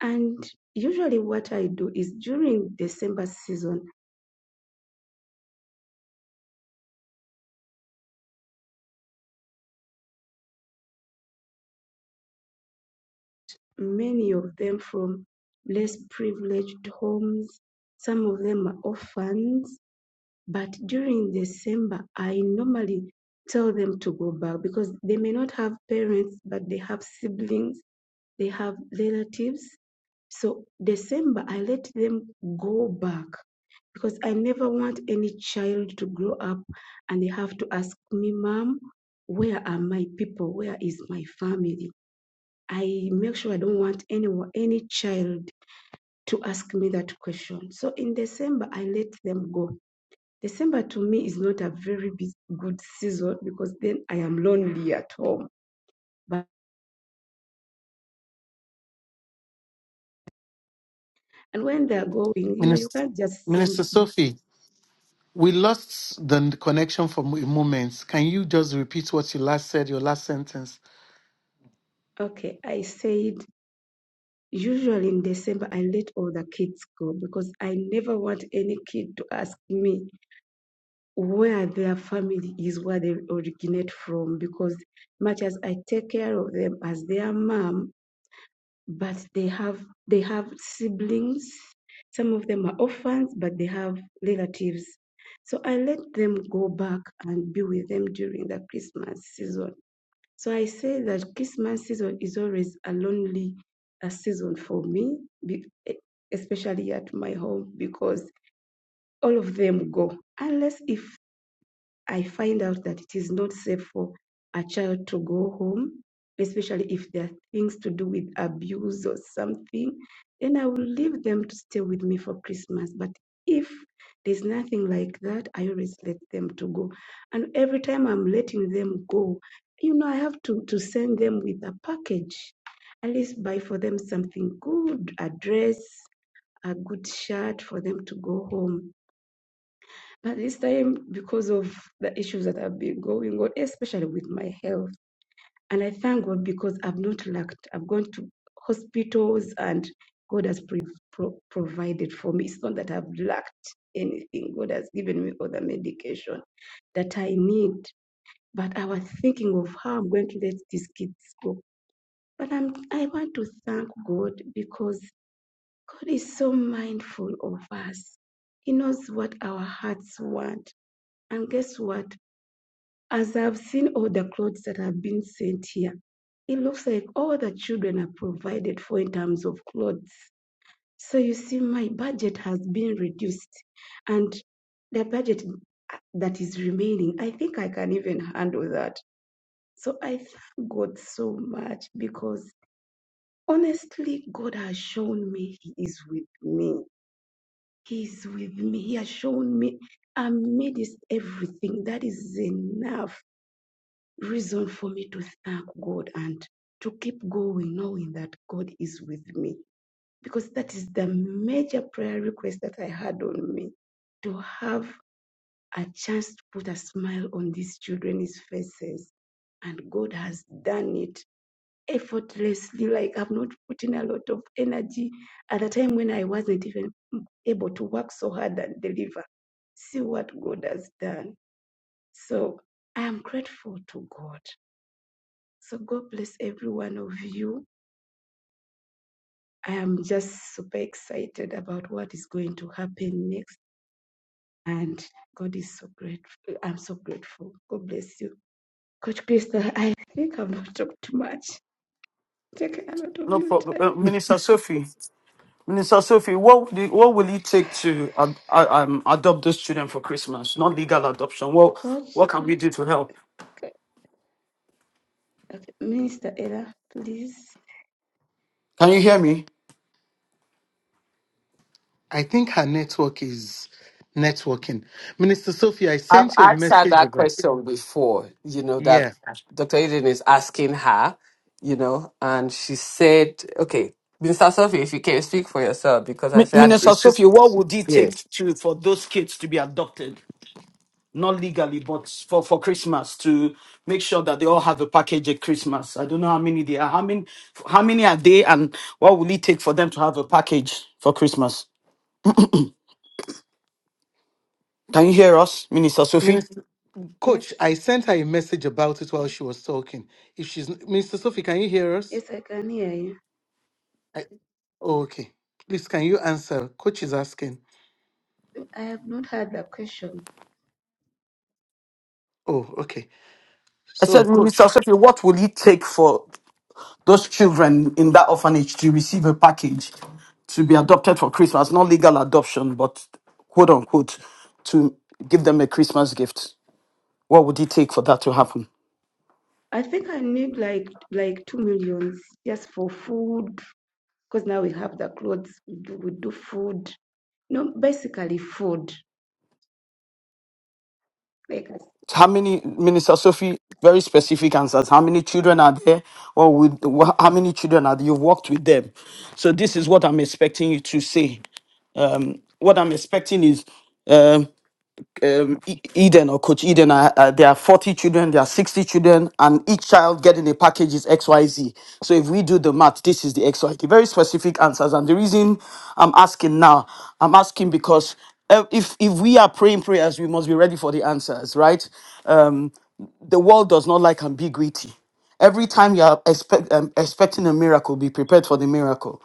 and usually what i do is during december season many of them from less privileged homes some of them are orphans but during december i normally tell them to go back because they may not have parents but they have siblings they have relatives. So December, I let them go back because I never want any child to grow up and they have to ask me, Mom, where are my people? Where is my family? I make sure I don't want any, any child to ask me that question. So in December, I let them go. December to me is not a very good season because then I am lonely at home. But and when they're going, you know, you Minister, can't just Minister send Sophie, we lost the n- connection for a moment. Can you just repeat what you last said, your last sentence? Okay, I said usually in December I let all the kids go because I never want any kid to ask me where their family is, where they originate from, because much as I take care of them as their mom, but they have they have siblings. Some of them are orphans, but they have relatives. So I let them go back and be with them during the Christmas season so I say that Christmas season is always a lonely a season for me, be, e- especially at my home, because all of them go, unless if I find out that it is not safe for a child to go home, especially if there are things to do with abuse or something, then I will leave them to stay with me for Christmas. But if there's nothing like that, I always let them to go. And every time I'm letting them go, you know, I have to, to send them with a package. At least buy for them something good, a dress, a good shirt for them to go home but this time, because of the issues that have been going on, especially with my health, and I thank God because I've not lacked. I've gone to hospitals and God has pre- pro- provided for me. It's not that I've lacked anything. God has given me all the medication that I need. But I was thinking of how I'm going to let these kids go. But I'm, I want to thank God because God is so mindful of us. He knows what our hearts want. And guess what? As I've seen all the clothes that have been sent here, it looks like all the children are provided for in terms of clothes. So you see, my budget has been reduced, and the budget uh, that is remaining, I think I can even handle that. So I thank God so much because honestly, God has shown me He is with me. He is with me. He has shown me amidst everything that is enough reason for me to thank God and to keep going, knowing that God is with me. Because that is the major prayer request that I had on me to have a chance to put a smile on these children's faces. And God has done it effortlessly. Like I've not put in a lot of energy at a time when I wasn't even able to work so hard and deliver. See what God has done. So I am grateful to God. So God bless every one of you. I am just super excited about what is going to happen next. And God is so grateful. I'm so grateful. God bless you. Coach Krista, I think I've not talked too much. Taken a lot of No your problem, uh, time. Minister Sophie. Minister Sophie, what do, what will it take to ad, uh, um, adopt those children for Christmas? Not legal adoption. What Coach, what can we do to help? okay. okay, Minister Ella, please. Can you hear me, I think her network is networking. Minister Sophie, I I've sent you a asked her message that about question before, you know, that yeah. Dr. Eden is asking her, you know, and she said, okay, Mr. Sophie, if you can speak for yourself, because I Mi- said, Minister she's, Sophie? What would it yes. take to for those kids to be adopted? not legally, but for, for Christmas to make sure that they all have a package at Christmas. I don't know how many they are. How many how many are they and what will it take for them to have a package for Christmas? Can you hear us, Minister Sophie? Minister Yes. Coach, I sent her a message about it while she was talking. If she's Minister Sophie, can you hear us? Yes, I can hear you. I, oh, okay. Please can you answer? Coach is asking. I have not had the question. Oh, okay. I So said, Minister coach. Sophie, what will it take for those children in that orphanage to receive a package to be adopted for Christmas? Not legal adoption, but quote unquote, to give them a Christmas gift. What would it take for that to happen? I think I need like like two millions just for food, because now we have the clothes, we do, we do food No, basically food. Like How many, Minister Sophie, very specific answers. How many children are there? Or with, wha- how many children are there? You've worked with them. So this is what I'm expecting you to say. What I'm expecting is um, um, E- Eden or Coach Eden, uh, uh, there are 40 children, there are 60 children, and each child getting a package is XYZ. So if we do the math, this is the XYZ. Very specific answers. And the reason I'm asking now, I'm asking because uh, if if we are praying prayers, we must be ready for the answers, right? The world does not like ambiguity. Every time you are expect, um, expecting a miracle, be prepared for the miracle.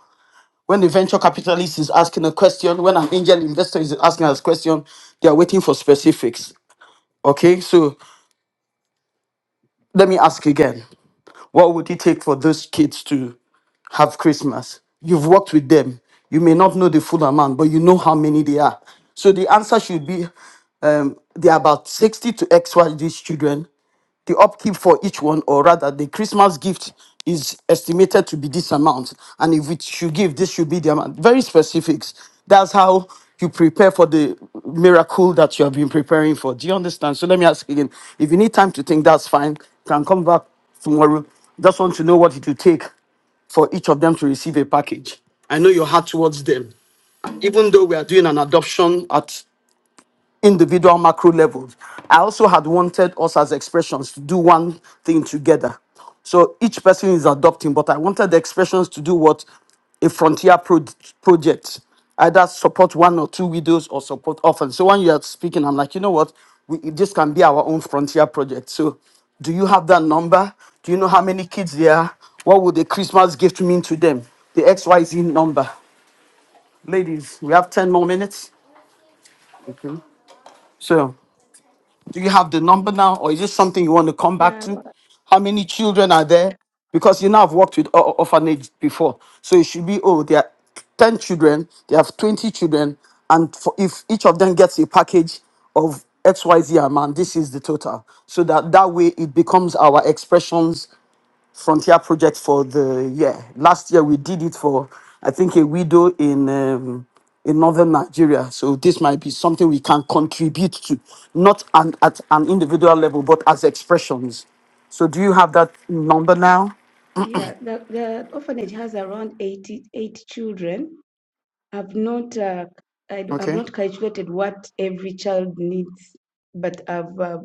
When the venture capitalist is asking a question, when an angel investor is asking us a question, they are waiting for specifics. Okay, so let me ask again what would it take for those kids to have Christmas? You've worked with them. You may not know the full amount, but you know how many they are. So the answer should be um, there are about 60 to XYZ children the upkeep for each one, or rather, the Christmas gift is estimated to be this amount. And if it should give, this should be the amount. Very specifics. That's how you prepare for the miracle that you have been preparing for. Do you understand? So let me ask again. If you need time to think, that's fine. Can come back tomorrow. Just want to know what it will take for each of them to receive a package. I know your heart towards them. Even though we are doing an adoption at individual macro levels. I also had wanted us as expressions to do one thing together. So each person is adopting, but I wanted the expressions to do what a frontier pro- project, either support one or two widows or support orphans. So when you are speaking, I'm like, you know what? We, this can be our own frontier project. So do you have that number? Do you know how many kids there are? What would the Christmas gift mean to them? The XYZ number. Ladies, we have 10 more minutes. So. Do you have the number now, or is this something you want to come back yeah, to? How many children are there? Because you know I've worked with or- orphanage before, so it should be oh there are ten children, they have twenty children, and for, if each of them gets a package of X Y Z amount, this is the total, so that that way it becomes our expressions frontier project for the year. Last year we did it for I think a widow in um, in northern Nigeria. So this might be something we can contribute to, not an, at an individual level, but as expressions. So do you have that number now? yeah. The the orphanage has around eighty eight children. I've not uh, I, d- I've Okay. not calculated what every child needs, but I've uh,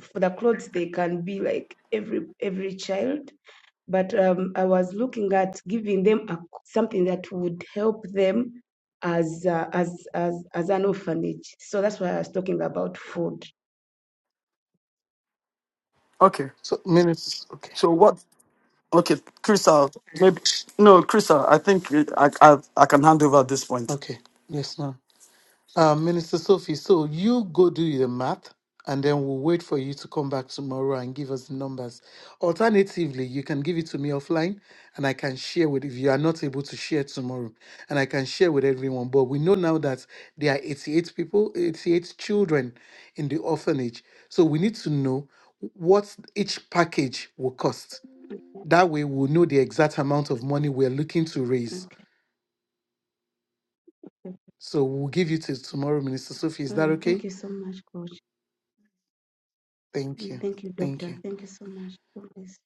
for the clothes they can be like every every child. But um, I was looking at giving them a, something that would help them as uh, as as as an orphanage. So that's why I was talking about food. Okay. So minutes okay. So what? Okay, Crystal. Maybe no, Crystal. I think I I, I can hand over at this point. Okay. Yes, ma'am. Uh, Minister Sophie, so you go do the math and then we'll wait for you to come back tomorrow and give us the numbers. Alternatively, you can give it to me offline and I can share with if you are not able to share tomorrow and I can share with everyone. But we know now that there are 88 people, 88 children in the orphanage. So we need to know what each package will cost. That way we'll know the exact amount of money we're looking to raise. Okay. So we'll give you till tomorrow, Minister Sophie. Is All that right. okay? Thank you so much, Coach. Thank Mm, you. Thank you, Thank doctor. you. Thank you so much. for this.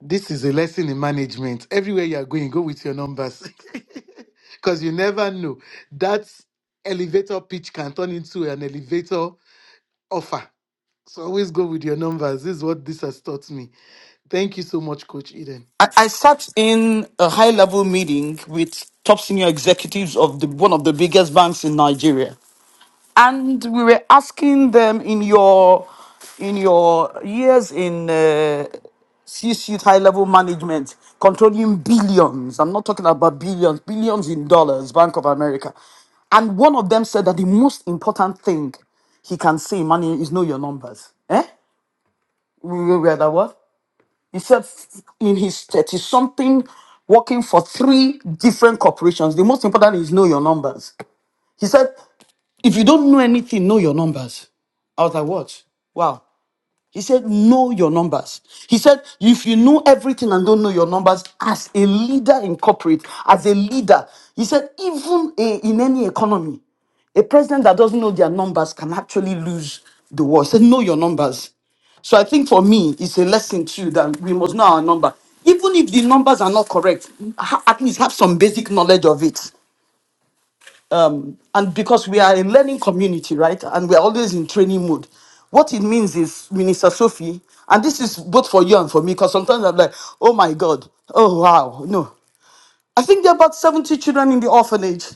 This is a lesson in management. Everywhere you are going, go with your numbers. Because you never know. That elevator pitch can turn into an elevator offer. So always go with your numbers. This is what this has taught me. Thank you so much, Coach Eden. I, I sat in a high level meeting with top senior executives of the one of the biggest banks in Nigeria. and we were asking them in your in your years in uh, C-suite high-level management, controlling billions. I'm not talking about billions, billions in dollars. Bank of America, and one of them said that the most important thing he can say money is know your numbers. Eh? We we were that what? He said f- in his thirty something, working for three different corporations. The most important is know your numbers. He said if you don't know anything, know your numbers. I was like, what? Wow. He said, know your numbers. He said, if you know everything and don't know your numbers, as a leader in corporate, as a leader, he said, even a- in any economy, a president that doesn't know their numbers can actually lose the war. He said, know your numbers. So I think for me, it's a lesson too that we must know our number. Even if the numbers are not correct, ha- at least have some basic knowledge of it um, and because we are a learning community, right? And we are always in training mode. What it means is, Minister Sophie, and this is both for you and for me, because sometimes I'm like, oh my God, oh wow, no. I think there are about 70 children in the orphanage.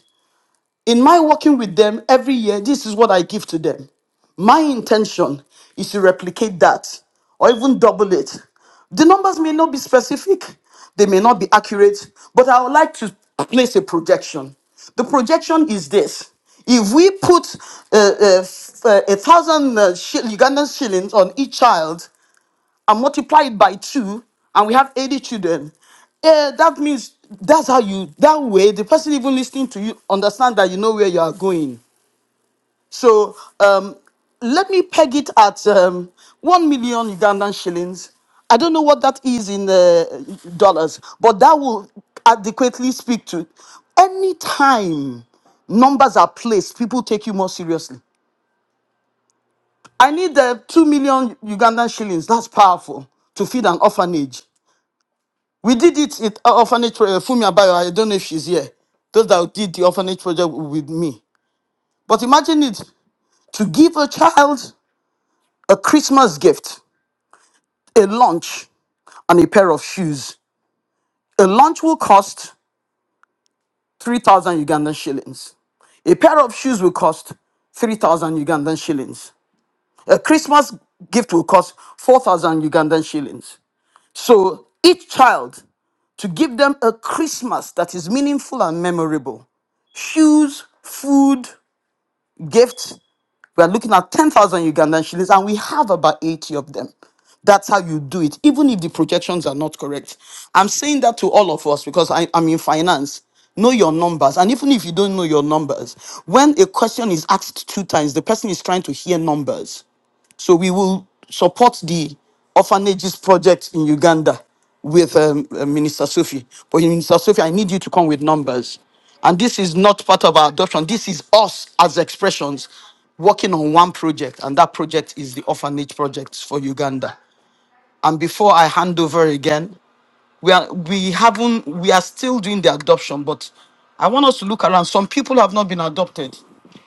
In my working with them every year, this is what I give to them. My intention is to replicate that or even double it. The numbers may not be specific, they may not be accurate, but I would like to place a projection. The projection is this. If we put uh, uh, f- uh, a thousand uh, shil- Ugandan shillings on each child, and multiply it by two, and we have 80 children. Eh, that means that's how you, that way, the person even listening to you understand that you know where you are going. So um, let me peg it at um, 1 million Ugandan shillings. I don't know what that is in uh, dollars, but that will adequately speak to any time numbers are placed, people take you more seriously. I need uh, 2 million Ugandan shillings. That's powerful to feed an orphanage. We did it at orphanage project. Fumi Abayo, I don't know if she's here. Those that did the orphanage project with me. But imagine it to give a child a Christmas gift, a lunch, and a pair of shoes. A lunch will cost 3,000 Ugandan shillings. A pair of shoes will cost 3,000 Ugandan shillings. A Christmas gift will cost 4,000 Ugandan shillings. So each child to give them a Christmas that is meaningful and memorable. Shoes, food, gifts. We are looking at 10,000 Ugandan shillings, and we have about 80 of them. That's how you do it, even if the projections are not correct. I'm saying that to all of us because I, I'm in finance. Know your numbers. And even if you don't know your numbers, when a question is asked two times, the person is trying to hear numbers. So we will support the orphanages project in Uganda with um, uh, Minister Sophie. But Minister Sophie, I need you to come with numbers. And this is not part of our adoption. This is us as expressions working on one project, and that project is the orphanage project for Uganda. And before I hand over again, we are we haven't we are still doing the adoption but i want us to look around some people have not been adopted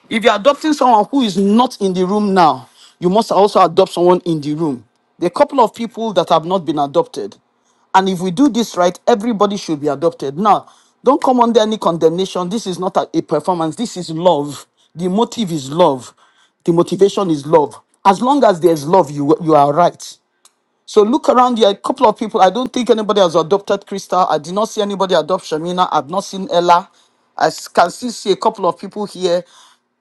if you're adopting someone who is not in the room now you must also adopt someone in the room there are a couple of people that have not been adopted and if we do this right everybody should be adopted now don't come under any condemnation this is not a, a performance this is love the motive is love the motivation is love as long as there's love you you are right so look around here. A couple of people. I don't think anybody has adopted Crystal. I did not see anybody adopt Shamina. I've not seen Ella. I s- can still see a couple of people here.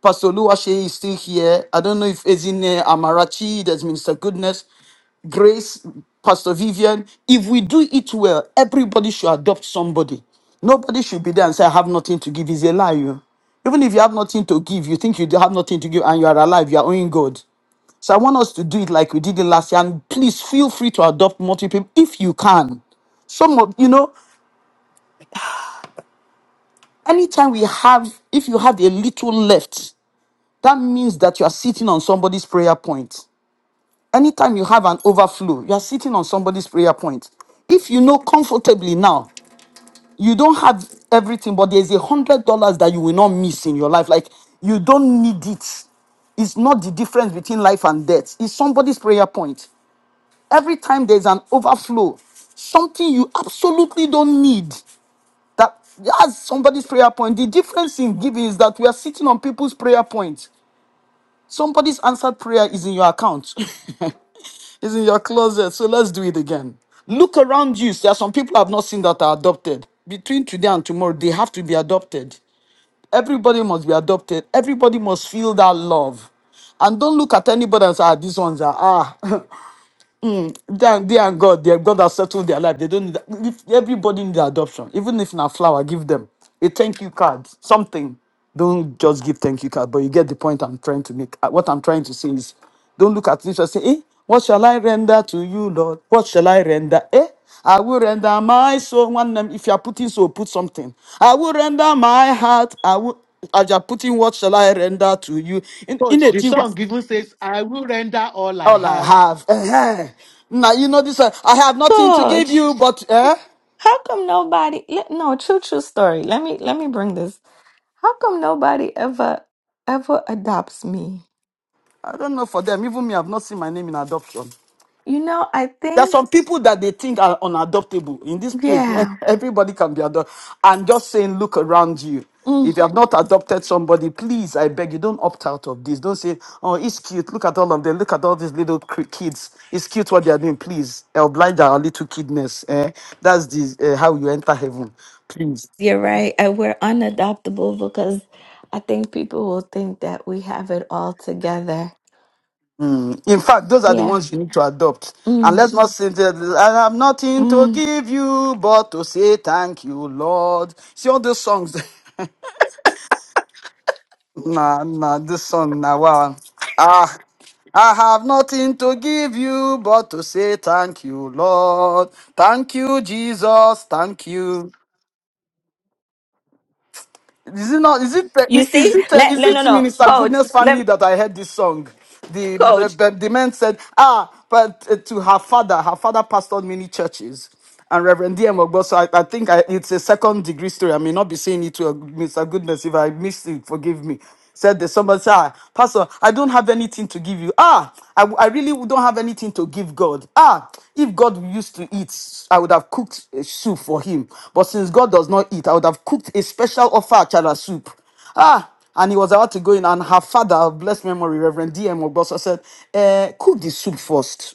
Pastor Luwashe is still here. I don't know if Ezine Amarachi, there's Minister Goodness, Grace, Pastor Vivian. If we do it well, everybody should adopt somebody. Nobody should be there and say, I have nothing to give. Is a lie. You. Even if you have nothing to give, you think you do have nothing to give and you are alive, you are owing God. So I want us to do it like we did it last year. And please feel free to adopt multiple if you can. Some of you know, anytime we have, if you have a little left, that means that you are sitting on somebody's prayer point. Anytime you have an overflow, you are sitting on somebody's prayer point. If you know comfortably now, you don't have everything, but there's a hundred dollars that you will not miss in your life. Like you don't need it. It's not the difference between life and death. It's somebody's prayer point. Every time there's an overflow, something you absolutely don't need. That that's somebody's prayer point. The difference in giving is that we are sitting on people's prayer points. Somebody's answered prayer is in your account. is in your closet. So let's do it again. Look around you. There are some people I've not seen that are adopted. Between today and tomorrow, they have to be adopted. Everybody must be adopted. Everybody must feel that love. And don't look at anybody and say, ah, these ones are ah. Them, they and God, they God has settled their life. They don't need that. if everybody need adoption. Even if not flower, give them a thank you card, something. Don't just give thank you card, but you get the point I'm trying to make. Uh, What I'm trying to say is, don't look at this and say, "Eh, what shall I render to you, Lord? What shall I render? Eh, I will render my soul. One, name. if you are putting soul, put something. I will render my heart. I will." As you are putting, what shall I render to you? In, in Coach, a the thing, song even says, I will render all I all I have. have. Eh-heh. Now you know this. uh, I have nothing to give Coach, you, but eh? how come nobody? le- No, true, true story. Let me let me bring this. How come nobody ever ever adopts me? I don't know for them. Even me, I've not seen my name in adoption. You know, I There are think some people that they think are unadoptable in this place. yeah, Everybody can be adopted. I'm just saying, look around you. mm, If you have not adopted somebody, please, I beg you, don't opt out of this. Don't say, oh, it's cute. Look at all of them. Look at all these little cr- kids. It's cute what they are doing. Please, oblige our little kidness. Eh? That's the, uh, how you enter heaven. Please. you're right. I, we're unadoptable because I think people will think that we have it all together. Mm. In fact, those are the Yeah. ones you need to adopt. And Mm, let's not say that I have nothing to mm. give you but to say thank you, Lord. See all those songs. nah, nah, this song, now. wow. Ah, I have nothing to give you but to say thank you, Lord. Thank you, Jesus. Thank you. Is it not? Is it? You Is see? it? uh, Let, Is it? let no it no, Minister coach. Goodness family Let that I heard this song? The coach, the, the man said, ah, but uh, to her father, her father pastored many churches, and Reverend D.M. Ogboso. I, I think I, it's a second degree story. I may not be saying it to uh, Mr. Goodness. If I missed it, forgive me. Said the somebody said, "Ah, Pastor, I don't have anything to give you. Ah, I, I really don't have anything to give God. Ah, if God used to eat, I would have cooked a soup for him. But since God does not eat, I would have cooked a special offer achara soup. Ah, and he was about to go in, and her father, of blessed memory, Reverend D.M. Obosa, said, eh, cook the soup first.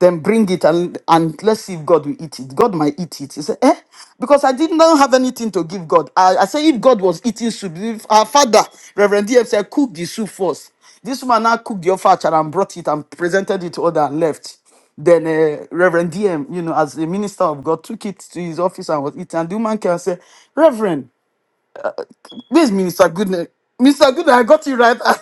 Then bring it and, and let's see if God will eat it. God might eat it. He said, eh? Because I did not have anything to give God. I, I said, if God was eating soup, if our father, Reverend DF said, cook the soup first. This woman now cooked the offer and brought it and presented it to other and left. Then uh, Reverend DM, you know, as the minister of God, took it to his office and was eating. And the woman came and said, Reverend, where's Minister Goodness? Mr. Goodness, I got it right.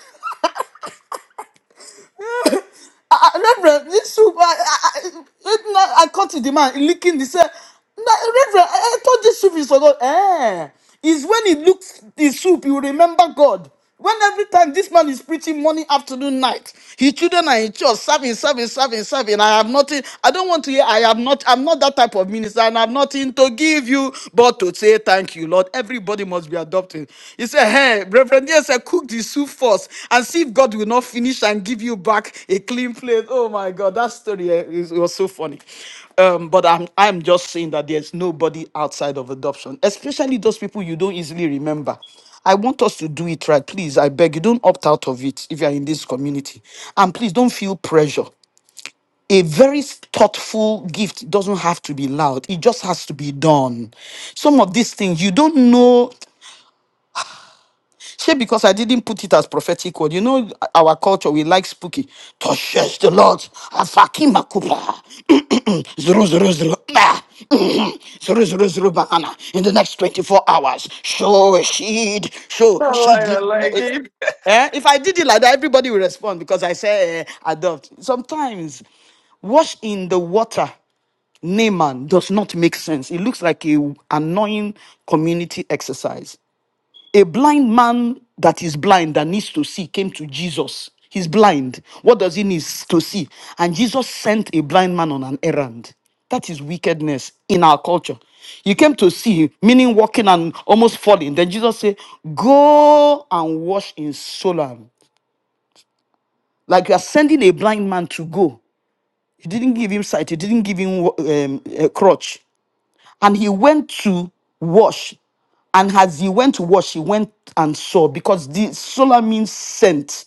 I, I- Reverend, this soup, I, I, I, it, na- I caught the man licking. He said, "Na- Reverend, I, I thought this soup is for God. Eh, it's when he looks the soup, he will remember God. When every time this man is preaching morning, afternoon, night, his children are in church, serving, serving, serving, serving. I have nothing. I don't want to hear. I am not. I'm not that type of minister, and I'm not in to give you, but to say thank you, Lord. Everybody must be adopted. He said, Hey, Reverend, yes, I cook the soup first and see if God will not finish and give you back a clean plate. Oh my God, that story eh, is, it was so funny. Um, but I'm, I'm just saying that there's nobody outside of adoption, especially those people you don't easily remember. I want us to do it right. Please, I beg you, don't opt out of it if you're in this community. And please don't feel pressure. A very thoughtful gift doesn't have to be loud, it just has to be done. Some of these things you don't know Say because I didn't put it as prophetic word. You know our culture, we like spooky. Touches the Lord. Afakima kupa. Zero zero zero. Ah. Mhm. Zero zero zero banana. In the next 24 hours. Show a sheed. Show I like, sheed. I Eh, like eh, it. eh, If I did it like that, everybody will respond because I say eh, adopt. Sometimes wash in the water Naaman does not make sense. It looks like a annoying community exercise a blind man that is blind that needs to see came to Jesus. He's blind. What does he need to see? And Jesus sent a blind man on an errand. That is wickedness in our culture. He came to see, meaning walking and almost falling. Then Jesus said, Go and wash in Solam. Like you are sending a blind man to go. You didn't give him sight, you didn't give him um, a crutch. And he went to wash. And as he went to wash, he went and saw because the solar means sent.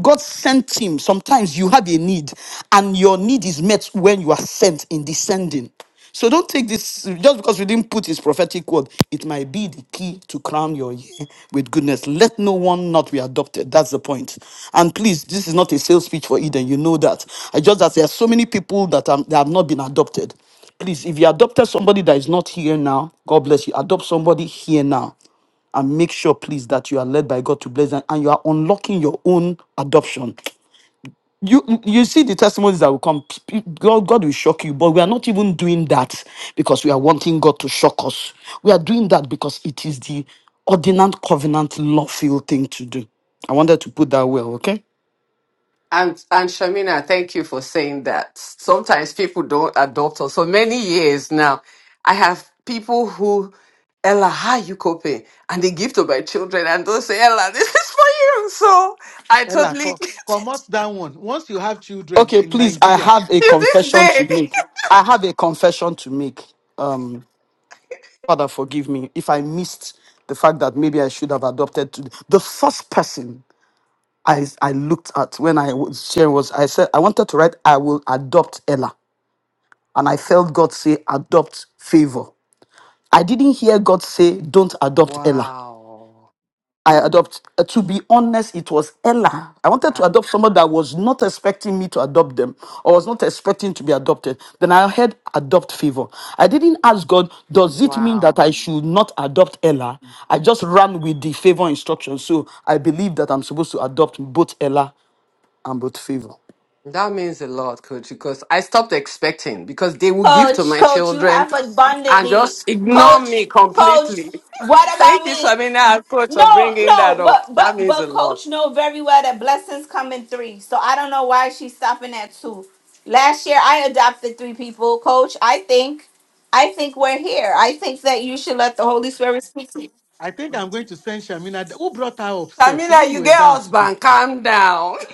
God sent him. Sometimes you have a need, and your need is met when you are sent in descending. So don't take this just because we didn't put his prophetic word. It might be the key to crown your year with goodness. Let no one not be adopted. That's the point. And please, this is not a sales pitch for Eden. You know that. I just that there are so many people that, are, that have not been adopted. Please, if you adopted somebody that is not here now, God bless you. Adopt somebody here now. And make sure, please, that you are led by God to bless them and you are unlocking your own adoption. You you see the testimonies that will come. P- p- God, God will shock you, but we are not even doing that because we are wanting God to shock us. We are doing that because it is the ordinant covenant lawful thing to do. I wanted to put that well, okay? And, and Shamina, thank you for saying that. Sometimes people don't adopt us. For many years now, I have people who, Ella, how are you coping? And they give to my children and they'll say, Ella, this is for you. So I Ella, totally, co- to Come out that one. Once you have children Okay, in please, I Nigeria, have a this confession to day. make. I have a confession to make. Um, Father, forgive me if I missed the fact that maybe I should have adopted to the first person I, I looked at when I was sharing was I said I wanted to write I will adopt Ella and I felt God say adopt favor. I didn't hear God say don't adopt Ella. Wow. I adopt. Uh, to be honest, it was Ella. I wanted to adopt someone that was not expecting me to adopt them or was not expecting to be adopted. Then I heard adopt favor. I didn't ask God, does it mean that Wow. I should not adopt Ella? I just ran with the favor instruction. So I believe that I'm supposed to adopt both Ella and both favor. That means a lot, coach, because I stopped expecting because they will give to coach, my coach. You children have and abundantly, just ignore coach, me coach. completely. What about Thank you, me? Shamina and coach, for No, bringing that no, up. but That but means a but lot. coach know very well that blessings come in three. So I don't know why she's stopping at two. Last year I adopted three people, coach. I think I think we're here. I think that you should let the Holy Spirit speak to you. I think I'm going to send Shamina. Who brought her up, Sef? Maybe Shamina, you you were get down today. husband, calm down.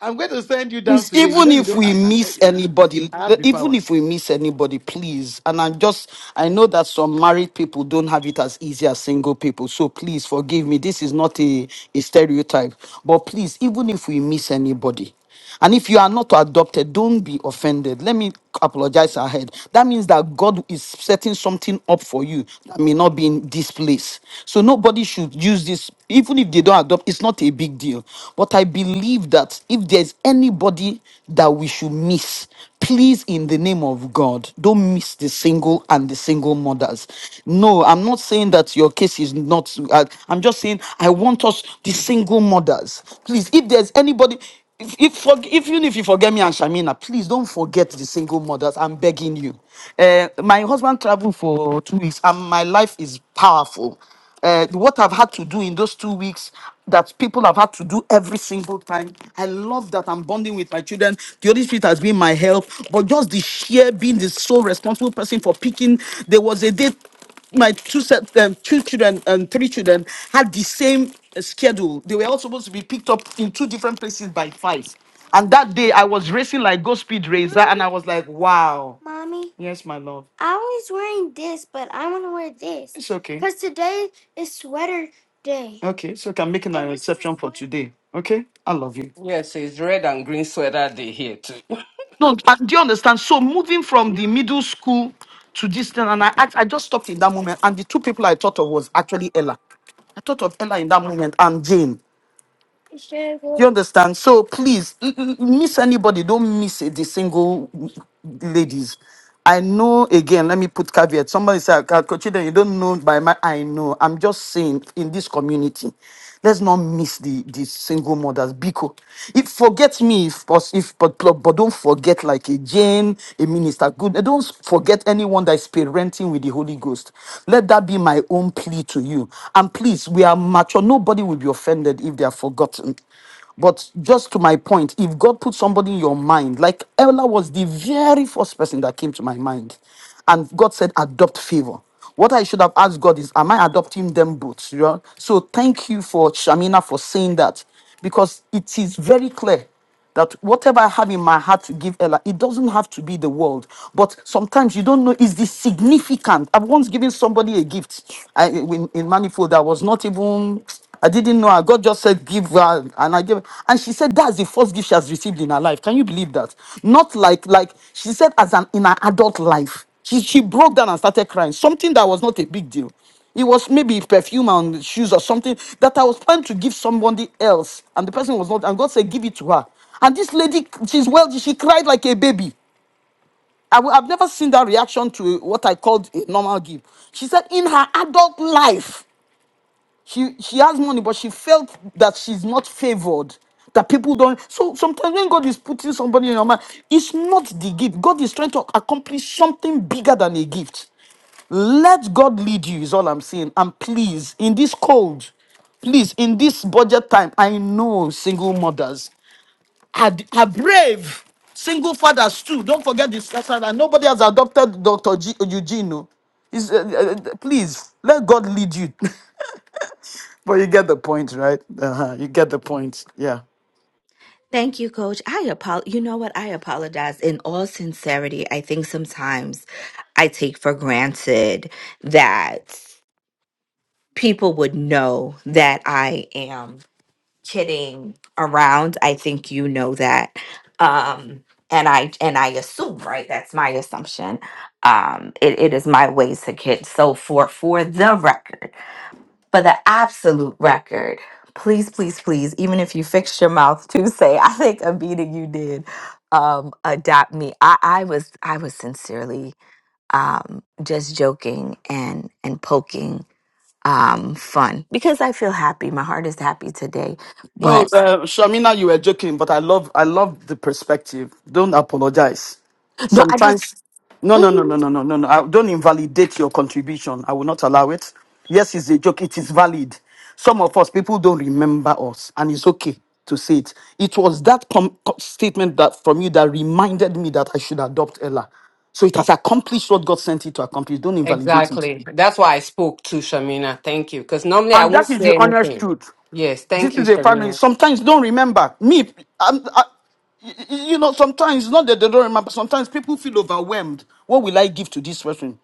I'm going to send you down Please, today. You even know, you if don't. we I, I, I miss anybody, I have the even power. if we miss anybody, please. And I'm just, I know that some married people don't have it as easy as single people. So please forgive me. This is not a, a stereotype. But please, even if we miss anybody, and if you are not adopted, don't be offended. Let me apologize ahead. That means that God is setting something up for you that may not be in this place. So nobody should use this, even if they don't adopt, it's not not a big deal. But I believe that if there's anybody that we should miss, please, in the name of God, don't miss the single and the single mothers. No, I'm not saying that your case is not, I- I'm just saying I want us, the single mothers. Please, if there's anybody, if, if, forg if even if you forget me and Shamina, please don't forget the single mothers. I'm begging you. Eh, my husband traveled for two weeks, and my life is powerful uh, what I've had to do in those two weeks that people have had to do every single time. I love that I'm bonding with my children. The Holy Spirit has been my help, but just the sheer being the sole responsible person for picking. There was a day my two set um, two children and three children had the same uh, schedule. They were all supposed to be picked up in two different places by five. And that day I was racing like go speed racer, and I was like, wow. Mommy. Yes, my love. I was wearing this, but I want to wear this It's okay. because today is sweater day. Okay, so I'm making an exception for today. Okay, I love you. Yes, it's red and green sweater day here too. No, but do you understand? So moving from the middle school to this thing, and I act- I just stopped in that moment, and the two people I thought of was actually Ella. I thought of Ella in that moment and Jane. You understand? So please, l- l- miss anybody. Don't miss the single ladies. I know again, let me put caveat. Somebody said, Coachida, you don't know by my I know. I'm just saying in this community, let's not miss the, the single mothers. Biko. if forget me if pos- if but, but but don't forget like a Jane, a minister. Good. Don't forget anyone that is parenting with the Holy Ghost. Let that be my own plea to you. And please, we are mature. Nobody will be offended if they are forgotten. But just to my point, if God put somebody in your mind, like Ella was the very first person that came to my mind, and God said, adopt favor. What I should have asked God is, am I adopting them both? You know? So thank you for Shamina for saying that because it is very clear that whatever I have in my heart to give Ella, it doesn't have to be the world. But sometimes you don't know is this significant. I've once given somebody a gift I, in, in manifold that was not even. I didn't know. her. God just said, "Give her," and I gave. And she said, "That's the first gift she has received in her life." Can you believe that? Not like like she said, as an in her adult life, she she broke down and started crying. Something that was not a big deal. It was maybe perfume and shoes or something that I was planning to give somebody else. And the person was not, and God said, Give it to her. And this lady, she's well, she cried like a baby. I, have never seen that reaction to what I called a normal gift. She said, In her adult life, she she has money, but she felt that she's not favored. That people don't. So sometimes when God is putting somebody in your mind, it's not the gift. God is trying to accomplish something bigger than a gift. Let God lead you, is all I'm saying. And please, in this cold, please, in this budget time, I know single mothers are, are brave. Single fathers too. Don't forget this. that's why Nobody has adopted Dr. G, Eugene. no. Is, uh, uh, uh, please let God lead you. But you get the point, right? Uh-huh. You get the point. Yeah. Thank you, Coach. I apol. You know what? I apologize. In all sincerity, I think sometimes I take for granted that people would know that I am. kidding around. I think you know that. Um and I and I assume, right? That's my assumption. Um it, it is my ways to kid. So for for the record, for the absolute record, please, please, please, even if you fixed your mouth to say, I think a meeting you did um adopt me. I, I was I was sincerely um just joking and and poking um fun because I feel happy. My heart is happy today. No, But uh, Shamina, you were joking, but I love, I love the perspective. Don't apologize. No, I just. Sometimes, no, no, no, no, Mhm. no, no, no, no. I don't invalidate your contribution. I will not allow it. Yes, it's a joke. It is valid. Some of us people don't remember us, and it's okay to say it. It was that com- com- statement that from you that reminded me that I should adopt Ella. So it has accomplished what God sent it to accomplish. Don't invalidate it. Exactly. That's why I spoke to Shamina. Thank you. Because normally I And won't that is the. say anything. Yes, this thank you, is a family. Shamina. Sometimes don't remember me. I'm, I, you know, sometimes not that they don't remember. Sometimes people feel overwhelmed. What will I give to this person?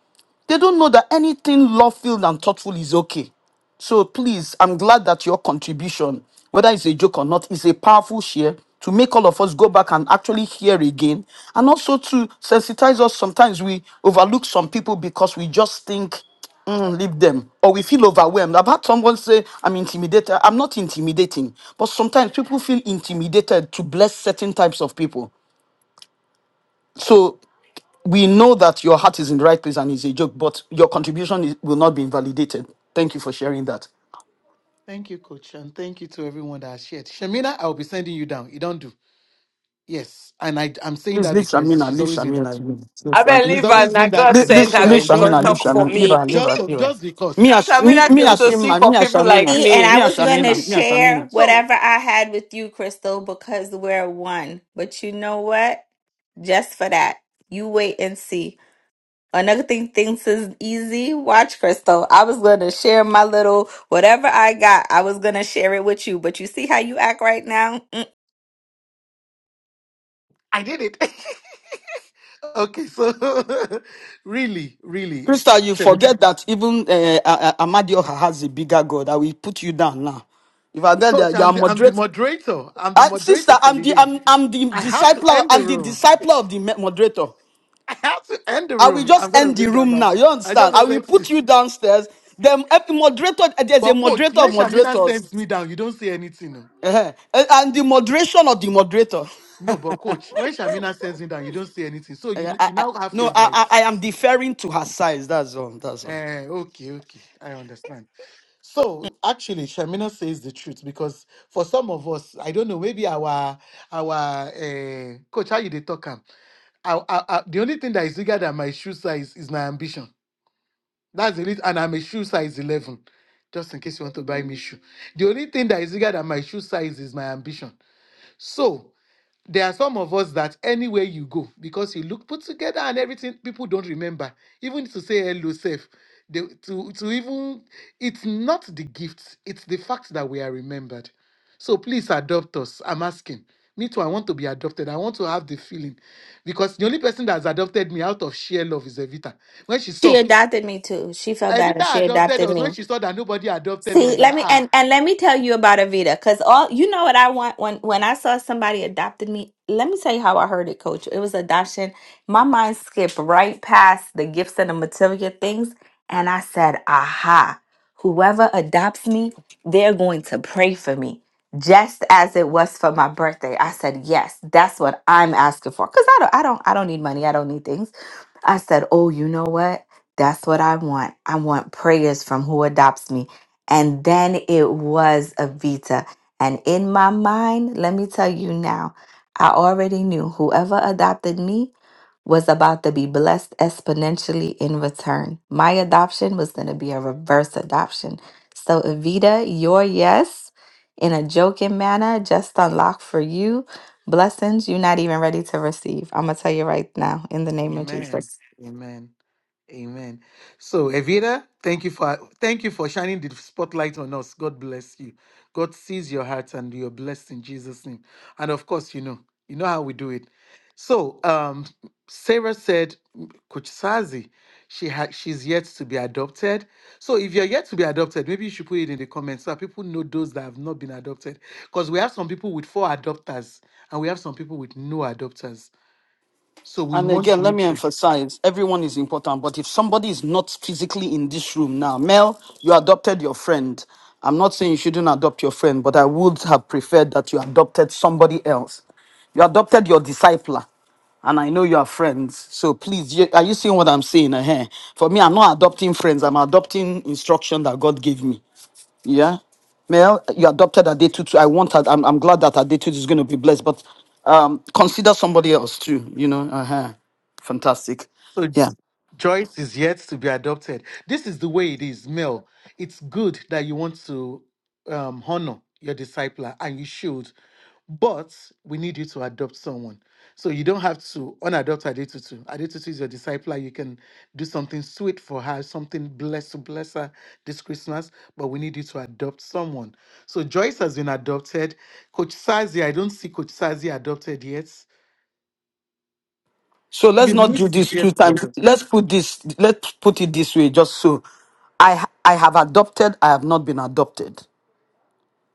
They don't know that anything love-filled and thoughtful is okay. So please, I'm glad that your contribution, whether it's a joke or not, is a powerful share to make all of us go back and actually hear again, and also to sensitize us. Sometimes we overlook some people because we just think. Mm, leave them or we feel overwhelmed. I've had someone say, I'm intimidated. I'm not intimidating, but sometimes people feel intimidated to bless certain types of people. So we know that your heart is in the right place and it's a joke, but your contribution is, will not be invalidated. Thank you for sharing that. Thank you, coach. And thank you to everyone that has shared. Shamina, I'll be sending you down. You don't do. Yes. And I, I'm saying Please that leave because Shamina, she's leave always doing that Shamina. to me. I Leave, She's believe always and I doing that God to leave, me. sent leave, So her, I leave may will she just come Shamina, do it leave talk to for her. Shamina, leave me. her, leave Just her, for, leave her. just because. Me as me, Uh, Shamina me came as to Okay. him, see and for me as people like See, Shamina, and I me. me as was going to Shamina, me as Shamina. share so whatever I had with you, Crystal, because we're one. But you know what? Just for that, you wait and see. Another thing thinks is easy. Watch, Crystal. I was going to share my little whatever I got. I was going to share it with you, but you see how you act right now? Mm. I did it. Okay, so really, really, Crystal, you Okay. forget that even uh, uh, Amadioha has a bigger God. I will put you down now. If I get there, coach, you I'm are the I'm the moderator. moderator. I'm the Uh, sister, moderator for I'm the the day. I'm, I'm the I have to disciple. end the I'm the room. disciple of the me- moderator. I have to end the I will room. I'm just gonna end the bring her room back. now. You I understand? just I will wanted put to. you downstairs. The uh, the moderator, uh, there's a But coach, moderator when of Shamina moderators, sends me down, you don't say anything. No, Uh-huh. Uh, and the moderation of the moderator. no. But coach, when Shamina sends me down, you don't say anything. So I, you you I, I- now have no, I, I, I favorites. am deferring to her size. That's all. That's all. Uh, okay, okay, I understand. So actually, Shamina says the truth because for some of us, I don't know, maybe our our uh, coach, how you they talk am? I, I, I, the only thing that is bigger than my shoe size is my ambition. That's the reason, and I'm a shoe size 11, just in case you want to buy me shoe. The only thing that is bigger than my shoe size is my ambition. So there are some of us that anywhere you go, because you look put together and everything, people don't remember. Even to say hello, safe. They, to, to even, it's not the gifts, it's the fact that we are remembered. So please adopt us. I'm asking. Me too, I want to be adopted. I want to have the feeling. Because the only person that's adopted me out of sheer love is Evita. When she She saw, adopted me too. She felt bad and she Evita adopted adopted us. me. When she saw that nobody adopted us, See, let that, me ah, and and let me tell you about Avita, because all you know what I want when when I saw somebody adopted me. Let me tell you how I heard it, Coach. It was adoption. My mind skipped right past the gifts and the material things, and I said, "Aha! Whoever adopts me, they're going to pray for me." Just as it was for my birthday, I said, "Yes, that's what I'm asking for." Because I don't, I don't, I don't need money. I don't need things. I said, Oh, you know what? That's what I want. I want prayers from who adopts me. And then it was Avita. And in my mind, let me tell you now, I already knew whoever adopted me was about to be blessed exponentially in return. My adoption was going to be a reverse adoption. So, Evita, your yes in a joking manner just unlocked for you blessings you're not even ready to receive. I'm going to tell you right now in the name of amen, Jesus. amen. Amen. So, Evita, thank you for thank you for shining the spotlight on us. God bless you. God sees your heart and you're blessed in Jesus' name. And of course, you know, you know how we do it. So, um, Sarah said, Coach Sazi, she had she's yet to be adopted. So, if you're yet to be adopted, maybe you should put it in the comments so that people know those that have not been adopted. Because we have some people with four adopters and we have some people with no adopters. So we And want again, to let make me sure. emphasize everyone is important, but if somebody is not physically in this room now, Mel, you adopted your friend. I'm not saying you shouldn't adopt your friend, but I would have preferred that you adopted somebody else. You adopted your discipler, and I know you are friends. So please, you- are you seeing what I'm saying? uh For me, I'm not adopting friends, I'm adopting instruction that God gave me. Yeah. Mel, you adopted Adetutu. I want that. I'm, I'm glad that Adetutu is going to be blessed, but um, consider somebody else too, you know. Uh-huh. Fantastic. So Yeah. Joyce is yet to be adopted. This is the way it is, Mel. It's good that you want to um, honor your discipler, and you should, but we need you to adopt someone. So you don't have to unadopt Adetutu. Adetutu is your discipler. You can do something sweet for her, something blessed to bless her this Christmas, but we need you to adopt someone. So Joyce has been adopted. Coach Sazi, I don't see Coach Sazi adopted yet. So let's The not do list is this yet two to be times. adopted. Let's put this, let's put it this way, just so I, I have adopted, I have not been adopted.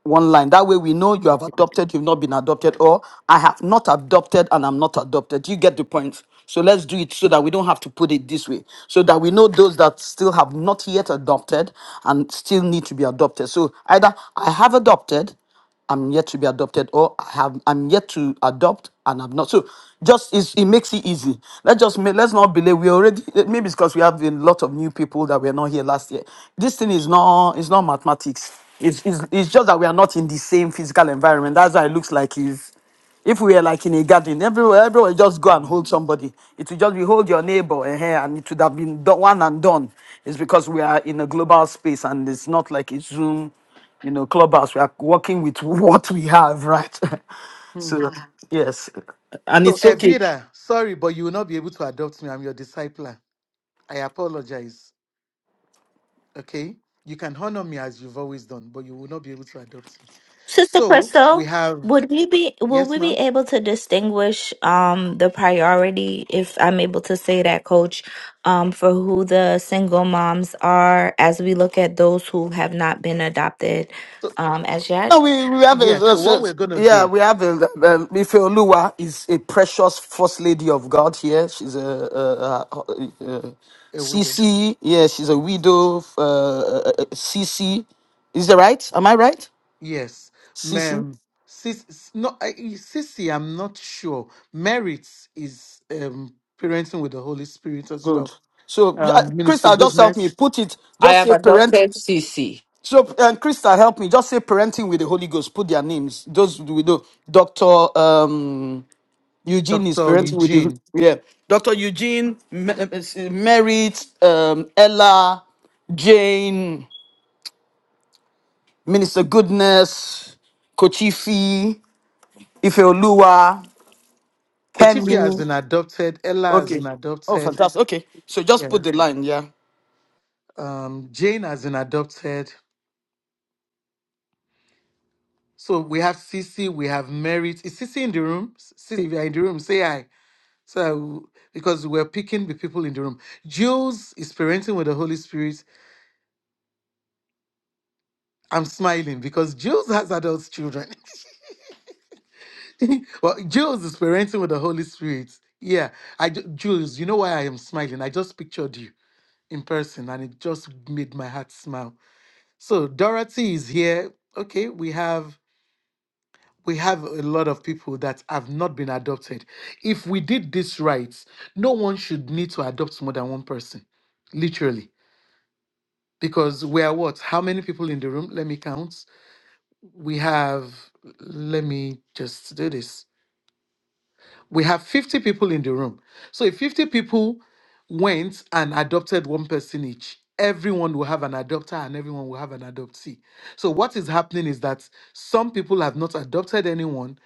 one line. That way we know you have Okay. adopted, you've not been adopted, or I have not adopted and I'm not adopted. You get the point. So let's do it so that we don't have to put it this way. So that we know those that still have not yet adopted and still need to be adopted. So either I have adopted I'm yet to be adopted, or I have I'm yet to adopt and I'm not. So just it's, it makes it easy. Let's just ma- let's not believe we already maybe it's because we have a lot of new people that were not here last year. This thing is not it's not mathematics. It's, it's it's just that we are not in the same physical environment. That's why it looks like it's if we were like in a garden, everywhere, everyone just go and hold somebody. It will just be hold your neighbor eh, eh, and it would have been done, one and done. It's because we are in a global space and it's not like a Zoom you know, clubhouse. We are working with what we have, right? so Mhm. yes, and So, it's okay. Evira, sorry, but you will not be able to adopt me. I'm your discipler. I apologize. Okay? You can honor me as you've always done, but you will not be able to adopt me. Sister So, we Crystal, have, would we be will yes, we be ma'am. able to distinguish um the priority if I'm able to say that coach um for who the single moms are as we look at those who have not been adopted So, um as No, yet? we we have a, yeah, a- so what a- we're going to yeah, do, we have a, a a Ife Oluwa is a precious first lady of God here. She's a, a widow. CC. Yeah, she's a widow. Uh, uh, uh, CC, is that right? Am I right? Yes. CC, Ma'am, sis, s- no, I- I- sissy, I'm not sure. Merits is um, parenting with the Holy Spirit as good. well. So, uh, Um, Chris, Minister I'll just help me Goodness, put it. I Just have say parent. adopted CC. So, um, Krista, help me. Just say parenting with the Holy Ghost. Put their names. Those we know. Doctor um, Eugene is Dr. parenting with the Eugene. yeah. Doctor Eugene, M- M- Merit, um, Ella, Jane, Minister Goodness, Kochifi, Ifeoluwa, Kochifi has Kemi. been adopted. Ella has been Okay. Oh, adopted. fantastic. Okay. So just Yeah. put the line. Yeah. Um, Jane has been adopted. So we have Sisi, we have Merit. Is Sisi in the room? Sisi, if you are in the room, say hi. So because we're picking the people in the room. Jules is parenting with the Holy Spirit. I'm smiling because Jules has adult children. well, Jules is parenting with the Holy Spirit. Yeah, I ju- Jules, you know why I am smiling? I just pictured you in person, and it just made my heart smile. So Dorothy is here. Okay, we have we have a lot of people that have not been adopted. If we did this right, no one should need to adopt more than one person, literally. Because we are what? How many people in the room? Let me count. We have. Let me just do this We have 50 people in the room. So if 50 people went and adopted one person each, everyone will have an adopter and everyone will have an adoptee. So what is happening is that some people have not adopted anyone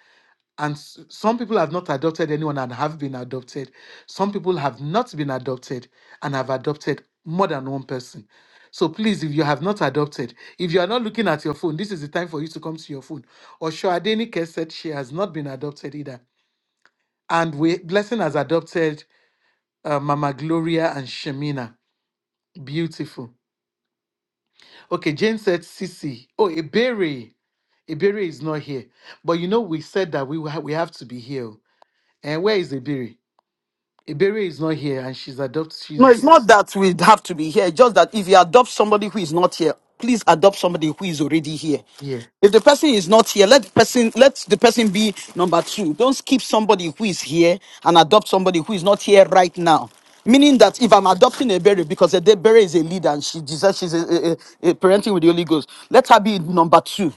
and s- some people have not adopted anyone and have been adopted. Some people have not been adopted and have adopted more than one person. So please, if you have not adopted, if you are not looking at your phone, this is the time for you to come to your phone. Or Shoadeni Kes said she has not been adopted either and we blessing has adopted uh, Mama Gloria and Shemina. Beautiful. Okay, Jane said Sisi. Oh, Ebere. Ebere is not here, but you know we said that we ha- we have to be here. And where is Ebere? Ebere is not here, and she's adopted. No, it's not She's that we have to be here. It's just that if you adopt somebody who is not here, please adopt somebody who is already here. here. If the person is not here, let the person let the person be number two. Don't skip somebody who is here and adopt somebody who is not here right now. Meaning that if I'm adopting a berry because a berry is a leader and she deserves she's a, a, a- a parenting with the Holy Ghost, let her be number two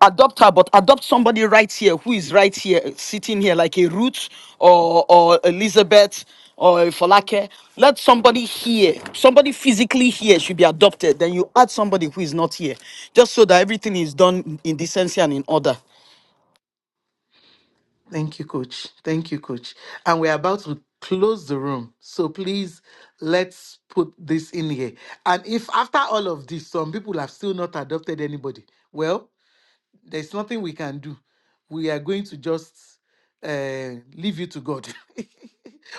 adopt her, but adopt somebody right here who is right here, sitting here, like a Ruth or or Elizabeth or a Falake. Let somebody here, somebody physically here, should be adopted. Then you add somebody who is not here, just so that everything is done in decency and in order. Thank you, Coach. Thank you, Coach. And we're about to close the room, so please let's put this in here. And if after all of this, some people have still not adopted anybody, well. there's nothing we can do. We are going to just uh, leave you to God.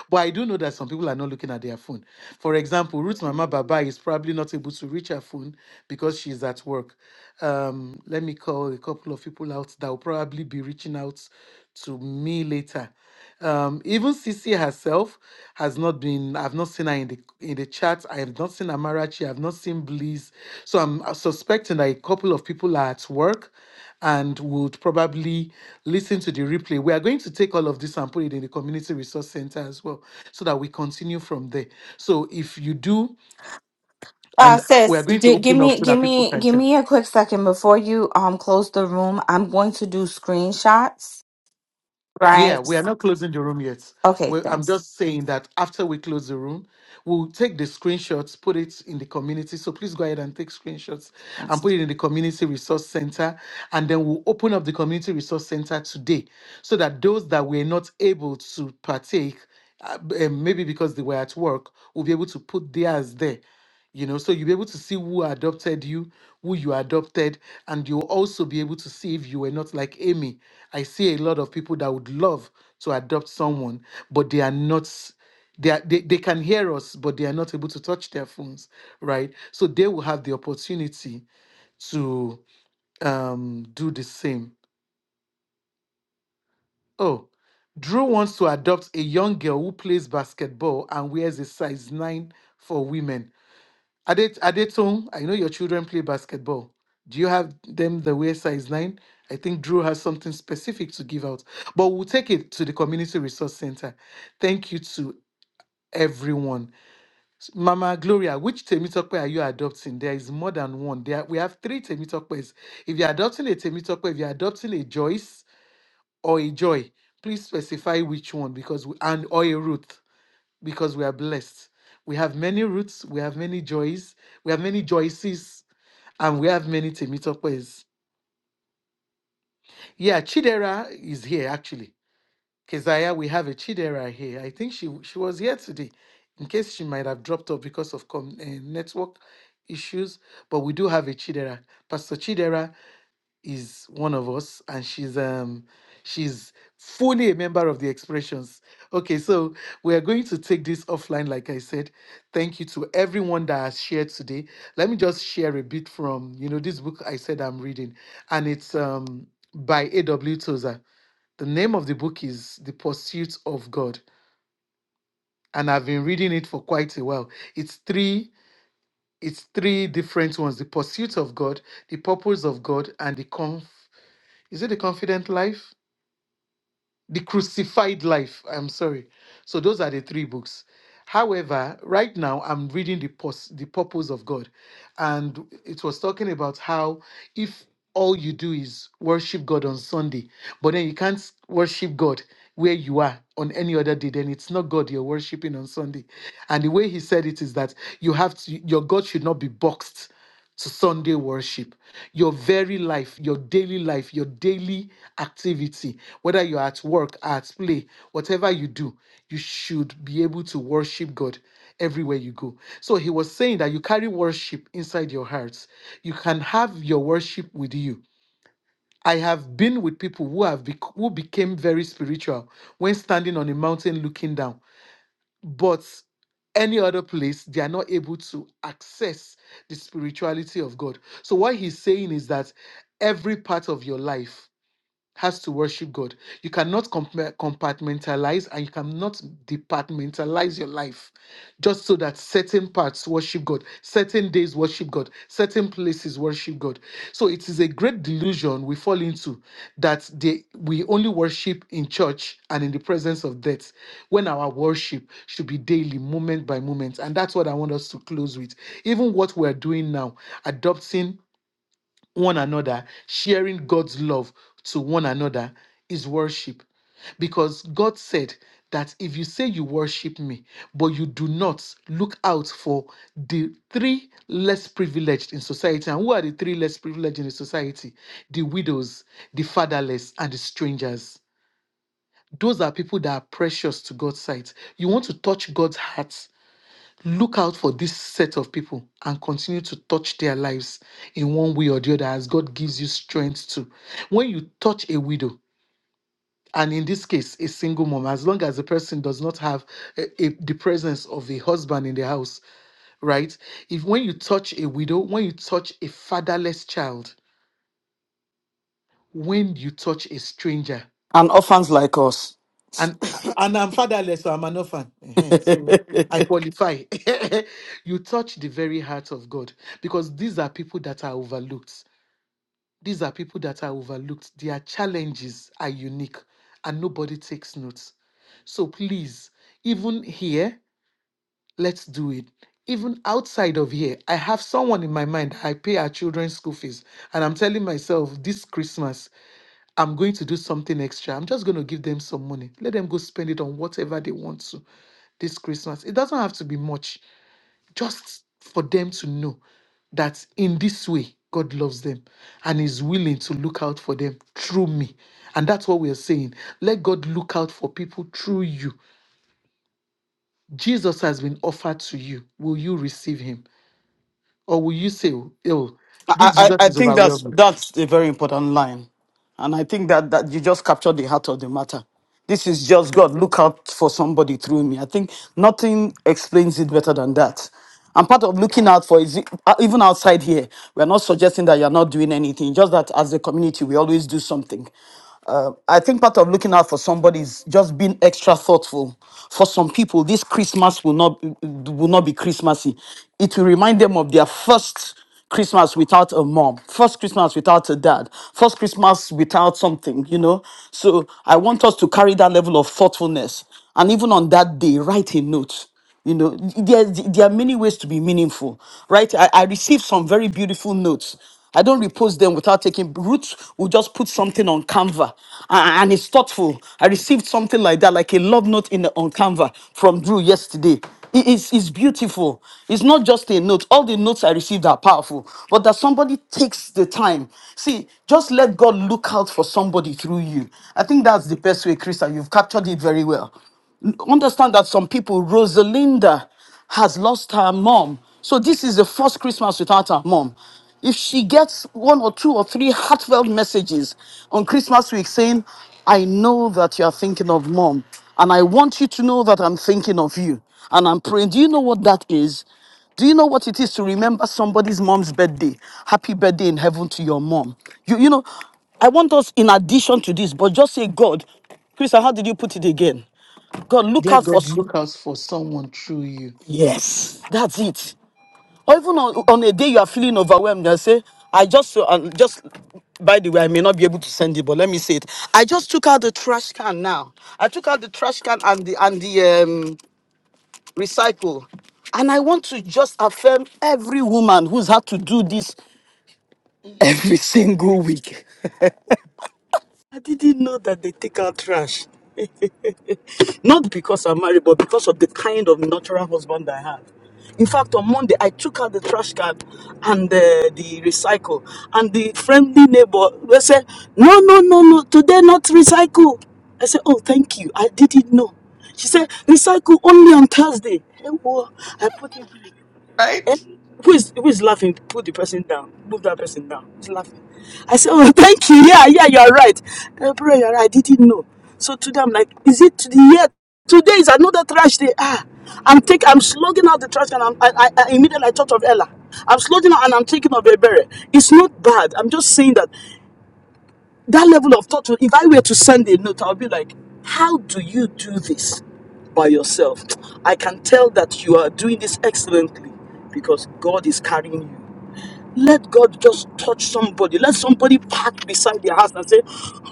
but I do know that some people are not looking at their phone. For example, Ruth Mama Baba is probably not able to reach her phone because she's at work. Um, let me call a couple of people out that will probably be reaching out to me later. Um, even Sisi herself has not been. I've not seen her in the in the chat. I have not seen Amarachi. I've not seen Bliss. So I'm uh, suspecting that a couple of people are at work and would probably listen to the replay. We are going to take all of this and put it in the community resource center as well, so that we continue from there. So if you do, Uh, and uh, we are sis, going to d- give open up me, so give that people me, can give check. me a quick second before you um close the room. I'm going to do screenshots. Yeah, Right. we are not closing the room yet. Okay. Well, I'm Thanks. just saying that after we close the room, we'll take the screenshots, put it in the community. So please go ahead and take screenshots and Thanks. put it in the community resource center. And then we'll open up the community resource center today so that those that were not able to partake, uh, b- eh, maybe because they were at work, will be able to put theirs there you know so you'll be able to see who adopted you who you adopted and you'll also be able to see if you were not like amy i see a lot of people that would love to adopt someone but they are not they, are, they they can hear us but they are not able to touch their phones right so they will have the opportunity to um do the same oh drew wants to adopt a young girl who plays basketball and wears a size 9 for women Adet, adetong i know your children play basketball do you have them that wear size 9 i think drew has something specific to give out but we'll take it to the community resource center thank you to everyone S- Mama Gloria, which Temitope are you adopting? There is more than one. There, we have three Temitopes. If you're adopting a Temitope, if you're adopting a Joyce or a Joy, please specify which one because we, and or a Ruth because we are blessed. We have many Ruths, we have many Joys, we have many Joyces, and we have many Temitopes. Yeah, Chidera is here actually. Keziah, we have a Chidera here. I think she she was here today, in case she might have dropped off because of com- uh, network issues. But we do have a Chidera. Pastor Chidera is one of us, and she's um she's fully a member of the Expressions. Okay, so we are going to take this offline, like I said. Thank you to everyone that has shared today. Let me just share a bit from you know this book I said I'm reading, and it's um by A.W. Tozer the name of the book is The Pursuit of God, and I've been reading it for quite a while. It's three it's three different ones: The Pursuit of God, The Purpose of God, and The Conf is it the Confident Life? The Crucified Life. I'm sorry. So those are the three books. However, right now I'm reading the pos- the purpose of God, and it was talking about how if all you do is worship God on Sunday, but then you can't worship God where you are on any other day, then it's not God you're worshiping on Sunday. And the way he said it is that you have to your God should not be boxed to Sunday worship. Your very life, your daily life, your daily activity, whether you're at work, at play, whatever you do, you should be able to worship God everywhere you go. So he was saying that you carry worship inside your hearts. You can have your worship with you. I have been with people who have bec- who became very spiritual when standing on a mountain looking down but any other place they are not able to access the spirituality of god so what he's saying is that every part of your life has to worship God. You cannot compa- compartmentalize and you cannot departmentalize your life just so that certain parts worship God, certain days worship God, certain places worship God. So it is a great delusion we fall into that they, we only worship in church and in the presence of death when our worship should be daily, moment by moment. And that's what I want us to close with. Even what we're doing now, adopting one another, sharing God's love to one another is worship. Because God said that if you say you worship me, but you do not look out for the three less privileged in society, and who are the three less privileged in the society? The widows, the fatherless, and the strangers. Those are people that are precious to God's sight. You want to touch God's heart Look out for this set of people and continue to touch their lives in one way or the other as God gives you strength to. When you touch a widow, and in this case, a single mom, as long as the person does not have a, a- the presence of a husband in the house, right? If when you touch a widow, when you touch a fatherless child, when you touch a stranger, And orphans like us. and and I'm fatherless, so I'm an orphan. Ehen, So I qualify. you touch the very heart of God because these are people that are overlooked. These are people that are overlooked. Their challenges are unique, and nobody takes notes. So please, even here, let's do it. Even outside of here, I have someone in my mind. I pay our children's school fees, and I'm telling myself this Christmas. I'm going to do something extra. I'm just going to give them some money. Let them go spend it on whatever they want to this Christmas. It doesn't have to be much, just for them to know that in this way, God loves them and is willing to look out for them through me. And that's what we are saying. Let God look out for people through you. Jesus has been offered to you. Will you receive him? Or will you say, oh, this I, I, Jesus I is think that's overwhelming? that's a very important line. And I think that, that you just captured the heart of the matter. This is just God. Look out for somebody through me. I think nothing explains it better than that. And part of looking out for is e, uh, even outside here, we're not suggesting that you're not doing anything, just that as a community, we always do something. Uh, I think part of looking out for somebody is just being extra thoughtful. For some people, this Christmas will not will not be Christmassy. It will remind them of their first Christmas without a mom, first Christmas without a dad, first Christmas without something, you know. So I want us to carry that level of thoughtfulness. And even on that day, write a note. You know, there, there are many ways to be meaningful, right? I, I received some very beautiful notes. I don't repost them without taking roots. We'll just put something on Canva a- and it's thoughtful. I received something like that, like a love note in the, on Canva from Drew yesterday. It's, it's beautiful. It's not just a note. All the notes I received are powerful, but that somebody takes the time. See, just let God look out for somebody through you. I think that's the best way, Krista. You've captured it very well. Understand that some people, Rosalinda, has lost her mom. So this is the first Christmas without her mom. If she gets one or two or three heartfelt messages on Christmas week saying, I know that you are thinking of mom, and I want you to know that I'm thinking of you, and I'm praying, do you know what that is? Do you know what it is to remember somebody's mom's birthday? Happy birthday in heaven to your mom. You, you know, I want us, in addition to this, but just say, God, Krista, how did you put it again? God, look Let out for. God look out for someone through you. Yes, that's it. Or even on, on a day you are feeling overwhelmed, you say, I just, uh, just, by the way, I may not be able to send it, but let me say it. I just took out the trash can now. I took out the trash can and the, and the um, recycle. And I want to just affirm every woman who's had to do this every single week. I didn't know that they take out trash. Not because I'm married, but because of the kind of natural husband I had. In fact, on Monday, I took out the trash can and uh, the recycle. And the friendly neighbor they said, No, no, no, no, today not recycle. I said, Oh, thank you. I didn't know. She said, Recycle only on Thursday. Eh, whoa. I put it back. Right? Eh? Who is who is laughing? Put the person down. Move that person down. Who's laughing? I said, Oh, thank you. Yeah, yeah, you are right. Eh, bro, you're right. I didn't know. So today I'm like, is it to the year? Today is another trash day. Ah, I'm taking, I'm slugging out the trash and I'm, I, I, I immediately I thought of Ella. I'm slugging out and I'm thinking of Ebere. It's not bad. I'm just saying that that level of thought, if I were to send a note, I'll be like, How do you do this by yourself? I can tell that you are doing this excellently because God is carrying you. Let God just touch somebody. Let somebody park beside their house and say,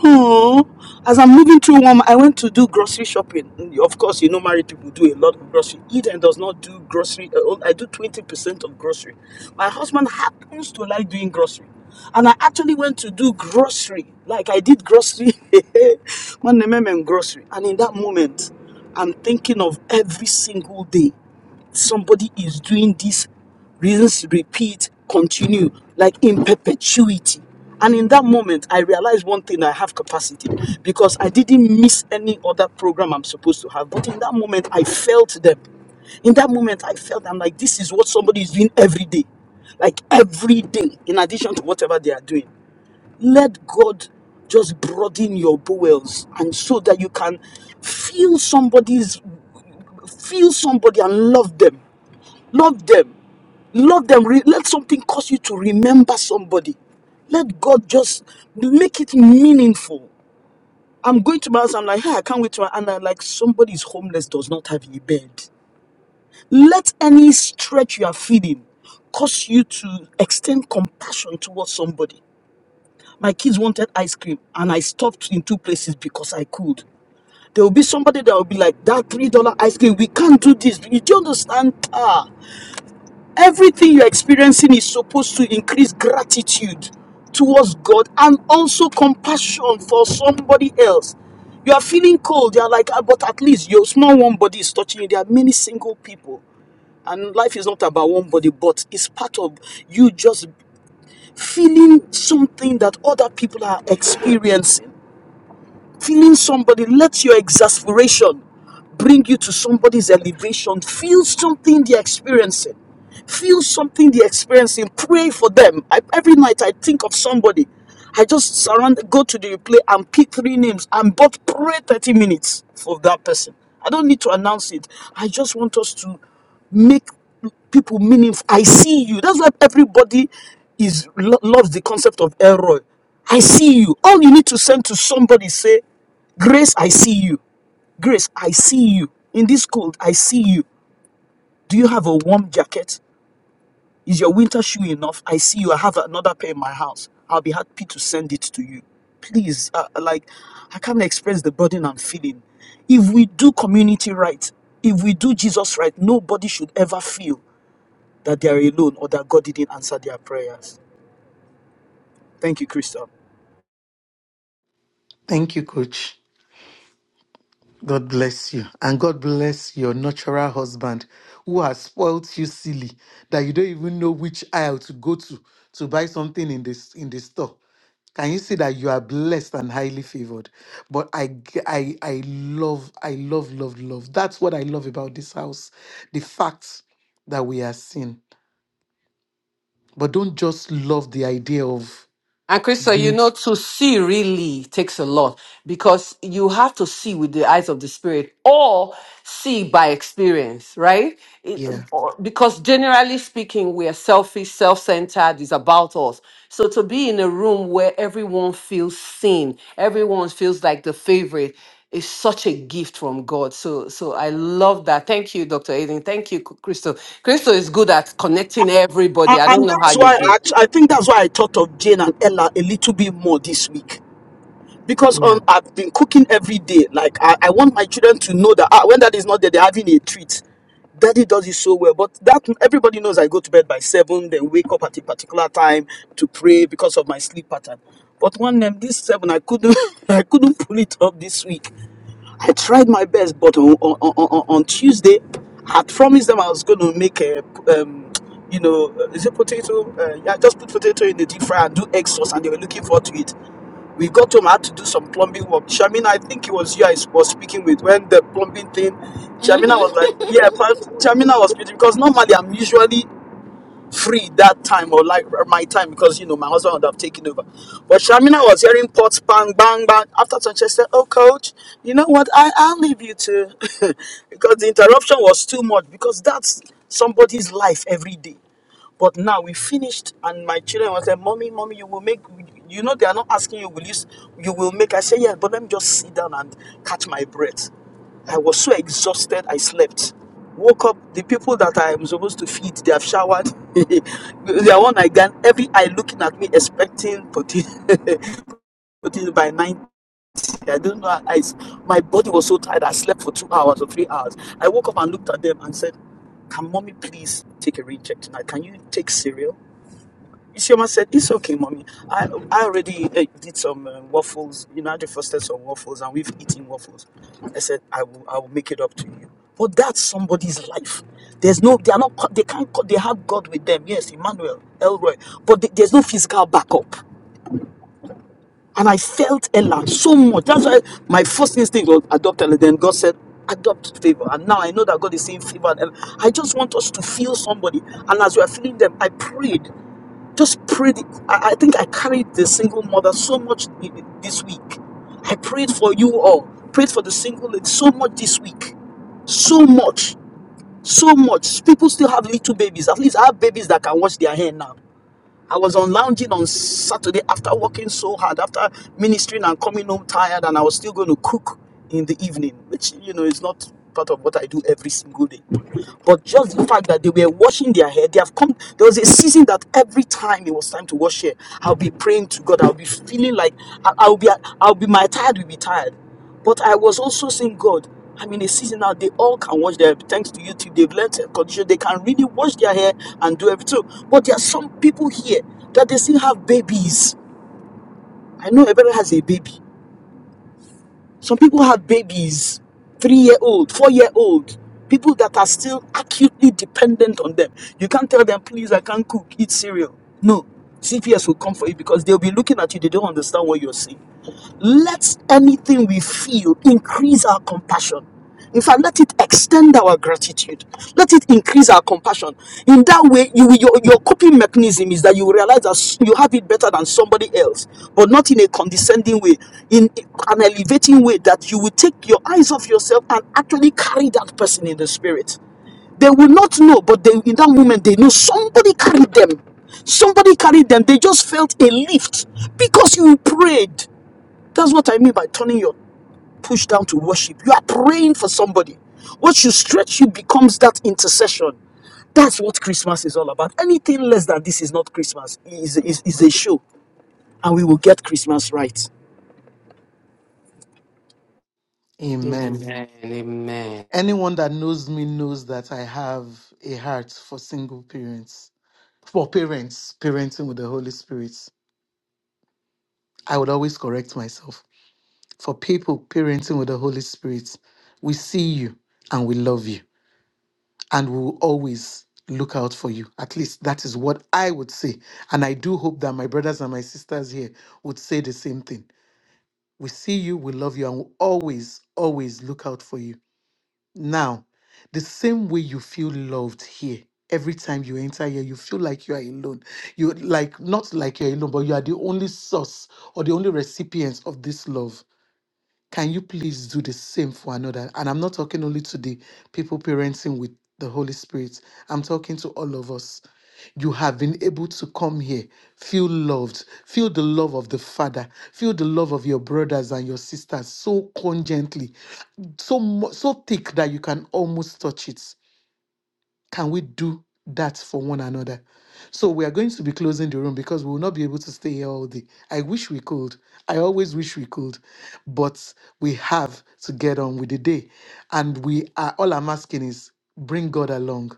Oh, as I'm moving through one, I went to do grocery shopping. And Of course, you know, married people do a lot of grocery. Eden does not do grocery. uh, oh, I do 20% of grocery. My husband happens to like doing grocery. And I actually went to do grocery. Like I did grocery. Man, I remember grocery. And in that moment, I'm thinking of every single day. Somebody is doing this. Reasons repeat, continue, like in perpetuity. And in that moment, I realized one thing I have capacity because I didn't miss any other program I'm supposed to have. But in that moment, I felt them. In that moment, I felt I'm like, this is what somebody is doing every day. Like every day, in addition to whatever they are doing. Let God just broaden your bowels and so that you can feel somebody's feel somebody and love them Love them. Love them. Re- Let something cause you to remember somebody. Let God just make it meaningful. I'm going to my house. I'm like, hey, I can't wait to. And I'm like, somebody is homeless, does not have a bed. Let any stretch you are feeling cause you to extend compassion towards somebody. My kids wanted ice cream, and I stopped in two places because I could. There will be somebody that will be like, that $3 ice cream, we can't do this. You do understand? Ah, Everything you're experiencing is supposed to increase gratitude towards God and also compassion for somebody else. You are feeling cold, you're like, "Ah, but at least your small warm body is touching you. There are many single people, and life is not about one body, but it's part of you just feeling something that other people are experiencing. Feeling somebody, let your exasperation bring you to somebody's elevation. Feel something they're experiencing. Feel something they're experiencing. Pray for them. I, every night I think of somebody. I just surround, go to the replay and pick three names and but pray 30 minutes for that person. I don't need to announce it. I just want us to make people meaningful. I see you. That's why everybody is lo- loves the concept of Elroy. I see you. All you need to send to somebody say, Grace, I see you. Grace, I see you. In this cold, I see you. Do you have a warm jacket? Is your winter shoe enough? I see you. I have another pair in my house. I'll be happy to send it to you. Please, uh, uh, like, I can't express the burden I'm feeling. If we do community right, if we do Jesus right, nobody should ever feel that they are alone or that God didn't answer their prayers. Thank you, Crystal. Thank you, coach. God bless you. And God bless your natural husband who has spoilt you silly that you don't even know which aisle to go to to buy something in this in the store. Can you see that you are blessed and highly favored? But I, g- I, I love, I love, love, love. That's what I love about this house. The fact that we are seen. But don't just love the idea of And Crystal, you know, Yes. to see really takes a lot because you have to see with the eyes of the spirit or see by experience, right? It- yeah. or- because generally speaking, we are selfish, self centered, it's about us. So to be in a room where everyone feels seen, everyone feels like the favorite is such a gift from God. So so I love that. Thank you, Dr. Aiden. Thank you, Crystal. Crystal is good at connecting A- everybody. I don't And know how that's you why do. I, act- I think that's why I thought of Jane and Ella a little bit more this week because Yeah. um, I've been cooking every day. Like I, I want my children to know that ah, when daddy is not there, they're having a treat. Daddy does it so well, but that everybody knows I go to bed by seven, then wake up at a particular time to pray because of my sleep pattern. But one name this seven, I couldn't, I couldn't pull it up this week. I tried my best, but on, on, on, on on Tuesday, I had promised them I was going to make a, um, you know, uh, is it potato? Uh, yeah, just put potato in the deep fryer and do egg sauce, and they were looking forward to it we got home, I had to do some plumbing work. Shamina, I think it was you I was speaking with when the plumbing thing. Shamina Mhm. was like, yeah, pa- Shamina was speaking because normally I'm usually free that time or like my time because you know my husband would have taken over. But Shamina was hearing pots bang bang bang. After some, she said, "Oh, coach, you know what? I I'll leave you to," because the interruption was too much. Because that's somebody's life every day. But now we finished, and my children was like, "Mommy, mommy, you will make." You know they are not asking you. Will you? s- You will make. I say yes, but let me just sit down and catch my breath. I was so exhausted, I slept. Woke up, the people that I am supposed to feed, they have showered. they are one again. Every eye looking at me, expecting potato, potato by 90. I don't know. I, my body was so tired, I slept for two hours or three hours. I woke up and looked at them and said, Can mommy please take a rain check tonight? Can you take cereal? She must said, "It's okay, mommy. I I already uh, did some uh, waffles. You know, I just frosted some waffles, and we've eaten waffles." I said, "I will I will make it up to you." But that's somebody's life. There's no, they are not, co- they can't, co- they have God with them. Yes, Emmanuel, Elroy, but th- there's no physical backup. And I felt Ella so much. That's why my first instinct was adopt Ella. Then God said, adopt favor. And now I know that God is saying favor. And Ella. I just want us to feel somebody. And as we are feeling them, I prayed. Just prayed. I, I think I carried the single mother so much this week. I prayed for you all. Prayed for the single lady so much this week. So much. So much. People still have little babies. At least I have babies that can wash their hair now. I was on lounging on Saturday after working so hard, after ministering and coming home tired, and I was still going to cook in the evening, which, you know, is not part of what I do every single day. But just the fact that they were washing their hair, they have come. There was a season that every time it was time to wash hair, I'll be praying to God. I'll be feeling like I- I'll be, I'll be my tired will be tired. But I was also saying, God, I'm in a season now. They all can wash their hair. Thanks to YouTube, they've learned hair condition. They can really wash their hair and do everything. But there are some people here that they still have babies. I know everybody has a baby. Some people have babies, three year old, four year old, people that are still acutely dependent on them. You can't tell them, please, I can't cook, eat cereal. No, CPS will come for you because they'll be looking at you, they don't understand what you're saying. Let anything we feel increase our compassion. In fact, let it extend our gratitude. Let it increase our compassion. In that way, you, your, your coping mechanism is that you realize that you have it better than somebody else, but not in a condescending way, in an elevating way that you will take your eyes off yourself and actually carry that person in the spirit. They will not know, but they, in that moment, they know somebody carried them. Somebody carried them. They just felt a lift because you prayed. That's what I mean by turning your push down to worship. You are praying for somebody. What you stretch you becomes that intercession. That's what Christmas is all about. Anything less than this is not Christmas. It is, is, is a show. And we will get Christmas right. Amen. Amen. Amen. Anyone that knows me knows that I have a heart for single parents, for parents parenting with the Holy Spirit. I would always correct myself. For people parenting with the Holy Spirit, we see you and we love you and we will always look out for you. At least that is what I would say. And I do hope that my brothers and my sisters here would say the same thing. We see you, we love you, and we always, always look out for you Now, the same way you feel loved here, every time you enter here, you feel like you are alone. You like not like you're alone, but you are the only source or the only recipient of this love can you please do the same for another? And I'm not talking only to the people parenting with the Holy Spirit, I'm talking to all of us. You have been able to come here, feel loved, feel the love of the Father, feel the love of your brothers and your sisters so congently, so mu- so thick that you can almost touch it. Can we do that for one another? So we are going to be closing the room because we will not be able to stay here all day. I wish we could. I always wish we could. But we have to get on with the day. And we are all I'm asking is bring God along,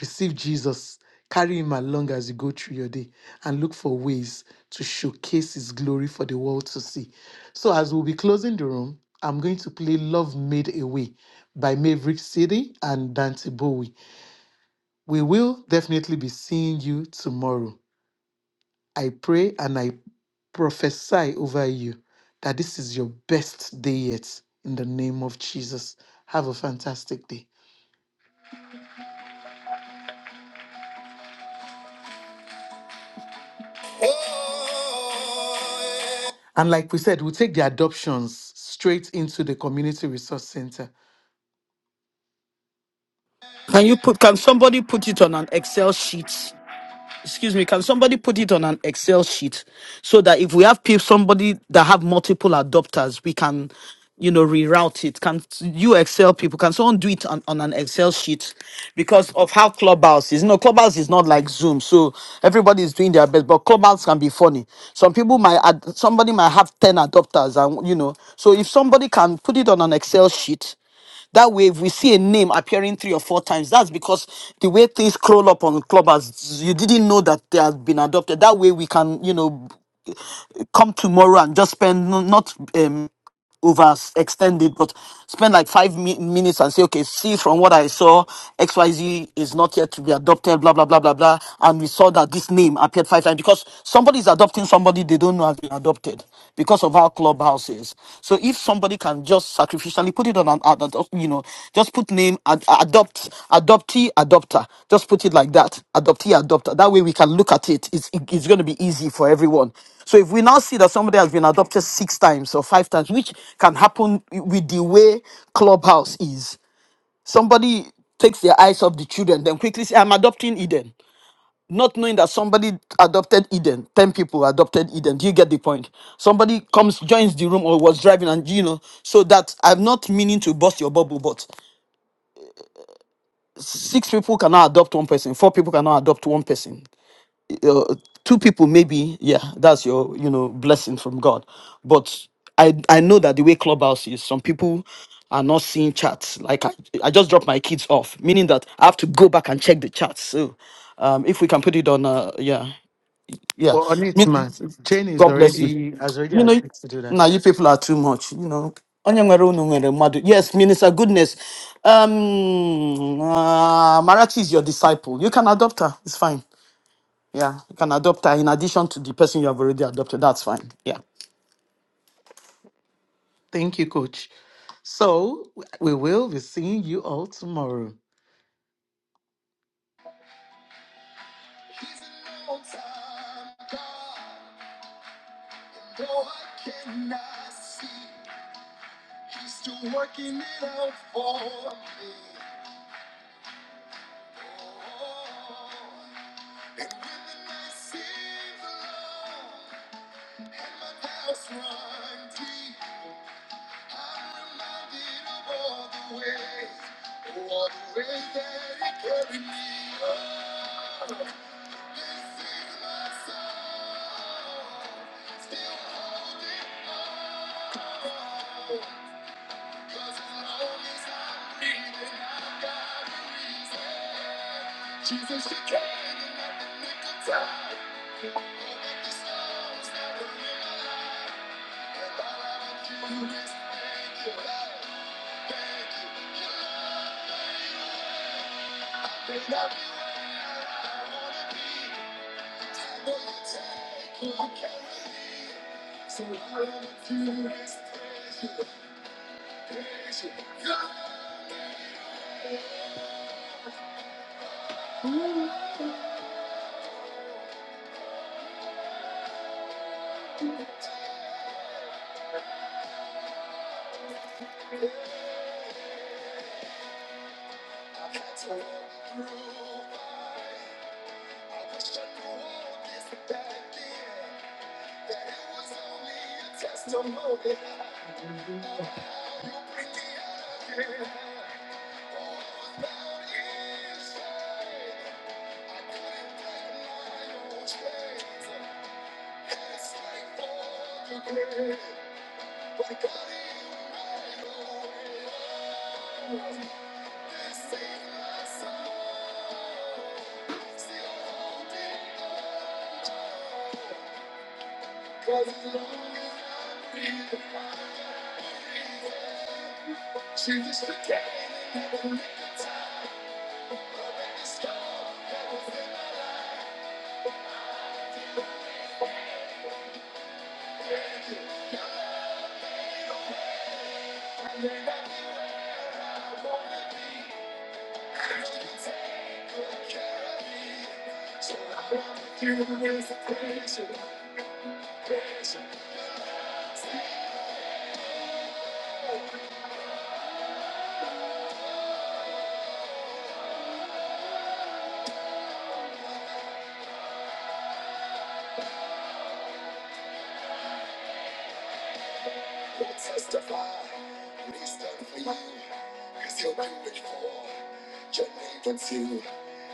receive Jesus, carry him along as you go through your day, and look for ways to showcase his glory for the world to see. So as we'll be closing the room, I'm going to play Love Made Away by Maverick City and Dante Bowie. We will definitely be seeing you tomorrow. I pray and I prophesy over you that this is your best day yet in the name of Jesus. Have a fantastic day. And like we said, we'll take the adoptions straight into the community resource center. Can you put? Can somebody put it on an Excel sheet? excuse me, can somebody put it on an Excel sheet so that if we have people, somebody that have multiple adopters, we can, you know, reroute it? Can you Excel people? Can someone do it on, on an Excel sheet because of how Clubhouse is? You know, Clubhouse is not like Zoom, so everybody is doing their best, but Clubhouse can be funny. Some people might, ad- somebody might have 10 adopters, and you know, so if somebody can put it on an Excel sheet that way, if we see a name appearing three or four times, that's because the way things crawl up on clubbers, you didn't know that they have been adopted. That way, we can, you know, come tomorrow and just spend no- not um, overextend it, but spend like five mi- minutes and say, okay, see from what I saw, XYZ is not yet to be adopted, blah, blah, blah, blah, blah. And we saw that this name appeared five times because somebody is adopting somebody they don't know has been adopted because of how clubhouse is. So if somebody can just sacrificially put it on an, ad- ad- you know, just put name, ad- adopt, adoptee, adopter, just put it like that, adoptee, adopter. That way we can look at it. It's, it's going to be easy for everyone. So if we now see that somebody has been adopted six times or five times, which can happen with the way Clubhouse is, somebody takes their eyes off the children, then quickly say, I'm adopting Eden. Not knowing that somebody adopted Eden, 10 people adopted Eden. Do you get the point? Somebody comes, joins the room or was driving, and you know, so that I'm not meaning to burst your bubble, but six people cannot adopt one person, four people cannot adopt one person. uh, two people maybe yeah that's your you know blessing from god but i i know that the way clubhouse is some people are not seeing chats like i, I just dropped my kids off meaning that i have to go back and check the chats so um if we can put it on uh yeah yeah Well, on it, Me- man. Jane is god bless you already has already you know agreed to do that. now you people are too much you know Onye nwere unu nwere mmadụ. Yes, Minister Goodness. Um, uh, Marachi is your disciple. You can adopt her. It's fine. Yeah, you can adopt her in addition to the person you have already adopted. That's fine. Yeah. Thank you, coach. So we will be seeing you all tomorrow. Though I cannot see, he's still working it out for me. Oh, and when the night seems long and my doubts run deep, I'm reminded of all the ways, oh, all the ways that he carried me. Oh, this is my song, still holding on. Jesus, you came in at the nick of time. Oh, the storms that were in my life. And all I would do is thank you, Lord. Thank you. Your love made a way. Made where I wanna be. I know you take what you can with me. So all I would do is praise you, praise you. Your love Mmm. Jesus, the day that never met the time. Open the storm that was in my life. I may not be where I wanna be, but you take good care of me. So I want you with a pleasure, pleasure. who will testify when he stand for you. Cause he'll do it for your neighbors too.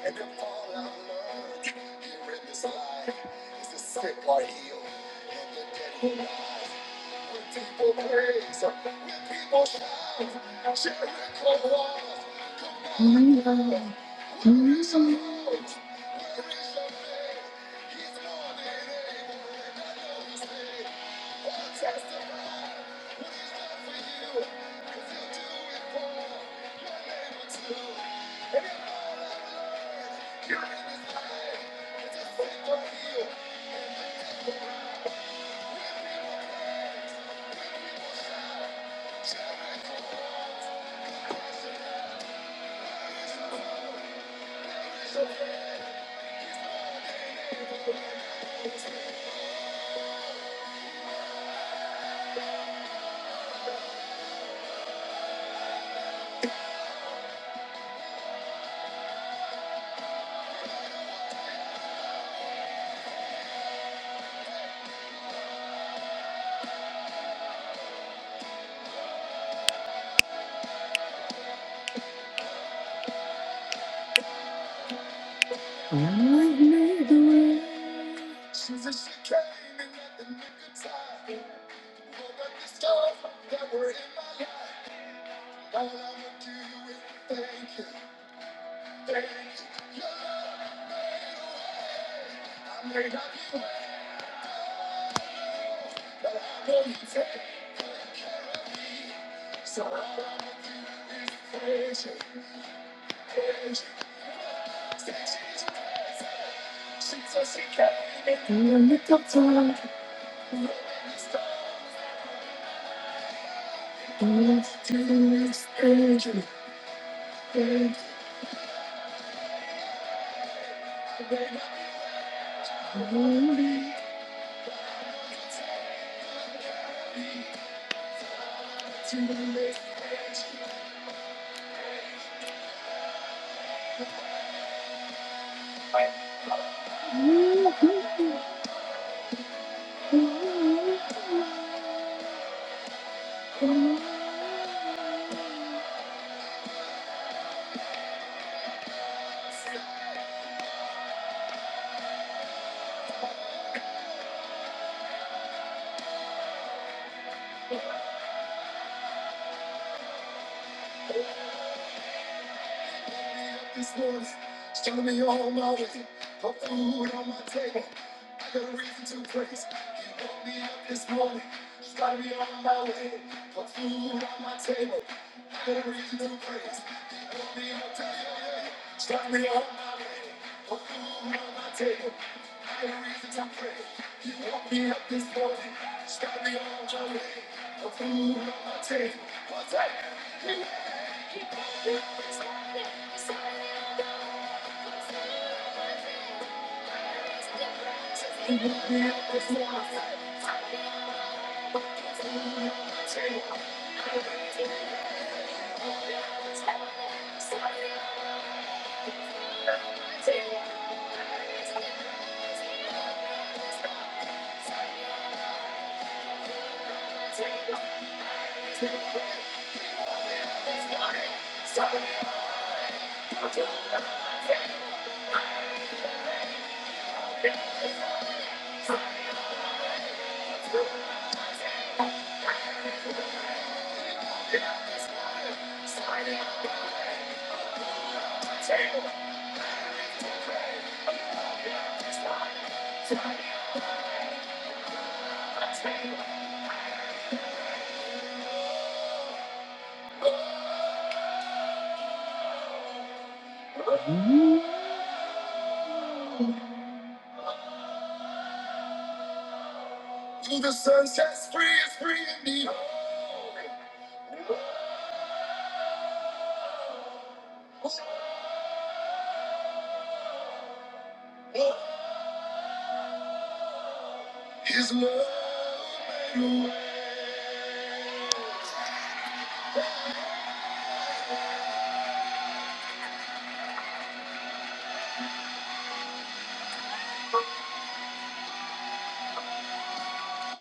And the all I've learned here in this life is the sick are healed and the dead who rise. When people praise, when people shout, Jericho walls, come down. She said she came in at the nick of time. Woke up the stars that were in my life. All I'ma do is thank you. Thank you. Your love, I may not be right, but I know you take. it. So all I'ma do is praise you. Praise you. Say she's crazy. She said she came in at the nick of time. Woke up the stars. All I do is thank you. Thank you. I may not be right. but I know you take it. to the next edge, I set up this voice is telling me all my way, my food on my table. I got a reason to praise. He woke me up this morning. He's got me on my way, my food on my table. I got a reason to praise. He woke me up today. He's got me on my way, my food on my table. higher reasons to pray. You woke me up this morning, start me on my way. The food on my table, what's that? You woke me up this morning, you started me on my way. The food on my table, higher reasons I pray. You woke me up this morning, started me on my way. The food on my table, higher reasons You woke me up this morning, started me on my way. Slide it on the table. Slide it on the table. Till the sun sets free, it's free indeed. His love made a way.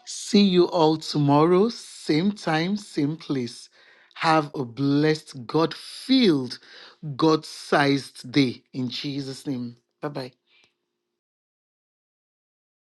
See you all tomorrow, same time, same place. Have a blessed, God filled, God sized day in Jesus' name. Bye bye.